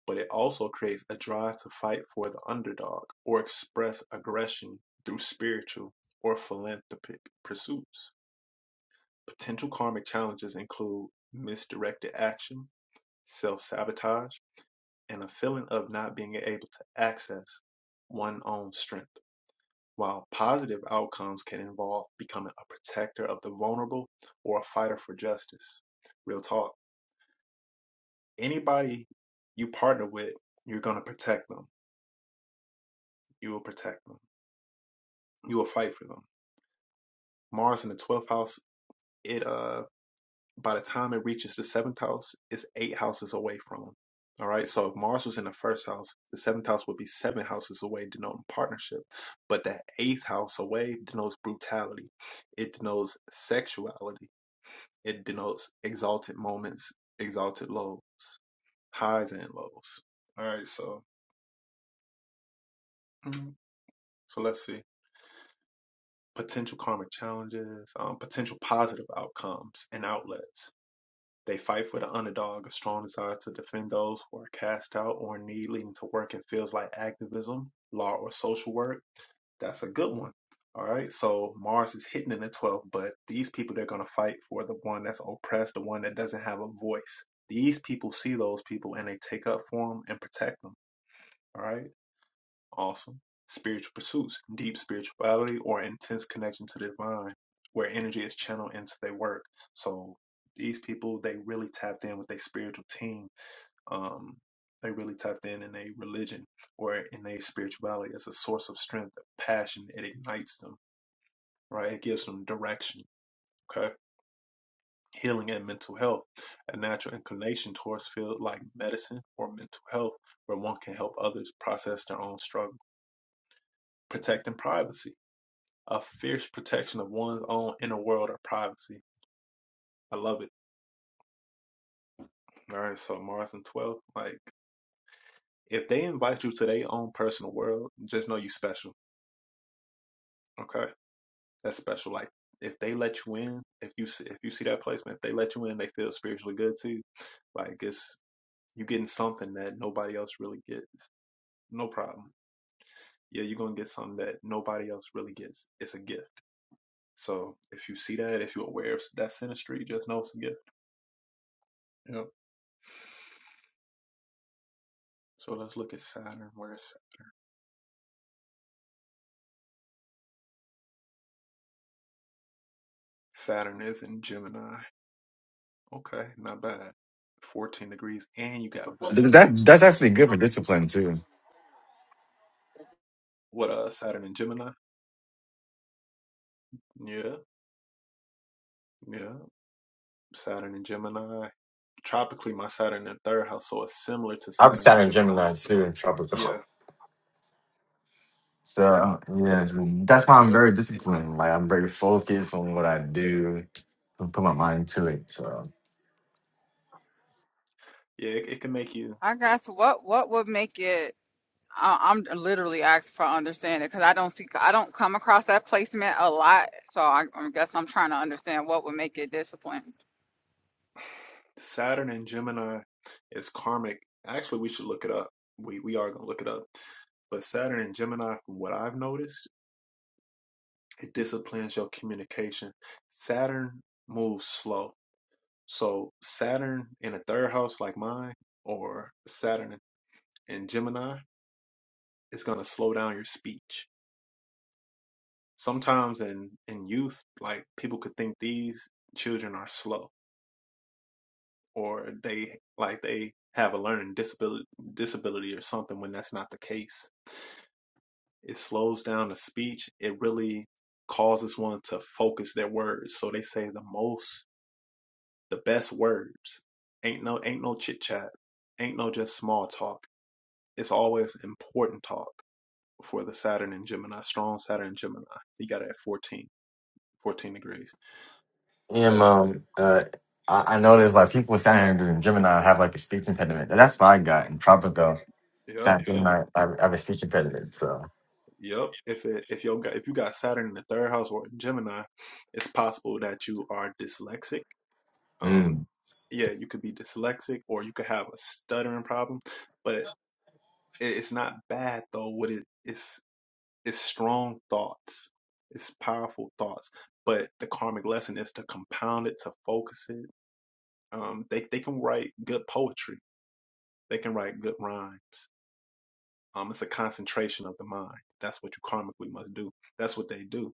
Speaker 1: but it also creates a drive to fight for the underdog or express aggression through spiritual or philanthropic pursuits. Potential karmic challenges include misdirected action, self sabotage, and a feeling of not being able to access one's own strength. While positive outcomes can involve becoming a protector of the vulnerable or a fighter for justice. Real talk anybody you partner with, you're going to protect them. You will protect them You will fight for them. Mars in the twelfth house, it uh by the time it reaches the seventh house, it's eight houses away from them. All right. So if Mars was in the first house, the seventh house would be seven houses away, denoting partnership. But the eighth house away denotes brutality. It denotes sexuality. It denotes exalted moments, exalted lows, highs and lows. All right. So, mhm. so let's see potential karmic challenges, um, potential positive outcomes and outlets. They fight for the underdog, a strong desire to defend those who are cast out or in need, leading to work in fields like activism, law, or social work. That's a good one. All right. So Mars is hidden in the 12th, but these people, they're going to fight for the one that's oppressed, the one that doesn't have a voice. These people see those people and they take up for them and protect them. All right. Awesome. Spiritual pursuits, deep spirituality or intense connection to the divine, where energy is channeled into their work. So these people, they really tapped in with their spiritual team. Um, they really tapped in in their religion or in their spirituality as a source of strength, passion. It ignites them, right? It gives them direction. Okay. Healing and mental health, a natural inclination towards field like medicine or mental health, where one can help others process their own struggle. Protecting privacy a fierce protection of one's own inner world of privacy. I love it. All right, so Mars and 12, like if they invite you to their own personal world, just know you special. Okay, that's special. Like if they let you in, if you see, if you see that placement, if they let you in, they feel spiritually good too. Like it's you getting something that nobody else really gets. No problem. Yeah, you're gonna get something that nobody else really gets. It's a gift. So if you see that, if you're aware of that synastry, just know it's a gift. Yep. So let's look at Saturn, where Saturn. Saturn is in Gemini. Okay, not bad. 14 degrees, and you got
Speaker 2: Th-
Speaker 1: Vesta.
Speaker 2: That that's actually good for discipline too.
Speaker 1: What, uh, Saturn in Gemini? Yeah, yeah. Saturn in Gemini. Tropically, my Saturn in third house, so it's similar to
Speaker 2: I'm
Speaker 1: Saturn in
Speaker 2: Saturn
Speaker 1: Gemini,
Speaker 2: Gemini
Speaker 1: but,
Speaker 2: too
Speaker 1: um,
Speaker 2: in
Speaker 1: yeah,
Speaker 2: tropical. So yeah, so that's why I'm
Speaker 1: yep.
Speaker 2: very
Speaker 1: It-
Speaker 2: disciplined. Like I'm very focused on what I do and put my mind to it. So.
Speaker 1: yeah, it, it can make you.
Speaker 5: I guess what what would make it? I, I'm literally asking for understanding because I don't see I don't come across that placement a lot, so I, I guess I'm trying to understand what would make it disciplined.
Speaker 1: Saturn in Gemini is karmic. Actually, we should look it up. We, we are going to look it up. But Saturn in Gemini, from what I've noticed, it disciplines your communication. Saturn moves slow So Saturn in a third house like mine, or Saturn in Gemini, is gonna slow down your speech. Sometimes in in youth, like people could think these children are slow, or they like they have a learning disability disability or something. When that's not the case, it slows down the speech. It really causes one to focus their words. So they say the most, the best words. Ain't no ain't no chit chat. Ain't no just small talk it's always important talk for the Saturn and Gemini, strong Saturn and Gemini. You got it at 14, 14 degrees.
Speaker 2: am
Speaker 1: But
Speaker 2: um uh I, I noticed like people sounding in Gemini have like a speech impediment. And that's what I got in Tropico. Sound
Speaker 1: yep, see,
Speaker 2: Gemini I, have a speech impediment, so
Speaker 1: yep. If it if you got if you got Saturn in the third house or Gemini, it's possible that you are dyslexic. Um,
Speaker 2: mm.
Speaker 1: yeah, you could be dyslexic or you could have a stuttering problem. But it's not bad though. What it is is strong thoughts. It's powerful thoughts. But the karmic lesson is to compound it, to focus it, Um, they they can write good poetry. They can write good rhymes. Um, it's a concentration of the mind. That's what you karmically must do. That's what they do.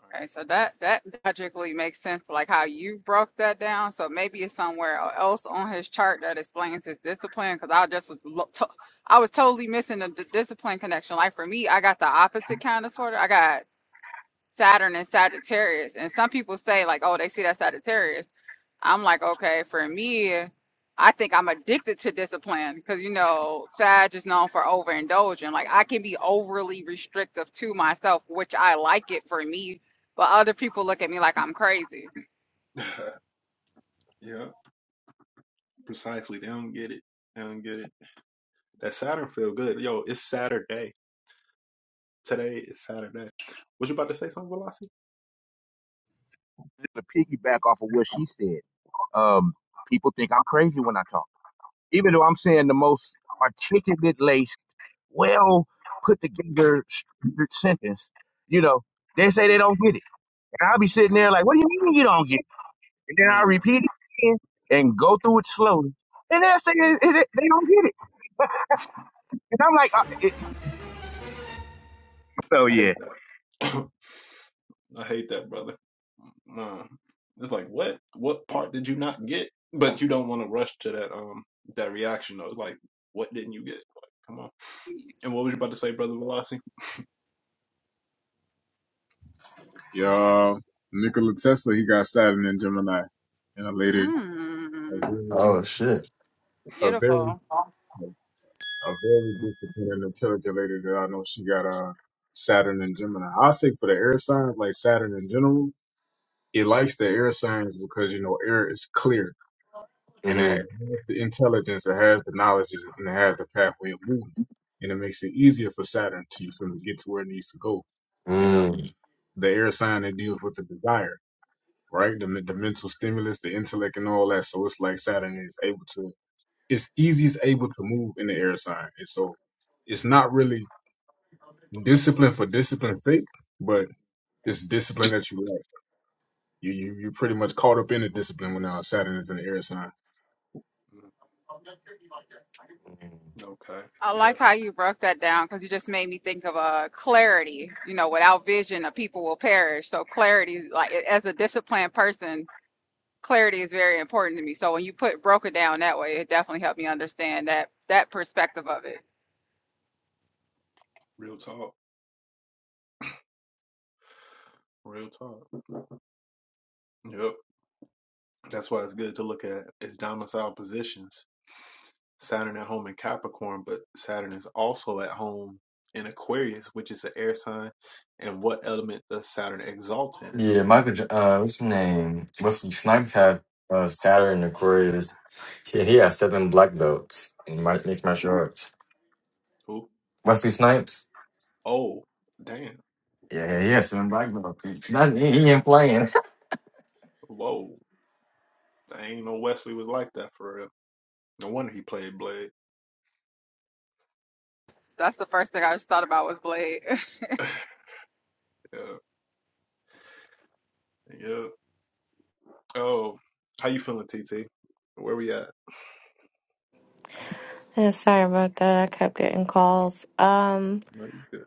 Speaker 1: All
Speaker 5: Okay, so that that logically makes sense, like how you broke that down. So maybe it's somewhere else on his chart that explains his discipline because I just was lo- to, I was totally missing the, d discipline connection. Like for me, I got the opposite kind of sort of. I got Saturn and Sagittarius. And some people say, like, oh, they see that Sagittarius. I'm like, okay, for me, I think I'm addicted to discipline because, you know, Sag is known for overindulging. Like, I can be overly restrictive to myself, which I like it for me, but other people look at me like I'm crazy.
Speaker 1: right, so yeah, precisely. They don't get it. They don't get it. That Saturn feel good. Yo, it's Saturday. Today is Saturday. Was you about to say something, Velocity?
Speaker 7: to piggyback off of what she said. Um, people think I'm crazy when I talk, even though I'm saying the most articulate, laced, well put together structured sentence. You know, they say they don't get it, and I'll be sitting there like, "What do you mean you don't get it?" And then I
Speaker 1: Man,
Speaker 7: repeat it again and go through it slowly, and they say they they- they don't get it. And I'm like, uh, it, so
Speaker 1: I hate
Speaker 7: yeah,
Speaker 1: that. I hate that, brother. Man, it's like what? What part did you not get? But you don't want to rush to that um that reaction though. It's like, what didn't you get? Like, come on. And what was you about to say, Brother Velocity?
Speaker 3: Yeah. Nikola Tesla, he got Saturn and Gemini, and a lady.
Speaker 5: Mm,
Speaker 2: Oh shit.
Speaker 3: a very
Speaker 5: beautiful.
Speaker 3: a very disciplined and intelligent lady that I know she got uh Saturn and Gemini. I say for the air signs, like Saturn in general, it likes the air signs because you know air is clear and it
Speaker 2: Mm-hmm.
Speaker 3: has the intelligence, it has the knowledge, and it has the pathway of movement, and it makes it easier for Saturn to for him to get to where it needs to go. You know,
Speaker 2: Mm.
Speaker 3: the air sign that deals with the desire, right? The, the mental stimulus, the intellect, and all that. So it's like Saturn is able to it's easiest able to move in the air sign. And so it's not really discipline for discipline's sake, but it's discipline that you like. You you you pretty much caught up in the discipline when uh, Saturn is in the air sign.
Speaker 1: Mm, Okay.
Speaker 5: I
Speaker 1: Yeah.
Speaker 5: like how you broke that down because you just made me think of uh, clarity. You know, without vision, a people will perish. So clarity, like as a disciplined person, clarity is very important to me. So when you put broke it down that way, it definitely helped me understand that that perspective of it.
Speaker 1: Real talk. Real talk. Yep. That's why it's good to look at its domicile positions. Saturn at home in Capricorn, but Saturn is also at home in Aquarius, which is an air sign. And what element does Saturn exalt in?
Speaker 2: Yeah, Michael J- uh what's his name? Wesley Snipes had uh Saturn Aquarius. He, he has seven black belts in my mixed martial
Speaker 1: Ooh.
Speaker 2: arts.
Speaker 1: Ooh.
Speaker 2: Wesley Snipes?
Speaker 1: Oh, damn.
Speaker 2: Yeah, he has seven black belts. He, he ain't playing.
Speaker 1: Whoa. I ain't no Wesley was like that for real. No wonder he played Blade.
Speaker 5: That's the first thing I just thought about was Blade.
Speaker 1: yeah. Yeah. Oh, how you feeling, TT? Where we at?
Speaker 4: Yeah, sorry about that. I kept getting calls. Um,
Speaker 1: No, you good.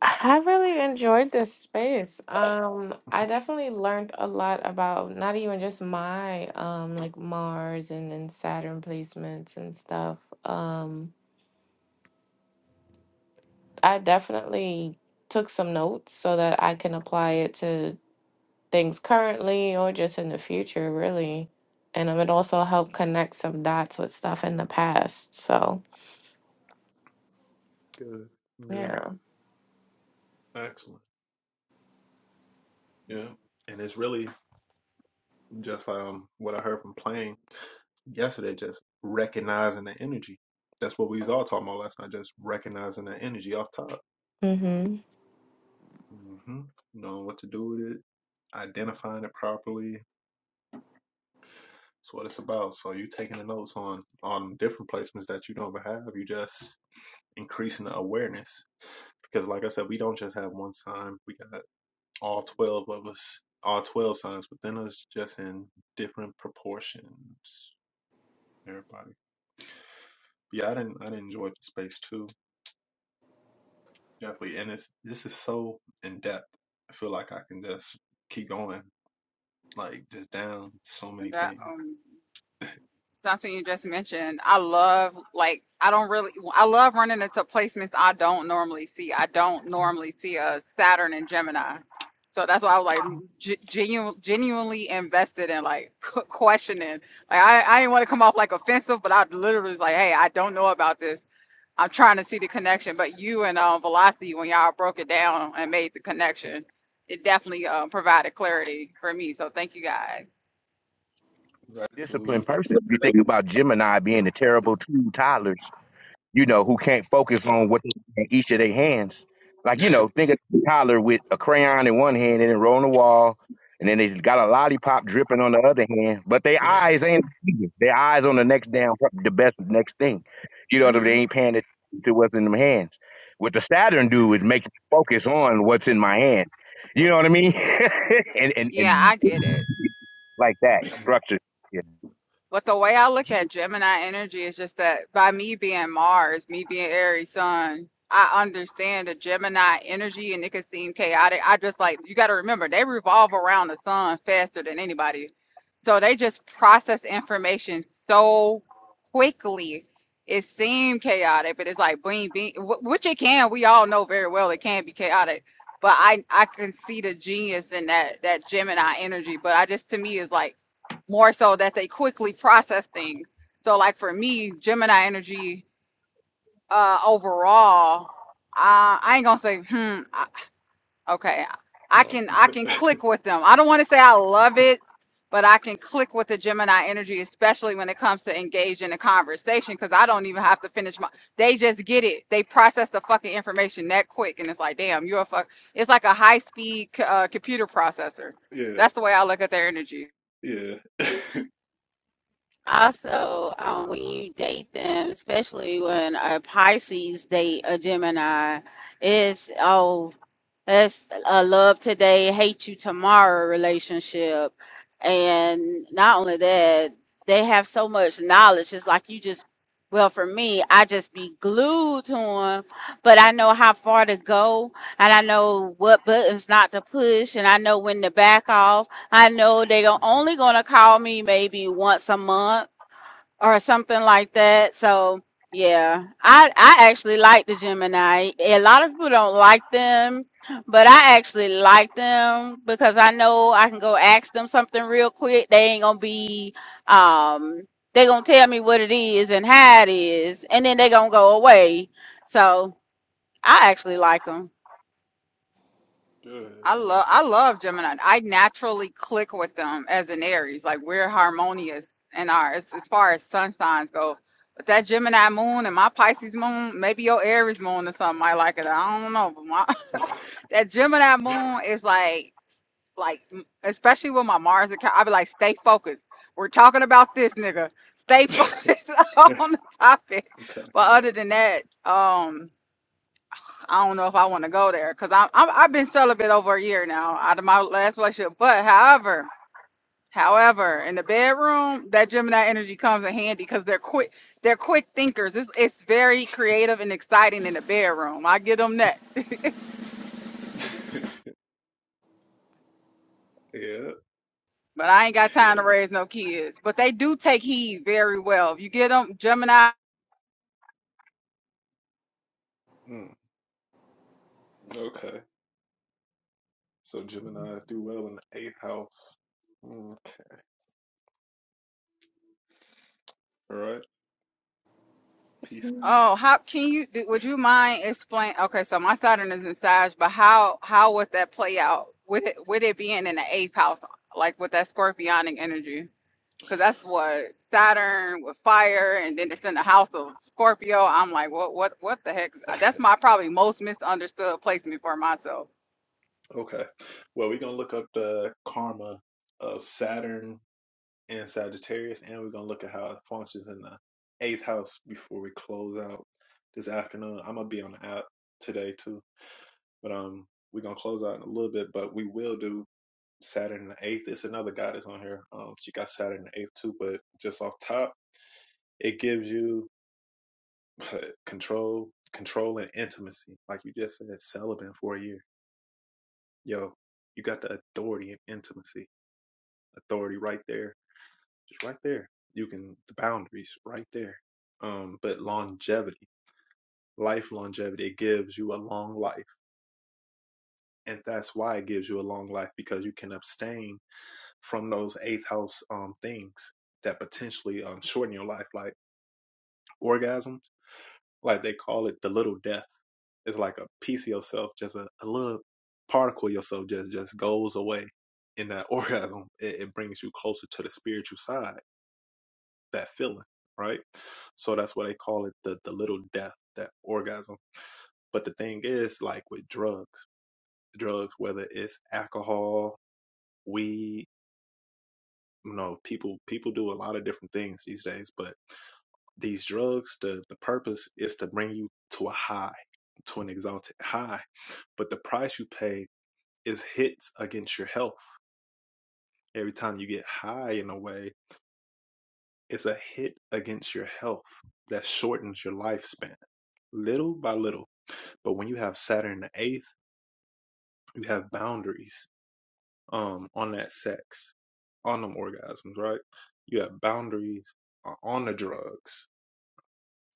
Speaker 4: I really enjoyed this space. Um, I definitely learned a lot about not even just my um like Mars and then Saturn placements and stuff. Um, I definitely took some notes so that I can apply it to things currently or just in the future, really. And um, it also helped connect some dots with stuff in the past. So,
Speaker 1: Good, good,
Speaker 4: yeah.
Speaker 1: excellent. Yeah, and it's really just um what I heard from playing yesterday, just recognizing the energy. That's what we was all talking about last night, just recognizing the energy off top,
Speaker 4: Mm-hmm.
Speaker 1: hmm knowing what to do with it, identifying it properly. That's what it's about. So you taking the notes on on different placements that you don't even have. You just increasing the awareness because, like I said, we don't just have one time. We got all 12 of us, all 12 sons within us, just in different proportions. Everybody. Yeah, I didn't, I didn't enjoy the space too. Definitely. And it's, this is so in depth. I feel like I can just keep going, like just down so many
Speaker 5: and that
Speaker 1: things.
Speaker 5: um something you just mentioned. I love like I don't really I love running into placements I don't normally see. I don't normally see a Saturn and Gemini. So that's why I was like g- genu- genuinely invested in like q- questioning. Like I I didn't want to come off like offensive, but I literally was like, "Hey, I don't know about this. I'm trying to see the connection." But you and um, Velocity when y'all broke it down and made the connection, it definitely uh, provided clarity for me. So thank you guys.
Speaker 1: Gratitude.
Speaker 7: disciplined person. If you think about Gemini being the terrible two toddlers, you know, who can't focus on what they in each of their hands. Like, you know, think of Tyler with a crayon in one hand and then rolling the wall, and then they got a lollipop dripping on the other hand, but their eyes ain't seeing. their eyes on the next damn the best next thing. You know what I mean? They
Speaker 5: hmm
Speaker 7: ain't paying attention to what's in them hands. What the Saturn do is make me focus on what's in my hand. You know what I mean? and, and
Speaker 5: Yeah,
Speaker 7: and
Speaker 5: I get it.
Speaker 7: like that structure.
Speaker 5: But the way I
Speaker 3: But
Speaker 5: look
Speaker 3: you-
Speaker 5: at Gemini energy is just that by me being Mars, me being Aries Sun, I understand the Gemini energy and it can seem chaotic. I just like, you got to remember, they revolve around the sun faster than anybody. So they just process information so quickly. It seemed chaotic, but it's like being being which it can. We all know very well it can be chaotic, but I I can see the genius in that that Gemini energy. But I just to me is like more so that they quickly process things. So like for me, Gemini energy uh overall, uh, I ain't gonna say hmm. I, okay, I can I can click with them. I don't want to say I love it, but I can click with the Gemini energy, especially when it comes to engage in a conversation, because I don't even have to finish my. They just get it. They process the fucking information that quick, and it's like, damn, you're a fuck. It's like a high speed uh, computer processor.
Speaker 1: Yeah.
Speaker 5: That's the way I look at their energy.
Speaker 1: Yeah.
Speaker 6: Also, um, when you date them, especially when a Pisces date a Gemini, it's oh, it's a love today, hate you tomorrow relationship. And not only that, they have so much knowledge. It's like you just, well, for me, I just be glued to them, but I know how far to go, and I know what buttons not to push, and I know when to back off I know they are only gonna call me maybe once a month or something like that. So yeah, I I actually like the Gemini. A lot of people don't like them, but I actually like them because I know I can go ask them something real quick. They ain't gonna be um they gonna tell me what it is and how it is, and then they gonna go away. So I actually like them.
Speaker 5: I
Speaker 1: Good. Yeah.
Speaker 5: love I love Gemini. I naturally click with them as an Aries. Like we're harmonious in our as, as far as sun signs go. But that Gemini moon and my Pisces moon, maybe your Aries moon or something might like it. I don't know, but my that Gemini moon is like like m- especially with my Mars account, I'd be like, stay focused. We're talking about this nigga. Stay focused on
Speaker 1: I'm
Speaker 5: the topic. But
Speaker 1: cracking
Speaker 5: other
Speaker 1: up.
Speaker 5: than that, um. I don't know if I want to go there because I'm, I'm I've been celibate over a year now out of my last relationship. But however, however, in the bedroom, that Gemini energy comes in handy because they're quick they're quick thinkers. It's it's very creative and exciting in the bedroom. I give them that. but
Speaker 1: Yeah.
Speaker 5: I ain't got time to
Speaker 1: Yeah.
Speaker 5: raise no kids. But they do take heed very well. If you get them Gemini
Speaker 1: Mm, okay. So Gemini's do well in the eighth house. Okay. All right. Peace,
Speaker 5: Oh, how can you? do- Would you mind explain? Okay, so my Saturn is in Sag, but how how would that play out? Would it would it be in in the eighth house, like with that scorpionic energy? Because that's what Saturn with fire, and then it's in the house of Scorpio. I'm like, what what what the heck?
Speaker 1: Saint.
Speaker 5: That's my probably most misunderstood placement for myself.
Speaker 1: Okay. Well, we're gonna look up the karma of Saturn and Sagittarius, and we're gonna look at how it functions in the eighth house before we close out this afternoon. I'm gonna be on the app today too, but um, we're gonna close out in a little bit, but we will do Saturn in the eighth. It's another guy that's on here. Um, she got Saturn in the eighth too, but just off top, it gives you control, control and intimacy. Like you just said, celibate for a year. Yo, you got the authority and intimacy authority right there, just right there. You can the boundaries right there. Um, but longevity, life longevity, it gives you a long life, and that's why it gives you a long life because you can abstain from those eighth house um things that potentially um shorten your life, like orgasms, like they call it the little death. It's like a piece of yourself, just a, a little particle of yourself, just just goes away in that orgasm. It, it brings you closer to the spiritual side that feeling, right? So that's why they call it the the little death, that orgasm. But the thing is, like with drugs, drugs, whether it's alcohol, weed, you know, people people do a lot of different things these days. But these drugs, the the purpose is to bring you to a high, to an exalted high. But the price you pay is hits against your health. Every time you get high in a way, it's a hit against your health that shortens your lifespan little by little But when you have Saturn in the eighth, you have boundaries um on that sex, on them orgasms, right? You have boundaries uh, on the drugs.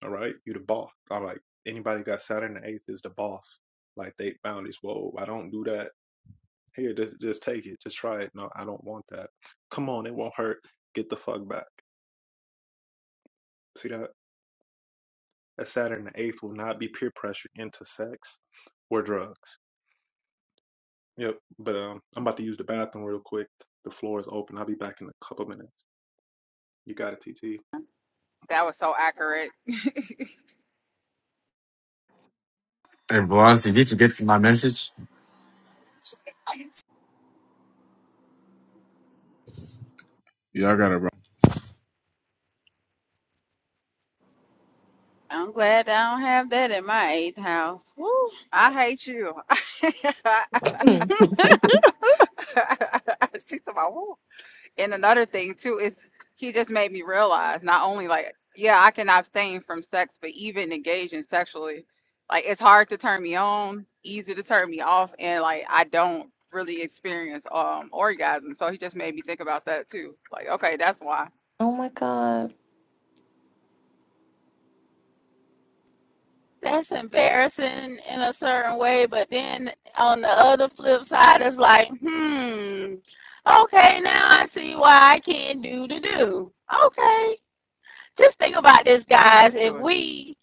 Speaker 1: All right, you the boss. I'm like anybody got Saturn in the eighth is the boss. Like they boundaries. Whoa, I don't do that. Here, just just take it. Just try it. No, I don't want that. Come on, it won't hurt. Get the fuck back. See that? That Saturn in the eighth will not be peer pressured into sex or drugs Yep. But um, I'm about to use the bathroom real quick. The floor is open. I'll be back in a couple minutes. You got it, TT.
Speaker 5: That was so accurate.
Speaker 2: Hey, Velocity, did you get my message?
Speaker 3: Yeah, I got it, bro.
Speaker 6: I'm glad I don't have that in my eighth house. Woo.
Speaker 5: I hate you. She's about, Woo. and another thing too is he just made me realize not only like yeah i can abstain from sex but even engaging sexually like it's hard to turn me on easy to turn me off and like i don't really experience um orgasm so he just made me think about that too like okay that's why
Speaker 4: oh my God.
Speaker 6: That's embarrassing in a certain way, but then on the other flip side, it's like, hmm, okay, now I see why I can't do the do. Okay, just think about this,
Speaker 5: i'm
Speaker 6: guys.
Speaker 5: used
Speaker 6: If
Speaker 5: to it
Speaker 6: we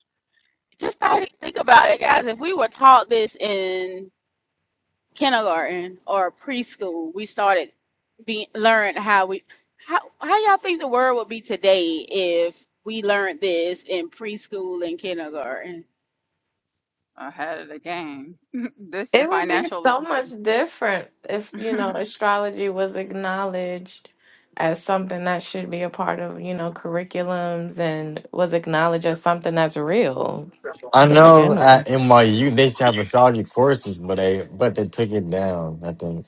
Speaker 6: just think about it, guys, if we were taught this in kindergarten or preschool, we started be learned how we how how y'all think the world would be today if we learned this in preschool and kindergarten?
Speaker 5: ahead of the game this
Speaker 4: It
Speaker 5: and
Speaker 4: would be
Speaker 5: financial
Speaker 4: so
Speaker 5: literacy
Speaker 4: much different if, you know, astrology was acknowledged as something that should be a part of, you know, curriculums and was acknowledged as something that's real
Speaker 2: I
Speaker 4: to
Speaker 2: know
Speaker 4: begin
Speaker 2: at
Speaker 4: with.
Speaker 2: NYU they used to have astrology courses, but they but they took it down. I think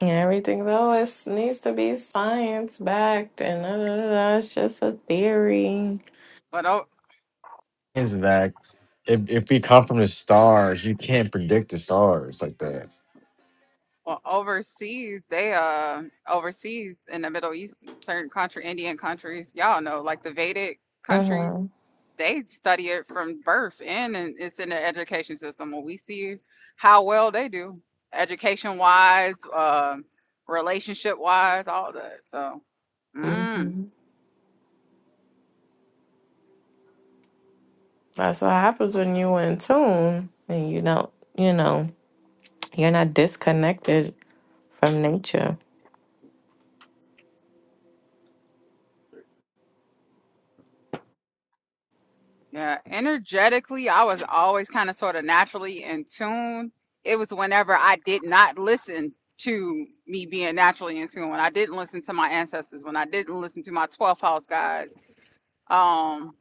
Speaker 4: Yeah, Everything though is needs to be science backed and da, da, da, da. it's just a theory.
Speaker 5: but oh
Speaker 2: is that if if we come from the stars, you can't predict the stars like that.
Speaker 5: Well, overseas, they uh overseas in the Middle East, certain country, Indian countries, y'all know, like the Vedic countries,
Speaker 4: hmm
Speaker 5: they study it from birth and, in it's in the education system. When we see how well they do, education wise, uh, relationship wise, all that. So, mm.
Speaker 4: hmm That's what happens when you in tune and you don't, you know, you're not disconnected from nature.
Speaker 5: Yeah, energetically, I was always kind of sort of naturally in tune. It was whenever I did not listen to me being naturally in tune, when I didn't listen to my ancestors, when I didn't listen to my 12th house guides. Um,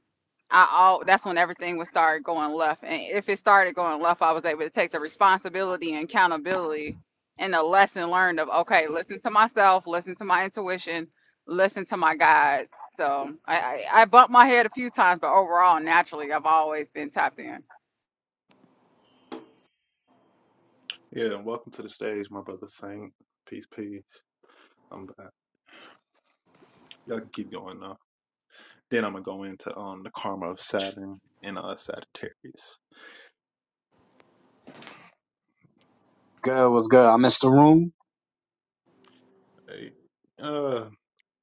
Speaker 5: I all that's when everything would start going left. And if it started going left, I was able to take the responsibility and accountability and the lesson learned of okay, listen to myself, listen to my intuition, listen to my guides. So I, I I bumped my head a few times, but overall, naturally, I've always been tapped in.
Speaker 1: Yeah, and welcome to the stage, my brother Saint. Peace, peace. I'm back. Y'all can keep going now. Then I'm gonna go into um the karma of Saturn and uh Sagittarius.
Speaker 8: Good, was good. I missed the room.
Speaker 1: Hey. Uh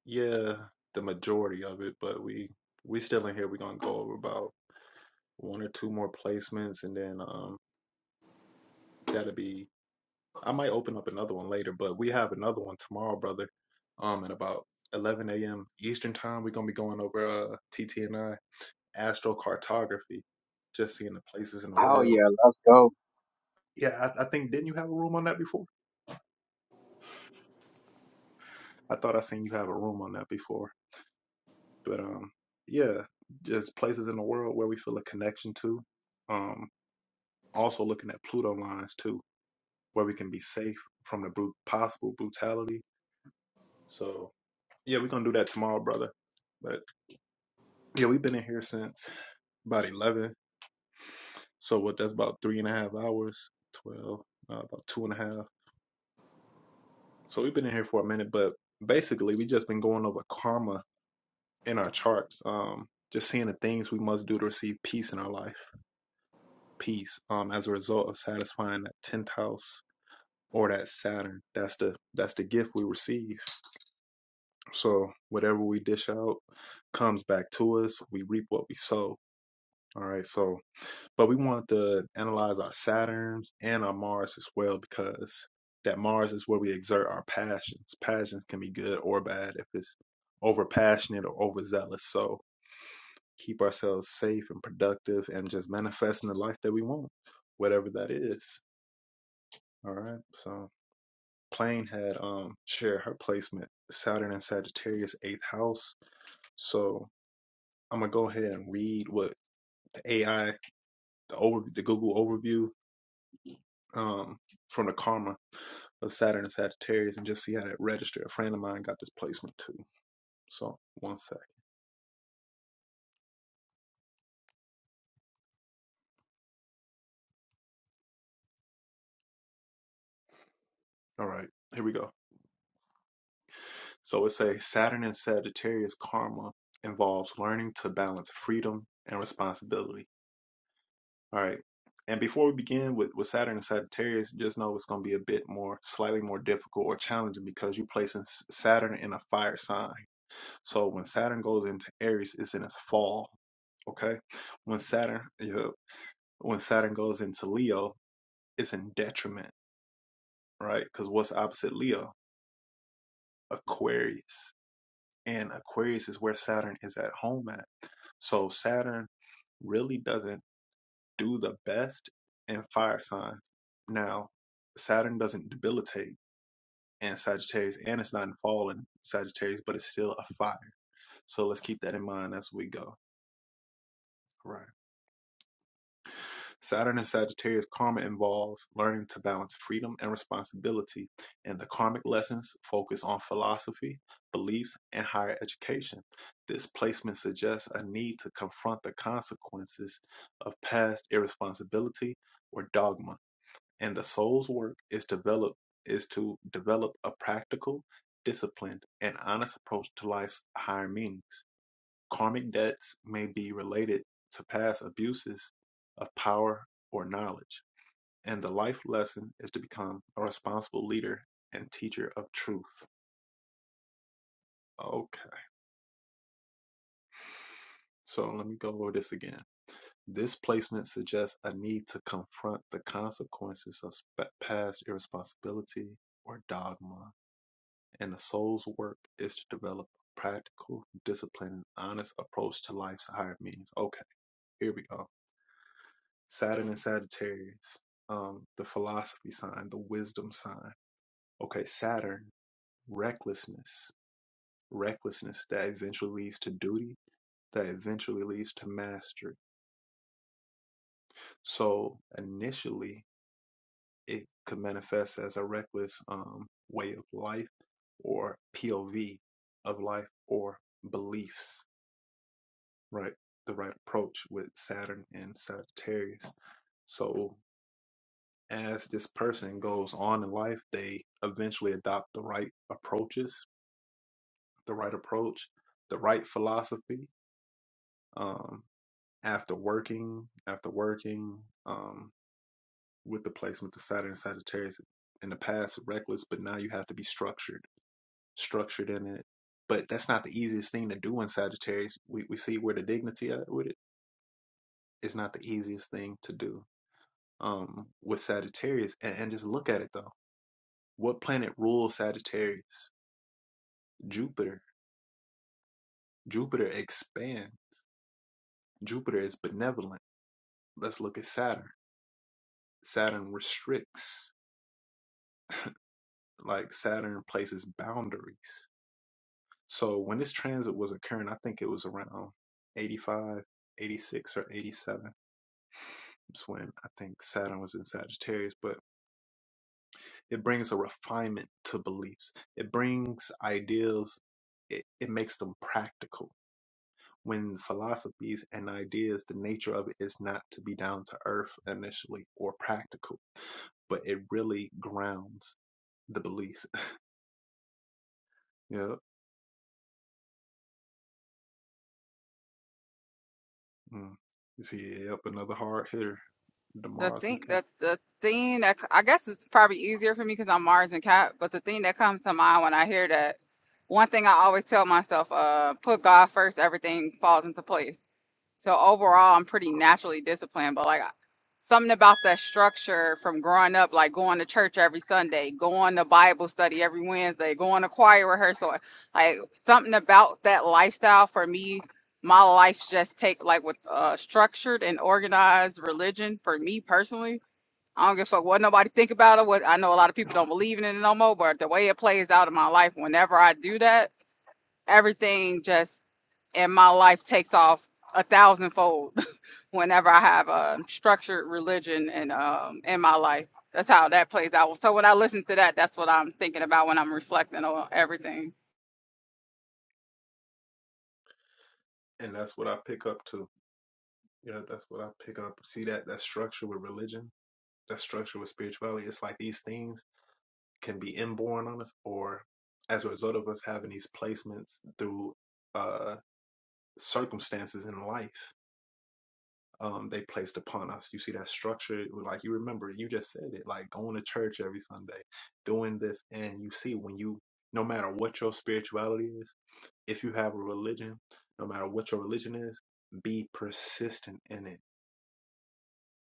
Speaker 1: yeah, the majority of it, but we we still in here. We're gonna go over about one or two more placements and then um that'll be I might open up another one later, but we have another one tomorrow, brother. Um, at about 11 a.m. Eastern time, we're gonna be going over uh TTNI astrocartography, just seeing the places in the
Speaker 8: Hell
Speaker 1: world.
Speaker 8: yeah, let's go.
Speaker 1: Yeah, I, I think didn't you have a room on that before? I thought I seen you have a room on that before, but um, yeah, just places in the world where we feel a connection to. Um, also looking at Pluto lines too, where we can be safe from the brute, possible brutality. So yeah, we're gonna do that tomorrow, brother. But Yeah, we've been in here since about eleven. So what? That's about three and a half hours. Twelve, uh, about two and a half. So we've been in here for a minute, but basically we just been going over karma in our charts. Um, just seeing the things we must do to receive peace in our life. Peace. Um, as a result of satisfying that tenth house or that Saturn. That's the that's the gift we receive. So whatever we dish out comes back to us. We reap what we sow. All right. So but we wanted to analyze our Saturns and our Mars as well because that Mars is where we exert our passions. Passions can be good or bad if it's over passionate or overzealous. So keep ourselves safe and productive and just manifesting the life that we want, whatever that is. All right. So Plain had um shared her placement Saturn and Sagittarius eighth house. So I'm gonna go ahead and read what the AI, the over the Google overview um from the karma of Saturn and Sagittarius and just see how that registered. A friend of mine got this placement too. So one sec. All right, here we go. So it say Saturn and Sagittarius karma involves learning to balance freedom and responsibility. All right. And before we begin with, with Saturn and Sagittarius, just know it's going to be a bit more, slightly more difficult or challenging because you're placing Saturn in a fire sign. So when Saturn goes into Aries, it's in its fall. Okay. When Saturn, yeah, when Saturn goes into Leo, it's in detriment, right? Because what's opposite Leo? Aquarius. And Aquarius is where Saturn is at home at. So Saturn really doesn't do the best in fire signs. Now, Saturn doesn't debilitate in Sagittarius, and it's not in fall in Sagittarius, but it's still a fire. So let's keep that in mind as we go. Right. Saturn and Sagittarius karma involves learning to balance freedom and responsibility, and the karmic lessons focus on philosophy, beliefs, and higher education. This placement suggests a need to confront the consequences of past irresponsibility or dogma, and the soul's work is develop is to develop a practical, disciplined, and honest approach to life's higher meanings. Karmic debts may be related to past abuses of power or knowledge, and the life lesson is to become a responsible leader and teacher of truth. Okay, so let me go over this again. This placement suggests a need to confront the consequences of past irresponsibility or dogma, and the soul's work is to develop a practical, disciplined, and honest approach to life's higher meanings. Okay, here we go. Saturn and Sagittarius, um, the philosophy sign, the wisdom sign. Okay, Saturn, recklessness, recklessness that eventually leads to duty, that eventually leads to mastery. So initially, it could manifest as a reckless um, way of life or POV of life or beliefs, right? The right approach with Saturn and Sagittarius. So as this person goes on in life, they eventually adopt the right approaches, the right approach, the right philosophy. Um, after working, after working um, with the placement of Saturn and Sagittarius in the past, reckless, but now you have to be structured, structured in it. But that's not the easiest thing to do in Sagittarius. We we see where the dignity at with it. It's not the easiest thing to do um, with Sagittarius. And, and just look at it though. What planet rules Sagittarius? Jupiter. Jupiter expands. Jupiter is benevolent. Let's look at Saturn. Saturn restricts, like Saturn places boundaries. So when this transit was occurring, I think it was around 85, 86, or 87. It's when I think Saturn was in Sagittarius, but it brings a refinement to beliefs. It brings ideals. It, it makes them practical when philosophies and ideas, the nature of it is not to be down to earth initially or practical, but it really grounds the beliefs. Yep. Mm. You see, yep, another hard hitter,
Speaker 5: The
Speaker 1: Demars and
Speaker 5: thing
Speaker 1: Cap.
Speaker 5: the the thing that c- I guess it's probably easier for me because I'm Mars and Cap, but the thing that comes to mind when I hear that, one thing I always tell myself, uh, put God first, everything falls into place. So
Speaker 1: Mm.
Speaker 5: overall, I'm pretty naturally disciplined, but like something about that structure from growing up, like going to church every Sunday, going to Bible study every Wednesday, going to choir rehearsal, like something about that lifestyle for me my life's just take like with uh structured and organized religion for me personally. I don't give a fuck what nobody think about it. What I know a lot of people don't believe in it no more, but the way it plays out in my life, whenever I do that, everything just in my life takes off a thousandfold whenever I have a structured religion and um in my life. That's how that plays out. So when I listen to that, that's what I'm thinking about when I'm reflecting on everything.
Speaker 1: And that's what I pick up too. Yeah, that's what I pick up. See that that structure with religion, that structure with spirituality. It's like these things can be inborn on us, or as a result of us having these placements through uh circumstances in life um, they placed upon us. You see that structure, like you remember, you just said it, like going to church every Sunday, doing this, and you see when you, no matter what your spirituality is, if you have a religion, no matter what your religion is, be persistent in it,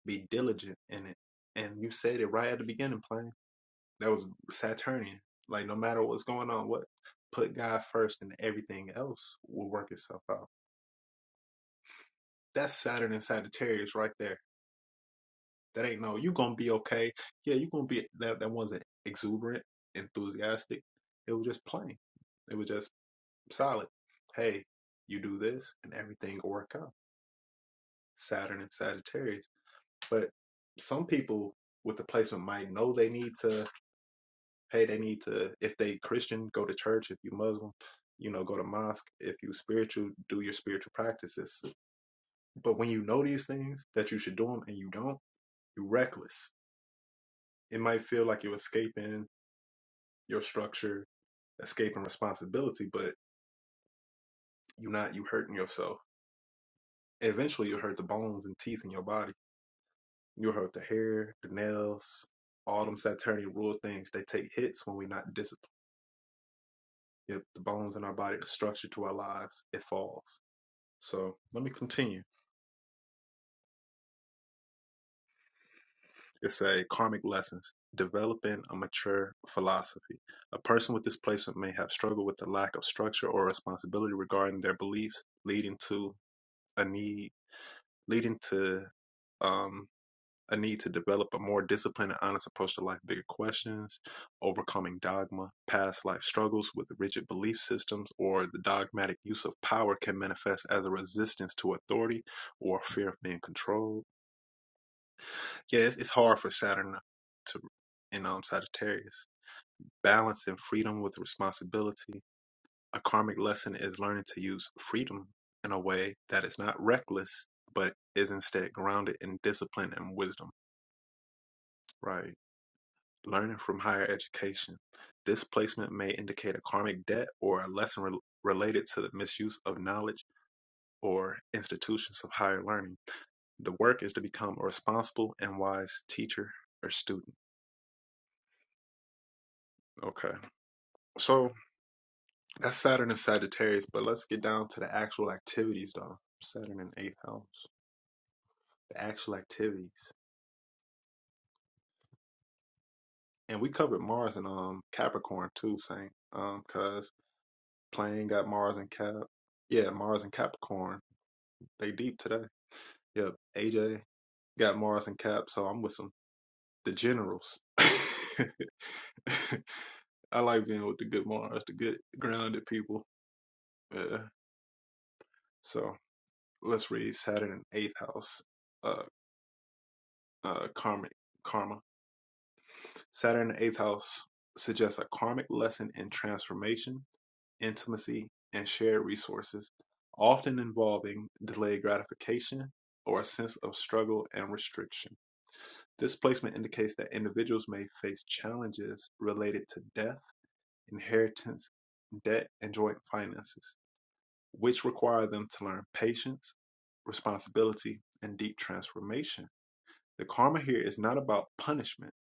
Speaker 1: be diligent in it. And you said it right at the beginning, plain. That was Saturnian. Like no matter what's going on, what put God first and everything else will work itself out. That's Saturn and Sagittarius right there That ain't no, you gonna be okay. Yeah, you gonna be that that wasn't exuberant, enthusiastic. It was just plain. It was just solid. Hey, you do this and everything will work out. Saturn and Sagittarius. But some people with the placement might know they need to, hey, they need to, if they Christian, go to church. If you Muslim, you know, go to mosque. If you spiritual, do your spiritual practices. But when you know these things that you should do them and you don't, you're reckless. It might feel like you're escaping your structure, escaping responsibility, but you are not you hurting yourself. Eventually you'll hurt the bones and teeth in your body. You'll hurt the hair, the nails, all them Saturnian rule things. They take hits when we're not disciplined. If the bones in our body, the structure to our lives, it falls. So let me continue. It's a karmic lessons, developing a mature philosophy. A person with displacement may have struggled with the lack of structure or responsibility regarding their beliefs, leading to a need leading to um, a need to develop a more disciplined and honest approach to life, bigger questions, overcoming dogma, past life struggles with rigid belief systems, or the dogmatic use of power can manifest as a resistance to authority or fear of being controlled. Yeah, it's, it's hard for Saturn to in um, Sagittarius. Balance and freedom with responsibility. A karmic lesson is learning to use freedom in a way that is not reckless, but is instead grounded in discipline and wisdom Right. Learning from higher education. This placement may indicate a karmic debt or a lesson rel related to the misuse of knowledge or institutions of higher learning. The work is to become a responsible and wise teacher or student. Okay. So that's Saturn and Sagittarius, but let's get down to the actual activities though. Saturn in eighth house. The actual activities. And we covered Mars and um Capricorn too, saying um cause playing got Mars and Cap. Yeah, Mars and Capricorn They deep today. Yep. AJ got Morris and Cap, so I'm with some the generals. I like being with the good Mars, the good grounded people. Yeah. So let's read Saturn and eighth house. Uh, uh, karmic karma. Saturn in eighth house suggests a karmic lesson in transformation, intimacy, and shared resources, often involving delayed gratification or a sense of struggle and restriction. This placement indicates that individuals may face challenges related to death, inheritance, debt, and joint finances, which require them to learn patience, responsibility, and deep transformation. The karma here is not about punishment,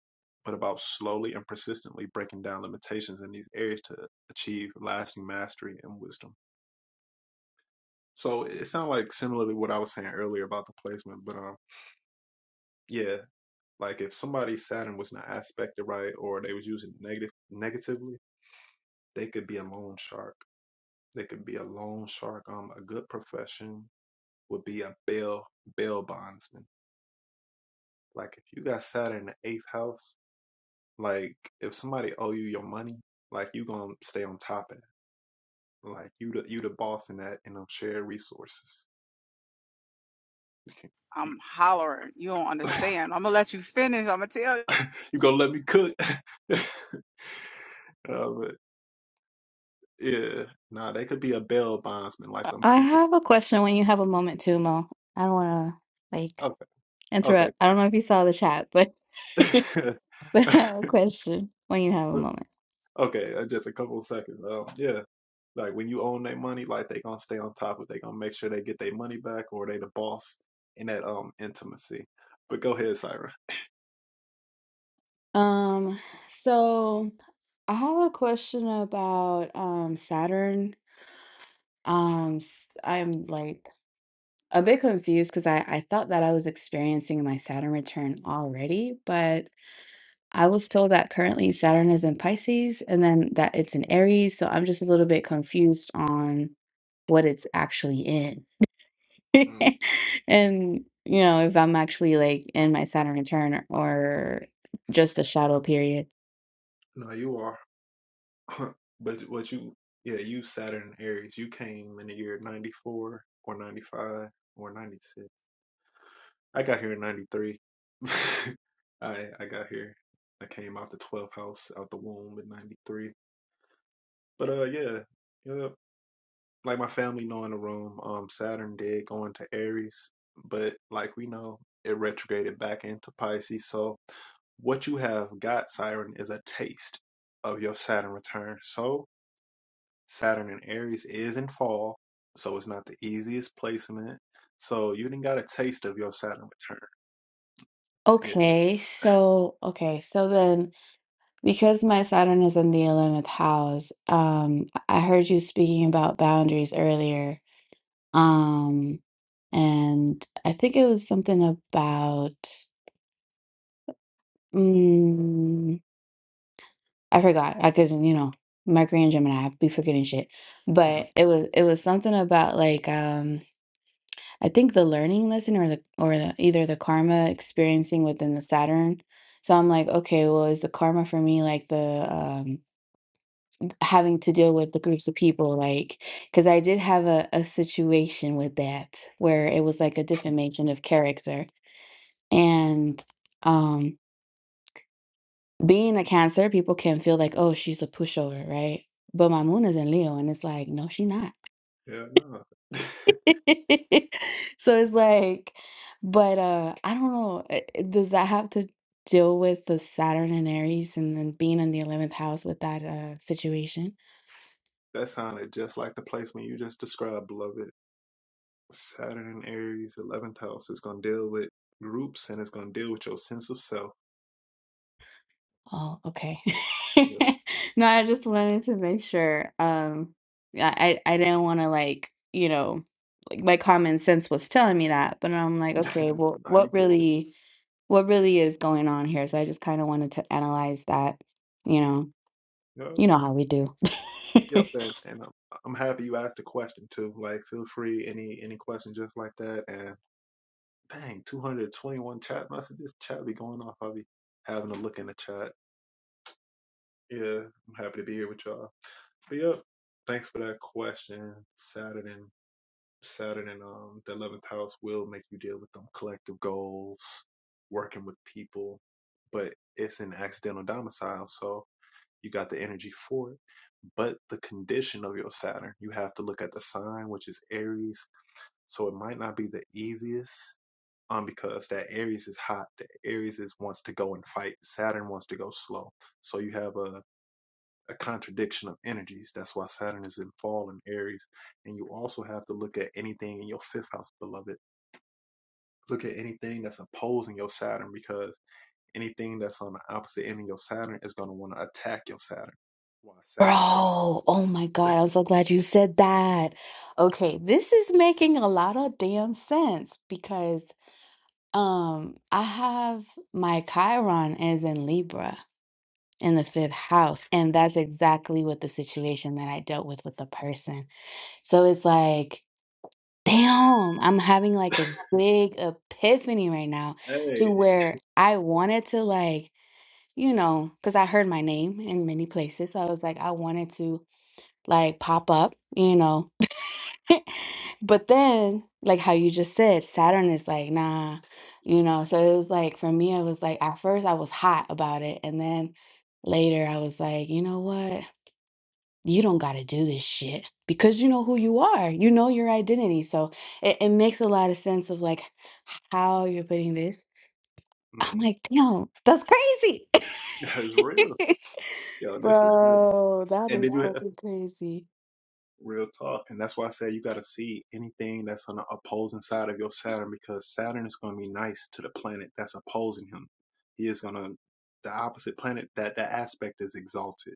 Speaker 1: but about slowly and persistently breaking down limitations in these areas to achieve lasting mastery and wisdom. So it sounds like similarly what I was saying earlier about the placement, but um, yeah, Like if somebody's Saturn was not aspected right or they was using it negative negatively, they could be a loan shark. They could be a loan shark. Um, a good profession would be a bail bail bondsman. Like if you got Saturn in the eighth house, like if somebody owe you your money, like you gonna stay on top of that. Like you the you the boss in that in them shared resources. You
Speaker 5: I'm hollering. You don't understand. I'm gonna let you finish. I'm gonna tell
Speaker 1: gonna let me cook? Uh, but yeah, nah, they could be a bail bondsman, like them
Speaker 9: I
Speaker 1: people.
Speaker 9: have a question when you have a moment too, Mo. I don't want to like
Speaker 1: Okay, okay.
Speaker 9: interrupt. I don't know if you saw the chat, but but I have a question when you have a moment.
Speaker 1: okay, uh, just a couple of seconds. Um, yeah, like when you own their money, like they gonna stay on top of. They gonna make sure they get their money back, or they the boss in that um intimacy. But go ahead, Syra.
Speaker 9: Um, so I have a question about um Saturn. Um, s- I'm like a bit confused because I I thought that I was experiencing my Saturn return already, but I was told that currently Saturn is in Pisces and then that it's in Aries, so I'm just a little bit confused on what it's actually in.
Speaker 1: Mm.
Speaker 9: And, you know, if I'm actually like in my Saturn return or just a shadow period.
Speaker 1: No, you are. but what you? Yeah, you Saturn and Aries. You came in the year ninety four or ninety five or ninety six. I got here in ninety three. I I got here. I came out the twelfth house out the womb in ninety three. But uh, yeah, yeah. like my family know in the room, um, Saturn did go into Aries, but like we know, it retrograded back into Pisces. So what you have got, Siren, is a taste of your Saturn return. So Saturn in Aries is in fall, so it's not the easiest placement. So you didn't got a taste of your Saturn return. Yeah,
Speaker 9: Okay, so okay, so then because my Saturn is in the 11th house, um I heard you speaking about boundaries earlier. Um and I think it was something about Mm, I forgot. I cause you know, Mercury and Gemini, I be forgetting shit. But it was it was something about like um I think the learning lesson or the or the, either the karma experiencing within the Saturn. So I'm like, okay, well, is the karma for me like the um having to deal with the groups of people like because I did have a, a situation with that where it was like a defamation of character and um. being a cancer, people can feel like, oh, she's a pushover, right? But my moon is in Leo, and it's like, no, she not.
Speaker 1: yeah, no,
Speaker 9: so it's like, but uh, I don't know. uh, uh, Does that have to deal with the Saturn and Aries, and then being in the eleventh house with that uh, situation?
Speaker 1: that sounded just like the placement you just described, beloved. Saturn in Aries, 11th house. It's going to deal with groups and it's going to deal with your sense of self.
Speaker 9: Oh, okay.
Speaker 1: Yeah.
Speaker 9: No, I just wanted to make sure. Um, I I I didn't want to like, you know, like my common sense was telling me that, but I'm like, okay, well,
Speaker 1: nah, you
Speaker 9: what
Speaker 1: get it.
Speaker 9: really what really is going on here? So I just kind of wanted to analyze that, you know.
Speaker 1: Yep.
Speaker 9: You know how we do.
Speaker 1: Yep. And, and I'm, I'm happy you asked the question too. Like, feel free, any any question just like that. And dang, 221 chat messages. Chat be going off. I'll be having a look in the chat. Yeah. I'm happy to be here with y'all. But yep. Thanks for that question, Saturday. Saturn and um, the 11th house will make you deal with them collective goals, working with people, but it's an accidental domicile. So you got the energy for it. But the condition of your Saturn, you have to look at the sign, which is Aries. So it might not be the easiest um, because that Aries is hot. That Aries is wants to go and fight. Saturn wants to go slow. So you have a, a contradiction of energies. That's why Saturn is in fall in Aries and you also have to look at anything in your fifth house, beloved look at anything that's opposing your Saturn because anything that's on the opposite end of your Saturn is going to want to attack your Saturn. Why Saturn is,
Speaker 9: Bro, oh my God, I'm so glad you said that. Okay, this is making a lot of damn sense because. Um, I have my Chiron is in Libra in the fifth house, and that's exactly what the situation that I dealt with with the person. So it's like, damn, I'm having like a big epiphany right now to
Speaker 1: hey,
Speaker 9: where I wanted to like, you know, because I heard my name in many places. So I was like, I wanted to like pop up, you know. But then, like how you just said, Saturn is like, nah, you know. So it was like for me, it was like at first I was hot about it, and then later I was like, you know what? You don't got to do this shit because you know who you are. You know your identity. So it, it makes a lot of sense of like how you're putting this. I'm
Speaker 1: hmm
Speaker 9: like, damn, that's crazy.
Speaker 1: it's real. Yo, this is real.
Speaker 9: Bro, that
Speaker 1: And then
Speaker 9: is
Speaker 1: you have
Speaker 9: fucking crazy.
Speaker 1: real talk. And that's why I say you got to see anything that's on the opposing side of your Saturn because Saturn is going to be nice to the planet that's opposing him. He is going to, the opposite planet, that, that aspect is exalted.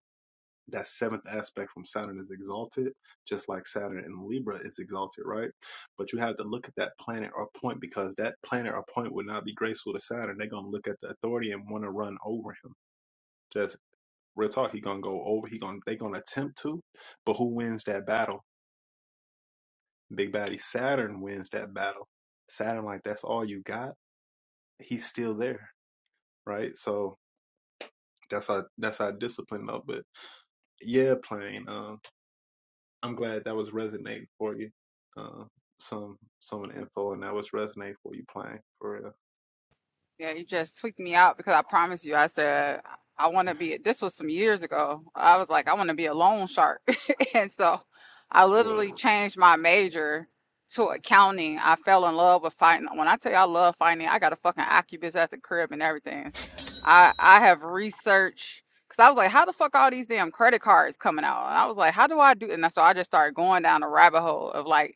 Speaker 1: that seventh aspect from Saturn is exalted, just like Saturn in Libra is exalted, right? But you have to look at that planet or point because that planet or point would not be graceful to Saturn. They're gonna look at the authority and want to run over him. Just real talk, he gonna go over. He gonna they gonna attempt to, but who wins that battle? Big baddie Saturn wins that battle. Saturn like that's all you got. He's still there, right? So that's our that's our discipline of it. Yeah, playing. Um, I'm glad that was resonating for you. Um, some some of the info and that was resonating for you playing for real.
Speaker 5: Yeah, you just tweaked me out because I promise you, I said I want to be. This was some years ago. I was like, I want to be a loan shark, and so I literally
Speaker 1: Well,
Speaker 5: changed my major to accounting. I fell in love with finance. When I tell you I love finance, I got a fucking Oculus at the crib and everything. I I have researched because I was like, how the fuck all these damn credit cards coming out? And I was like, how do I do? And so I just started going down a rabbit hole of like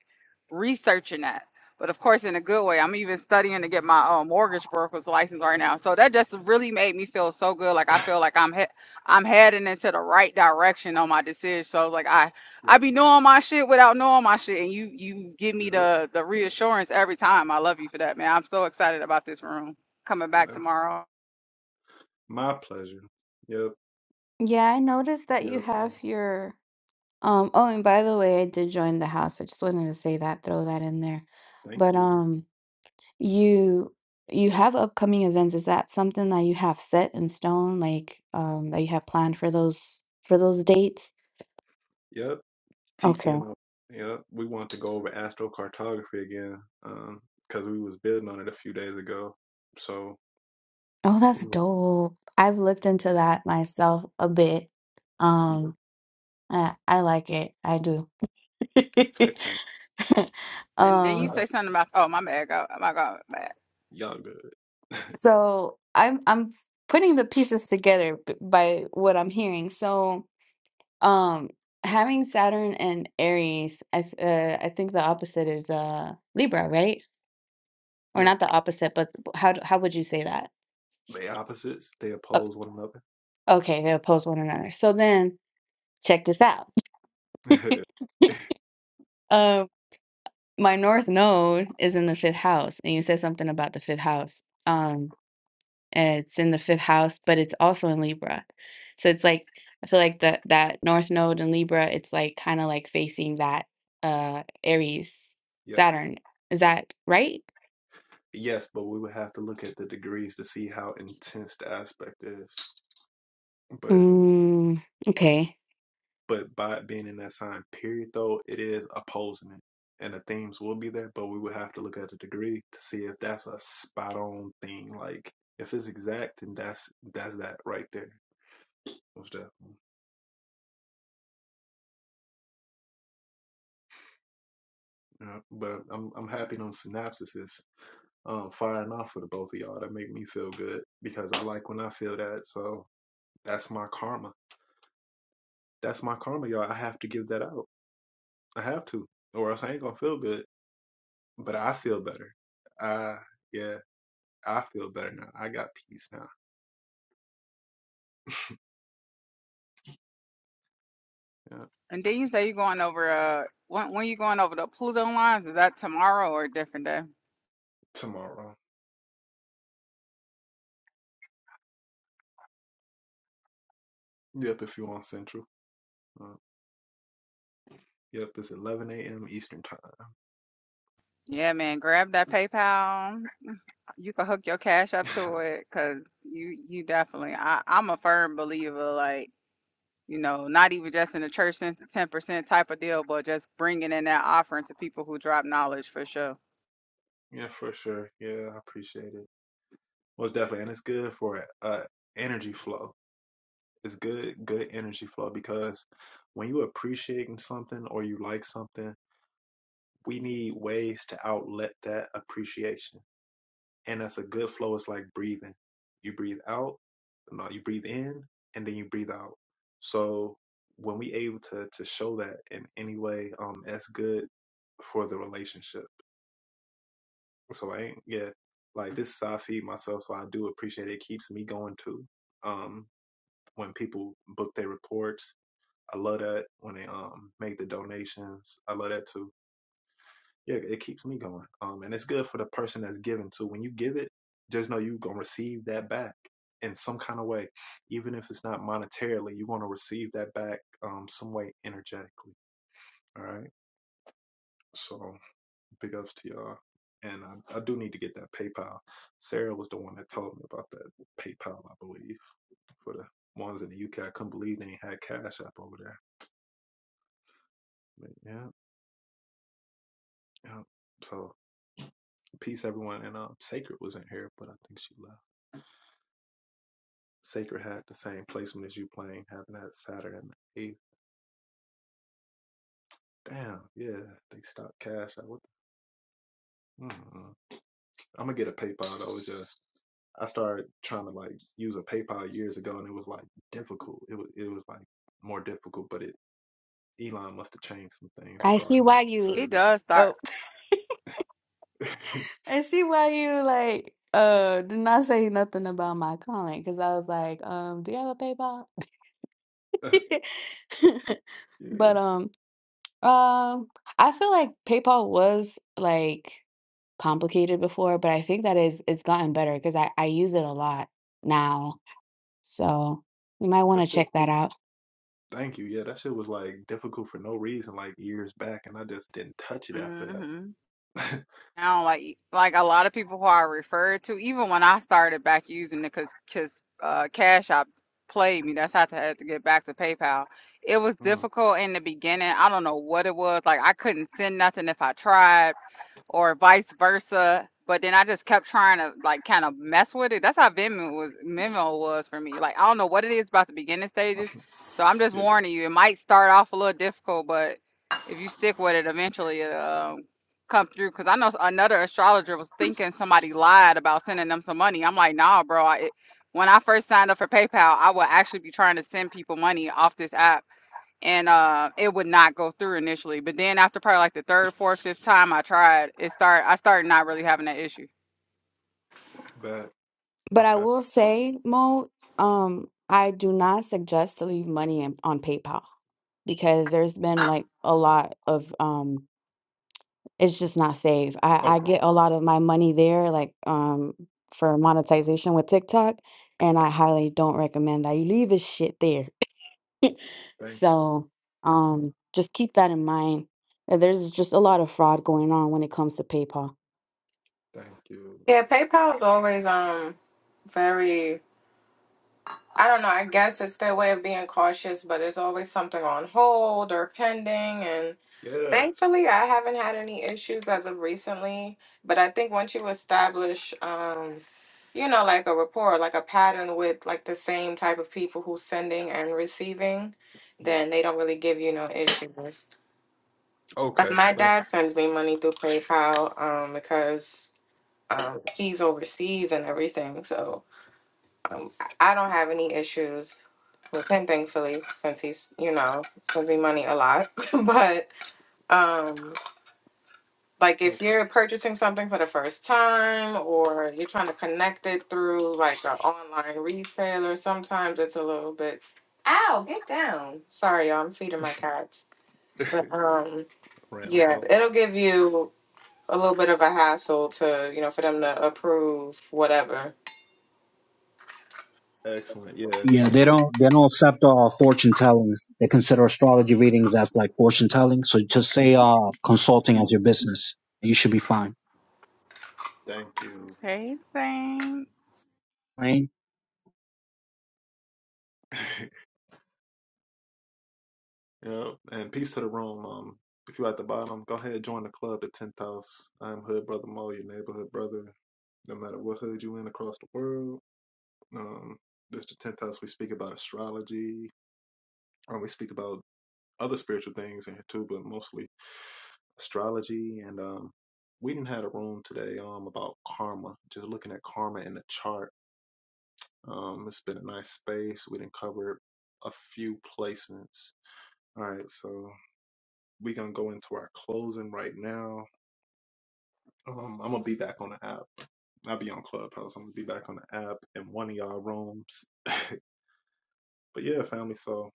Speaker 5: researching that but of course in a good way. I'm even studying to get my uh, mortgage broker's license right now. So that just really made me feel so good. Like I feel like I'm he- I'm heading into the right direction on my decision. So like I I
Speaker 1: yes,
Speaker 5: be knowing my shit without knowing my shit, and you you give me
Speaker 1: yep,
Speaker 5: the the reassurance every time. I love you for that, man. I'm so excited about this room coming back
Speaker 1: that's
Speaker 5: tomorrow.
Speaker 1: my pleasure. Yep,
Speaker 9: Yeah, I noticed that you
Speaker 1: yep. Uh,
Speaker 9: have your Um, oh, and by the way, I did join the house. I just wanted to say that, throw that in there.
Speaker 1: thank
Speaker 9: But
Speaker 1: you.
Speaker 9: um, you you have upcoming events. Is that something that you have set in stone, like um, that you have planned for those for those dates?
Speaker 1: Yep,
Speaker 9: Okay.
Speaker 1: TTM. Yep, we want to go over astrocartography again because we was building on it a few days ago. So,
Speaker 9: Oh, that's dope. I've looked into that myself a bit.
Speaker 1: yeah,
Speaker 9: Um, I, I like it. I do.
Speaker 1: excellent.
Speaker 5: And then you
Speaker 9: Um,
Speaker 1: Y'all,
Speaker 5: say something about oh my bad, God, my God, bad.
Speaker 1: y'all good.
Speaker 9: so I'm I'm putting the pieces together b- by what I'm hearing. So. Um, having Saturn and Aries, I th uh, I think the opposite is uh Libra, right? Or
Speaker 1: yep,
Speaker 9: not the opposite, but how d- how would you say that?
Speaker 1: they opposites. They
Speaker 9: O-
Speaker 1: oppose one
Speaker 9: okay, they oppose one another. So then, check this out.
Speaker 1: another.
Speaker 9: Um, my North Node is in the fifth house, and you said something about the fifth house. Um, it's in the fifth house, but it's also in Libra. So it's like I feel like that that North Node in Libra, it's like kind of like facing that uh Aries
Speaker 1: yes.
Speaker 9: Saturn. Is that right?
Speaker 1: Yes, but we would have to look at the degrees to see how intense the aspect is. But
Speaker 9: Mm, okay.
Speaker 1: but by it being in that sign period though, it is opposing it. And the themes will be there, but we would have to look at the degree to see if that's a spot on thing. Like if it's exact, then that's that's that right there. Most def- Yeah, But I'm I'm happy on synopsises um firing off for the both of y'all. That make me feel good because I like when I feel that. So that's my karma. That's my karma, y'all. I have to give that out. I have to, or else I ain't gonna feel good. But I feel better. I yeah, I feel better now. I got peace now. Yeah.
Speaker 5: And then you say you're going over uh when when you going over the Pluto lines? Is that tomorrow or a different day?
Speaker 1: Tomorrow. Yep, if you want Central. Uh, yep, it's 11 a.m. Eastern time.
Speaker 5: Yeah, man, grab that PayPal. You can hook your cash up to it because you you definitely I, I'm a firm believer like you know not even just in the church sense the 10% type of deal but just bringing in that offering to people who drop knowledge for sure.
Speaker 1: yeah, for sure. Yeah, I appreciate it. Most definitely, and it's good for uh energy flow. It's good, good energy flow because when you appreciating something or you like something, we need ways to outlet that appreciation and that's a good flow. It's like breathing. You breathe out, no, you breathe in, and then you breathe out. So when we able to to show that in any way, um, that's good for the relationship. So I ain't yeah, like this is how I feed myself. So I do appreciate it. It keeps me going too. Um, when people book their reports, I love that. When they um make the donations, I love that too yeah, it keeps me going. Um, and it's good for the person that's giving too. When you give it, just know you're gonna receive that back in some kind of way, even if it's not monetarily. You're gonna receive that back um some way energetically. All right. So big ups to y'all. And I, I do need to get that PayPal. Sarah was the one that told me about that PayPal, I believe, for the ones in the UK. I couldn't believe they had Cash App over there. But yeah, yeah. So peace, everyone. And um, Sacred was in here, but I think she left. Sacred had the same placement as you playing, having that Saturn and the eighth. Damn, yeah, they stopped cash. I, what the, mm-mm. I'm gonna get a PayPal. That was just I started trying to like use a PayPal years ago, and it was like difficult. It was it was like more difficult, but it Elon must have changed some things
Speaker 9: I see
Speaker 1: regarding that
Speaker 9: why you
Speaker 5: It
Speaker 1: service.
Speaker 5: does start.
Speaker 9: oh
Speaker 1: yeah,
Speaker 9: I see why you like uh did not say nothing about my comment because I was like, um, do you have a PayPal? But um um I feel like PayPal was like complicated before, but I think that is it's gotten better because I, I use it a lot now. So you might want to
Speaker 1: that shit.
Speaker 9: check that out.
Speaker 1: Thank you. Yeah, that shit was like difficult for no reason, like years back, and I just didn't touch it after that.
Speaker 5: hmm now like like a lot of people who I referred to, even when I started back using it, because because uh, Cash App played me. That's how I had to get back to PayPal. It was
Speaker 1: mm,
Speaker 5: difficult in the beginning. I don't know what it was. Like I couldn't send nothing if I tried, or vice versa. But then I just kept trying to like kind of mess with it. That's how Venmo was Venmo was for me. Like I don't know what it is about the beginning stages. So I'm just
Speaker 1: yeah,
Speaker 5: warning you, it might start off a little difficult, but if you stick with it, eventually, uh, come through because I know another astrologer was thinking somebody lied about sending them some money. I'm like, nah, bro. I, it, when I first signed up for PayPal, I would actually be trying to send people money off this app, and uh, it would not go through initially. But then after probably like the third, fourth, fifth time I tried, it started. I started not really having that issue.
Speaker 1: bad.
Speaker 9: But I
Speaker 1: Okay.
Speaker 9: will say, Mo, um, I do not suggest to leave money in, on PayPal. because there's been like a lot of um it's just not safe. I I
Speaker 1: Okay.
Speaker 9: get a lot of my money there like um for monetization with TikTok and I highly don't recommend that you leave this shit there.
Speaker 1: Thank you.
Speaker 9: so um just keep that in mind. Uh, There's just a lot of fraud going on when it comes to PayPal.
Speaker 1: Thank you.
Speaker 4: Yeah, PayPal is always um very I don't know, I guess it's their way of being cautious, but it's always something on hold or pending and
Speaker 1: Yeah.
Speaker 4: thankfully I haven't had any issues as of recently, but I think once you establish um you know like a rapport, like a pattern with like the same type of people who's sending and receiving,
Speaker 1: Yeah.
Speaker 4: then they don't really give you no issues. Cause
Speaker 1: Okay.
Speaker 4: my
Speaker 1: Thank
Speaker 4: dad sends me money through PayPal um because um, he's overseas and everything. So Um, I don't have any issues with him, thankfully, since he's, you know, sends me money a lot. but um, like
Speaker 1: you.
Speaker 4: if you're purchasing something for the first time or you're trying to connect it through like an online retailer, sometimes it's a little bit. Ow, get down. Sorry, y'all, I'm feeding my cats.
Speaker 1: Okay.
Speaker 4: But um, yeah,
Speaker 1: Rambo.
Speaker 4: it'll give you a little bit of a hassle to, you know, for them to approve whatever.
Speaker 1: Excellent. Yeah.
Speaker 8: Yeah,
Speaker 1: Like
Speaker 8: they
Speaker 1: that.
Speaker 8: don't they don't accept uh fortune tellings. They consider astrology readings as like fortune telling. So just say uh consulting as your business. You should be fine.
Speaker 1: Thank you.
Speaker 5: Hey, Saint.
Speaker 8: Right.
Speaker 1: yeah. And peace to the room. Um, if you're at the bottom, go ahead join the club, the tenth house. I'm Hood Brother Mo, your neighborhood brother. No matter what hood you in across the world. Um, this the tenth house. We speak about astrology. Um, we speak about other spiritual things in here too, but mostly astrology, and um, we didn't had a room today um about karma, just looking at karma in the chart. Um, it's been a nice space. We didn't cover a few placements. All right, so we gonna go into our closing right now. Um, I'm gonna be back on the app. I'll be on Clubhouse. I'm gonna be back on the app in one of y'all rooms. But yeah, family. So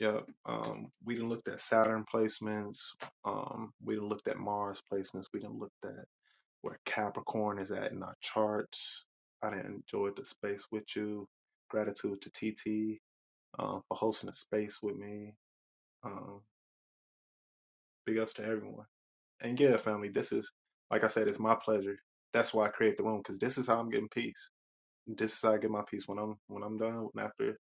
Speaker 1: yeah, um, we done looked at Saturn placements. Um, we done looked at Mars placements. We done looked at where Capricorn is at in our charts. I enjoyed the space with you. Gratitude to TT um, for hosting the space with me. Um, big ups to everyone. And yeah, family, this is, like I said, it's my pleasure. That's why I create the room because this is how I'm getting peace. This is how I get my peace when I'm when I'm done. When after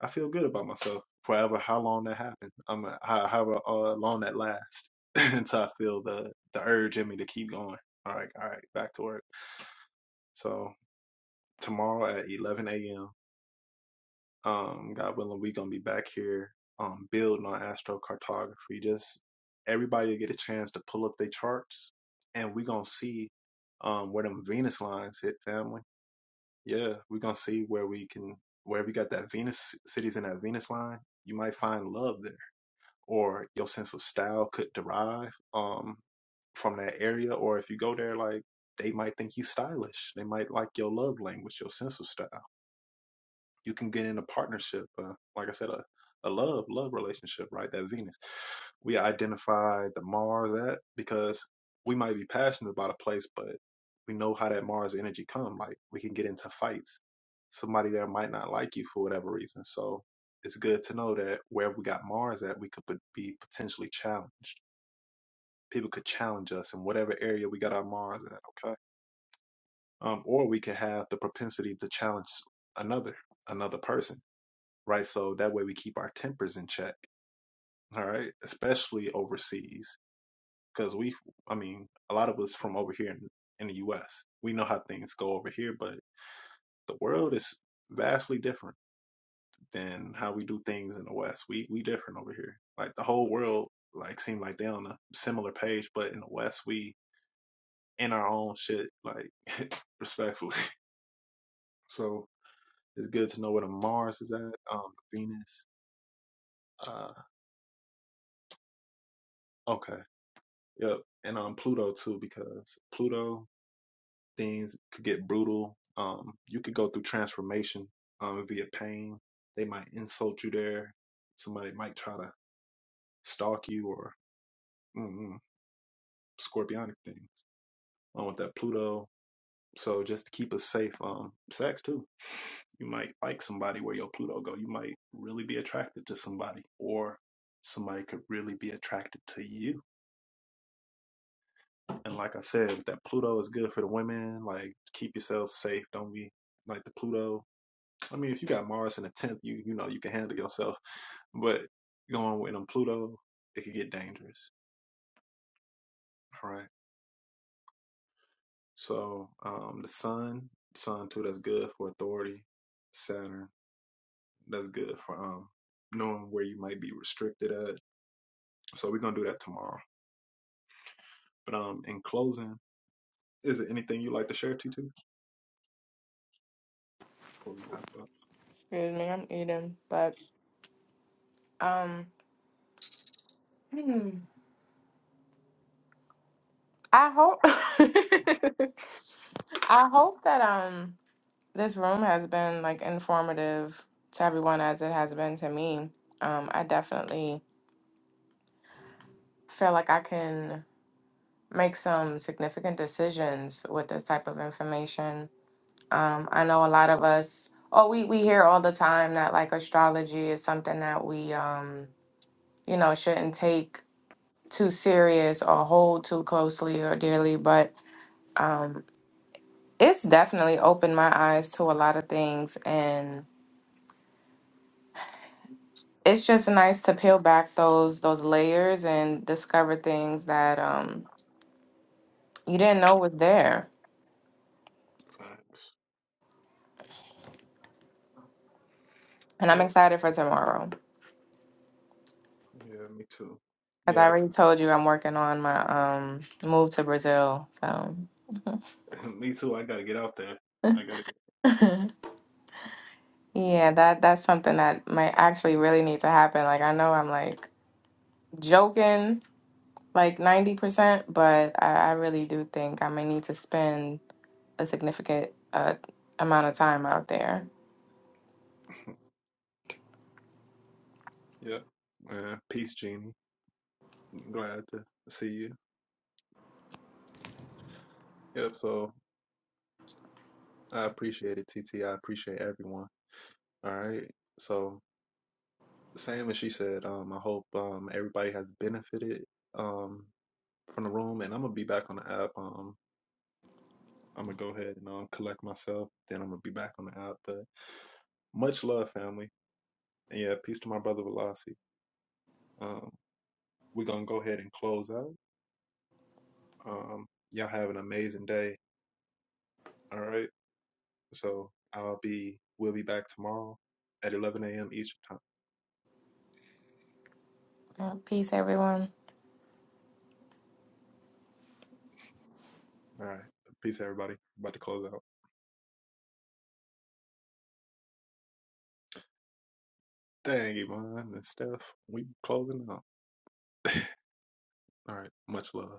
Speaker 1: I feel good about myself forever, how long that happens, I'm a, how however uh, long that lasts until I feel the the urge in me to keep going. All right, all right, back to work. So tomorrow at 11 a.m. Um, God willing, we're gonna be back here um, building on astrocartography. Just everybody will get a chance to pull up their charts, and we're gonna see um, where them Venus lines hit, family. Yeah, we're gonna see where we can where we got that Venus cities in that Venus line. You might find love there, or your sense of style could derive um, from that area. Or if you go there, like they might think you stylish. They might like your love language, your sense of style you can get in a partnership uh, like i said a, a love love relationship right that venus we identify the mars at because we might be passionate about a place but we know how that mars energy come like we can get into fights somebody there might not like you for whatever reason so it's good to know that wherever we got mars at we could pot- be potentially challenged people could challenge us in whatever area we got our mars at okay um, or we could have the propensity to challenge another another person right? So that way we keep our tempers in check, all right? Especially overseas, because we, I mean, a lot of us from over here in, in the U.S., we know how things go over here, but the world is vastly different than how we do things in the West. We we different over here. Like the whole world, like seem like they on a similar page, but in the West, we in our own shit, like respectfully. So it's good to know where the Mars is at, um, Venus. Uh, okay. Yep, and on um Pluto too, because Pluto things could get brutal. Um, you could go through transformation um via pain. They might insult you there. Somebody might try to stalk you or mm-mm, scorpionic things um, with that Pluto. So just to keep us safe, um, sex too. You might like somebody where your Pluto go. You might really be attracted to somebody, or somebody could really be attracted to you And like I said, that Pluto is good for the women. Like keep yourself safe. Don't be like the Pluto. I mean, if you got Mars in the tenth, you you know you can handle yourself. But going with them Pluto, it could get dangerous. All right. So um, the Sun, Sun too, that's good for authority. Saturn, that's good for um knowing where you might be restricted at. So we're gonna do that tomorrow. But um, in closing, is there anything you would like to share, T two, before we wrap up?
Speaker 4: Excuse me, I'm eating, but um. I hope I hope that um this room has been like informative to everyone as it has been to me. Um I definitely feel like I can make some significant decisions with this type of information. Um I know a lot of us oh we we hear all the time that like astrology is something that we um you know shouldn't take too serious or hold too closely or dearly, but um, It's definitely opened my eyes to a lot of things and it's just nice to peel back those those layers and discover things that um you didn't know was there.
Speaker 1: Facts.
Speaker 4: And
Speaker 1: Yeah.
Speaker 4: I'm excited for tomorrow.
Speaker 1: Yeah, me too.
Speaker 4: As I
Speaker 1: Yeah, I
Speaker 4: already
Speaker 1: pre-
Speaker 4: told you, I'm working on my um move to Brazil. So
Speaker 1: me too. I gotta get out there. I gotta.
Speaker 4: yeah, that that's something that might actually really need to happen. Like I know I'm like joking like 90%, but I, I really do think I may need to spend a significant uh, amount of time out there.
Speaker 1: Yeah. Yeah. Peace, Jeannie. Glad to see you. Yep. So I appreciate it, T T. I appreciate everyone. All right. So same as she said. Um, I hope um everybody has benefited um from the room, and I'm gonna be back on the app. Um, I'm gonna go ahead and um collect myself. Then I'm gonna be back on the app. But much love, family, and yeah, peace to my brother Velasi. Um, we're gonna go ahead and close out. Um, y'all have an amazing day. All right. So I'll be, we'll be back tomorrow at 11 a.m. Eastern time.
Speaker 4: Yeah, peace, everyone.
Speaker 1: All right. Peace, everybody. About to close out. Dang, Iman and Steph, we closing out. All right. Much love.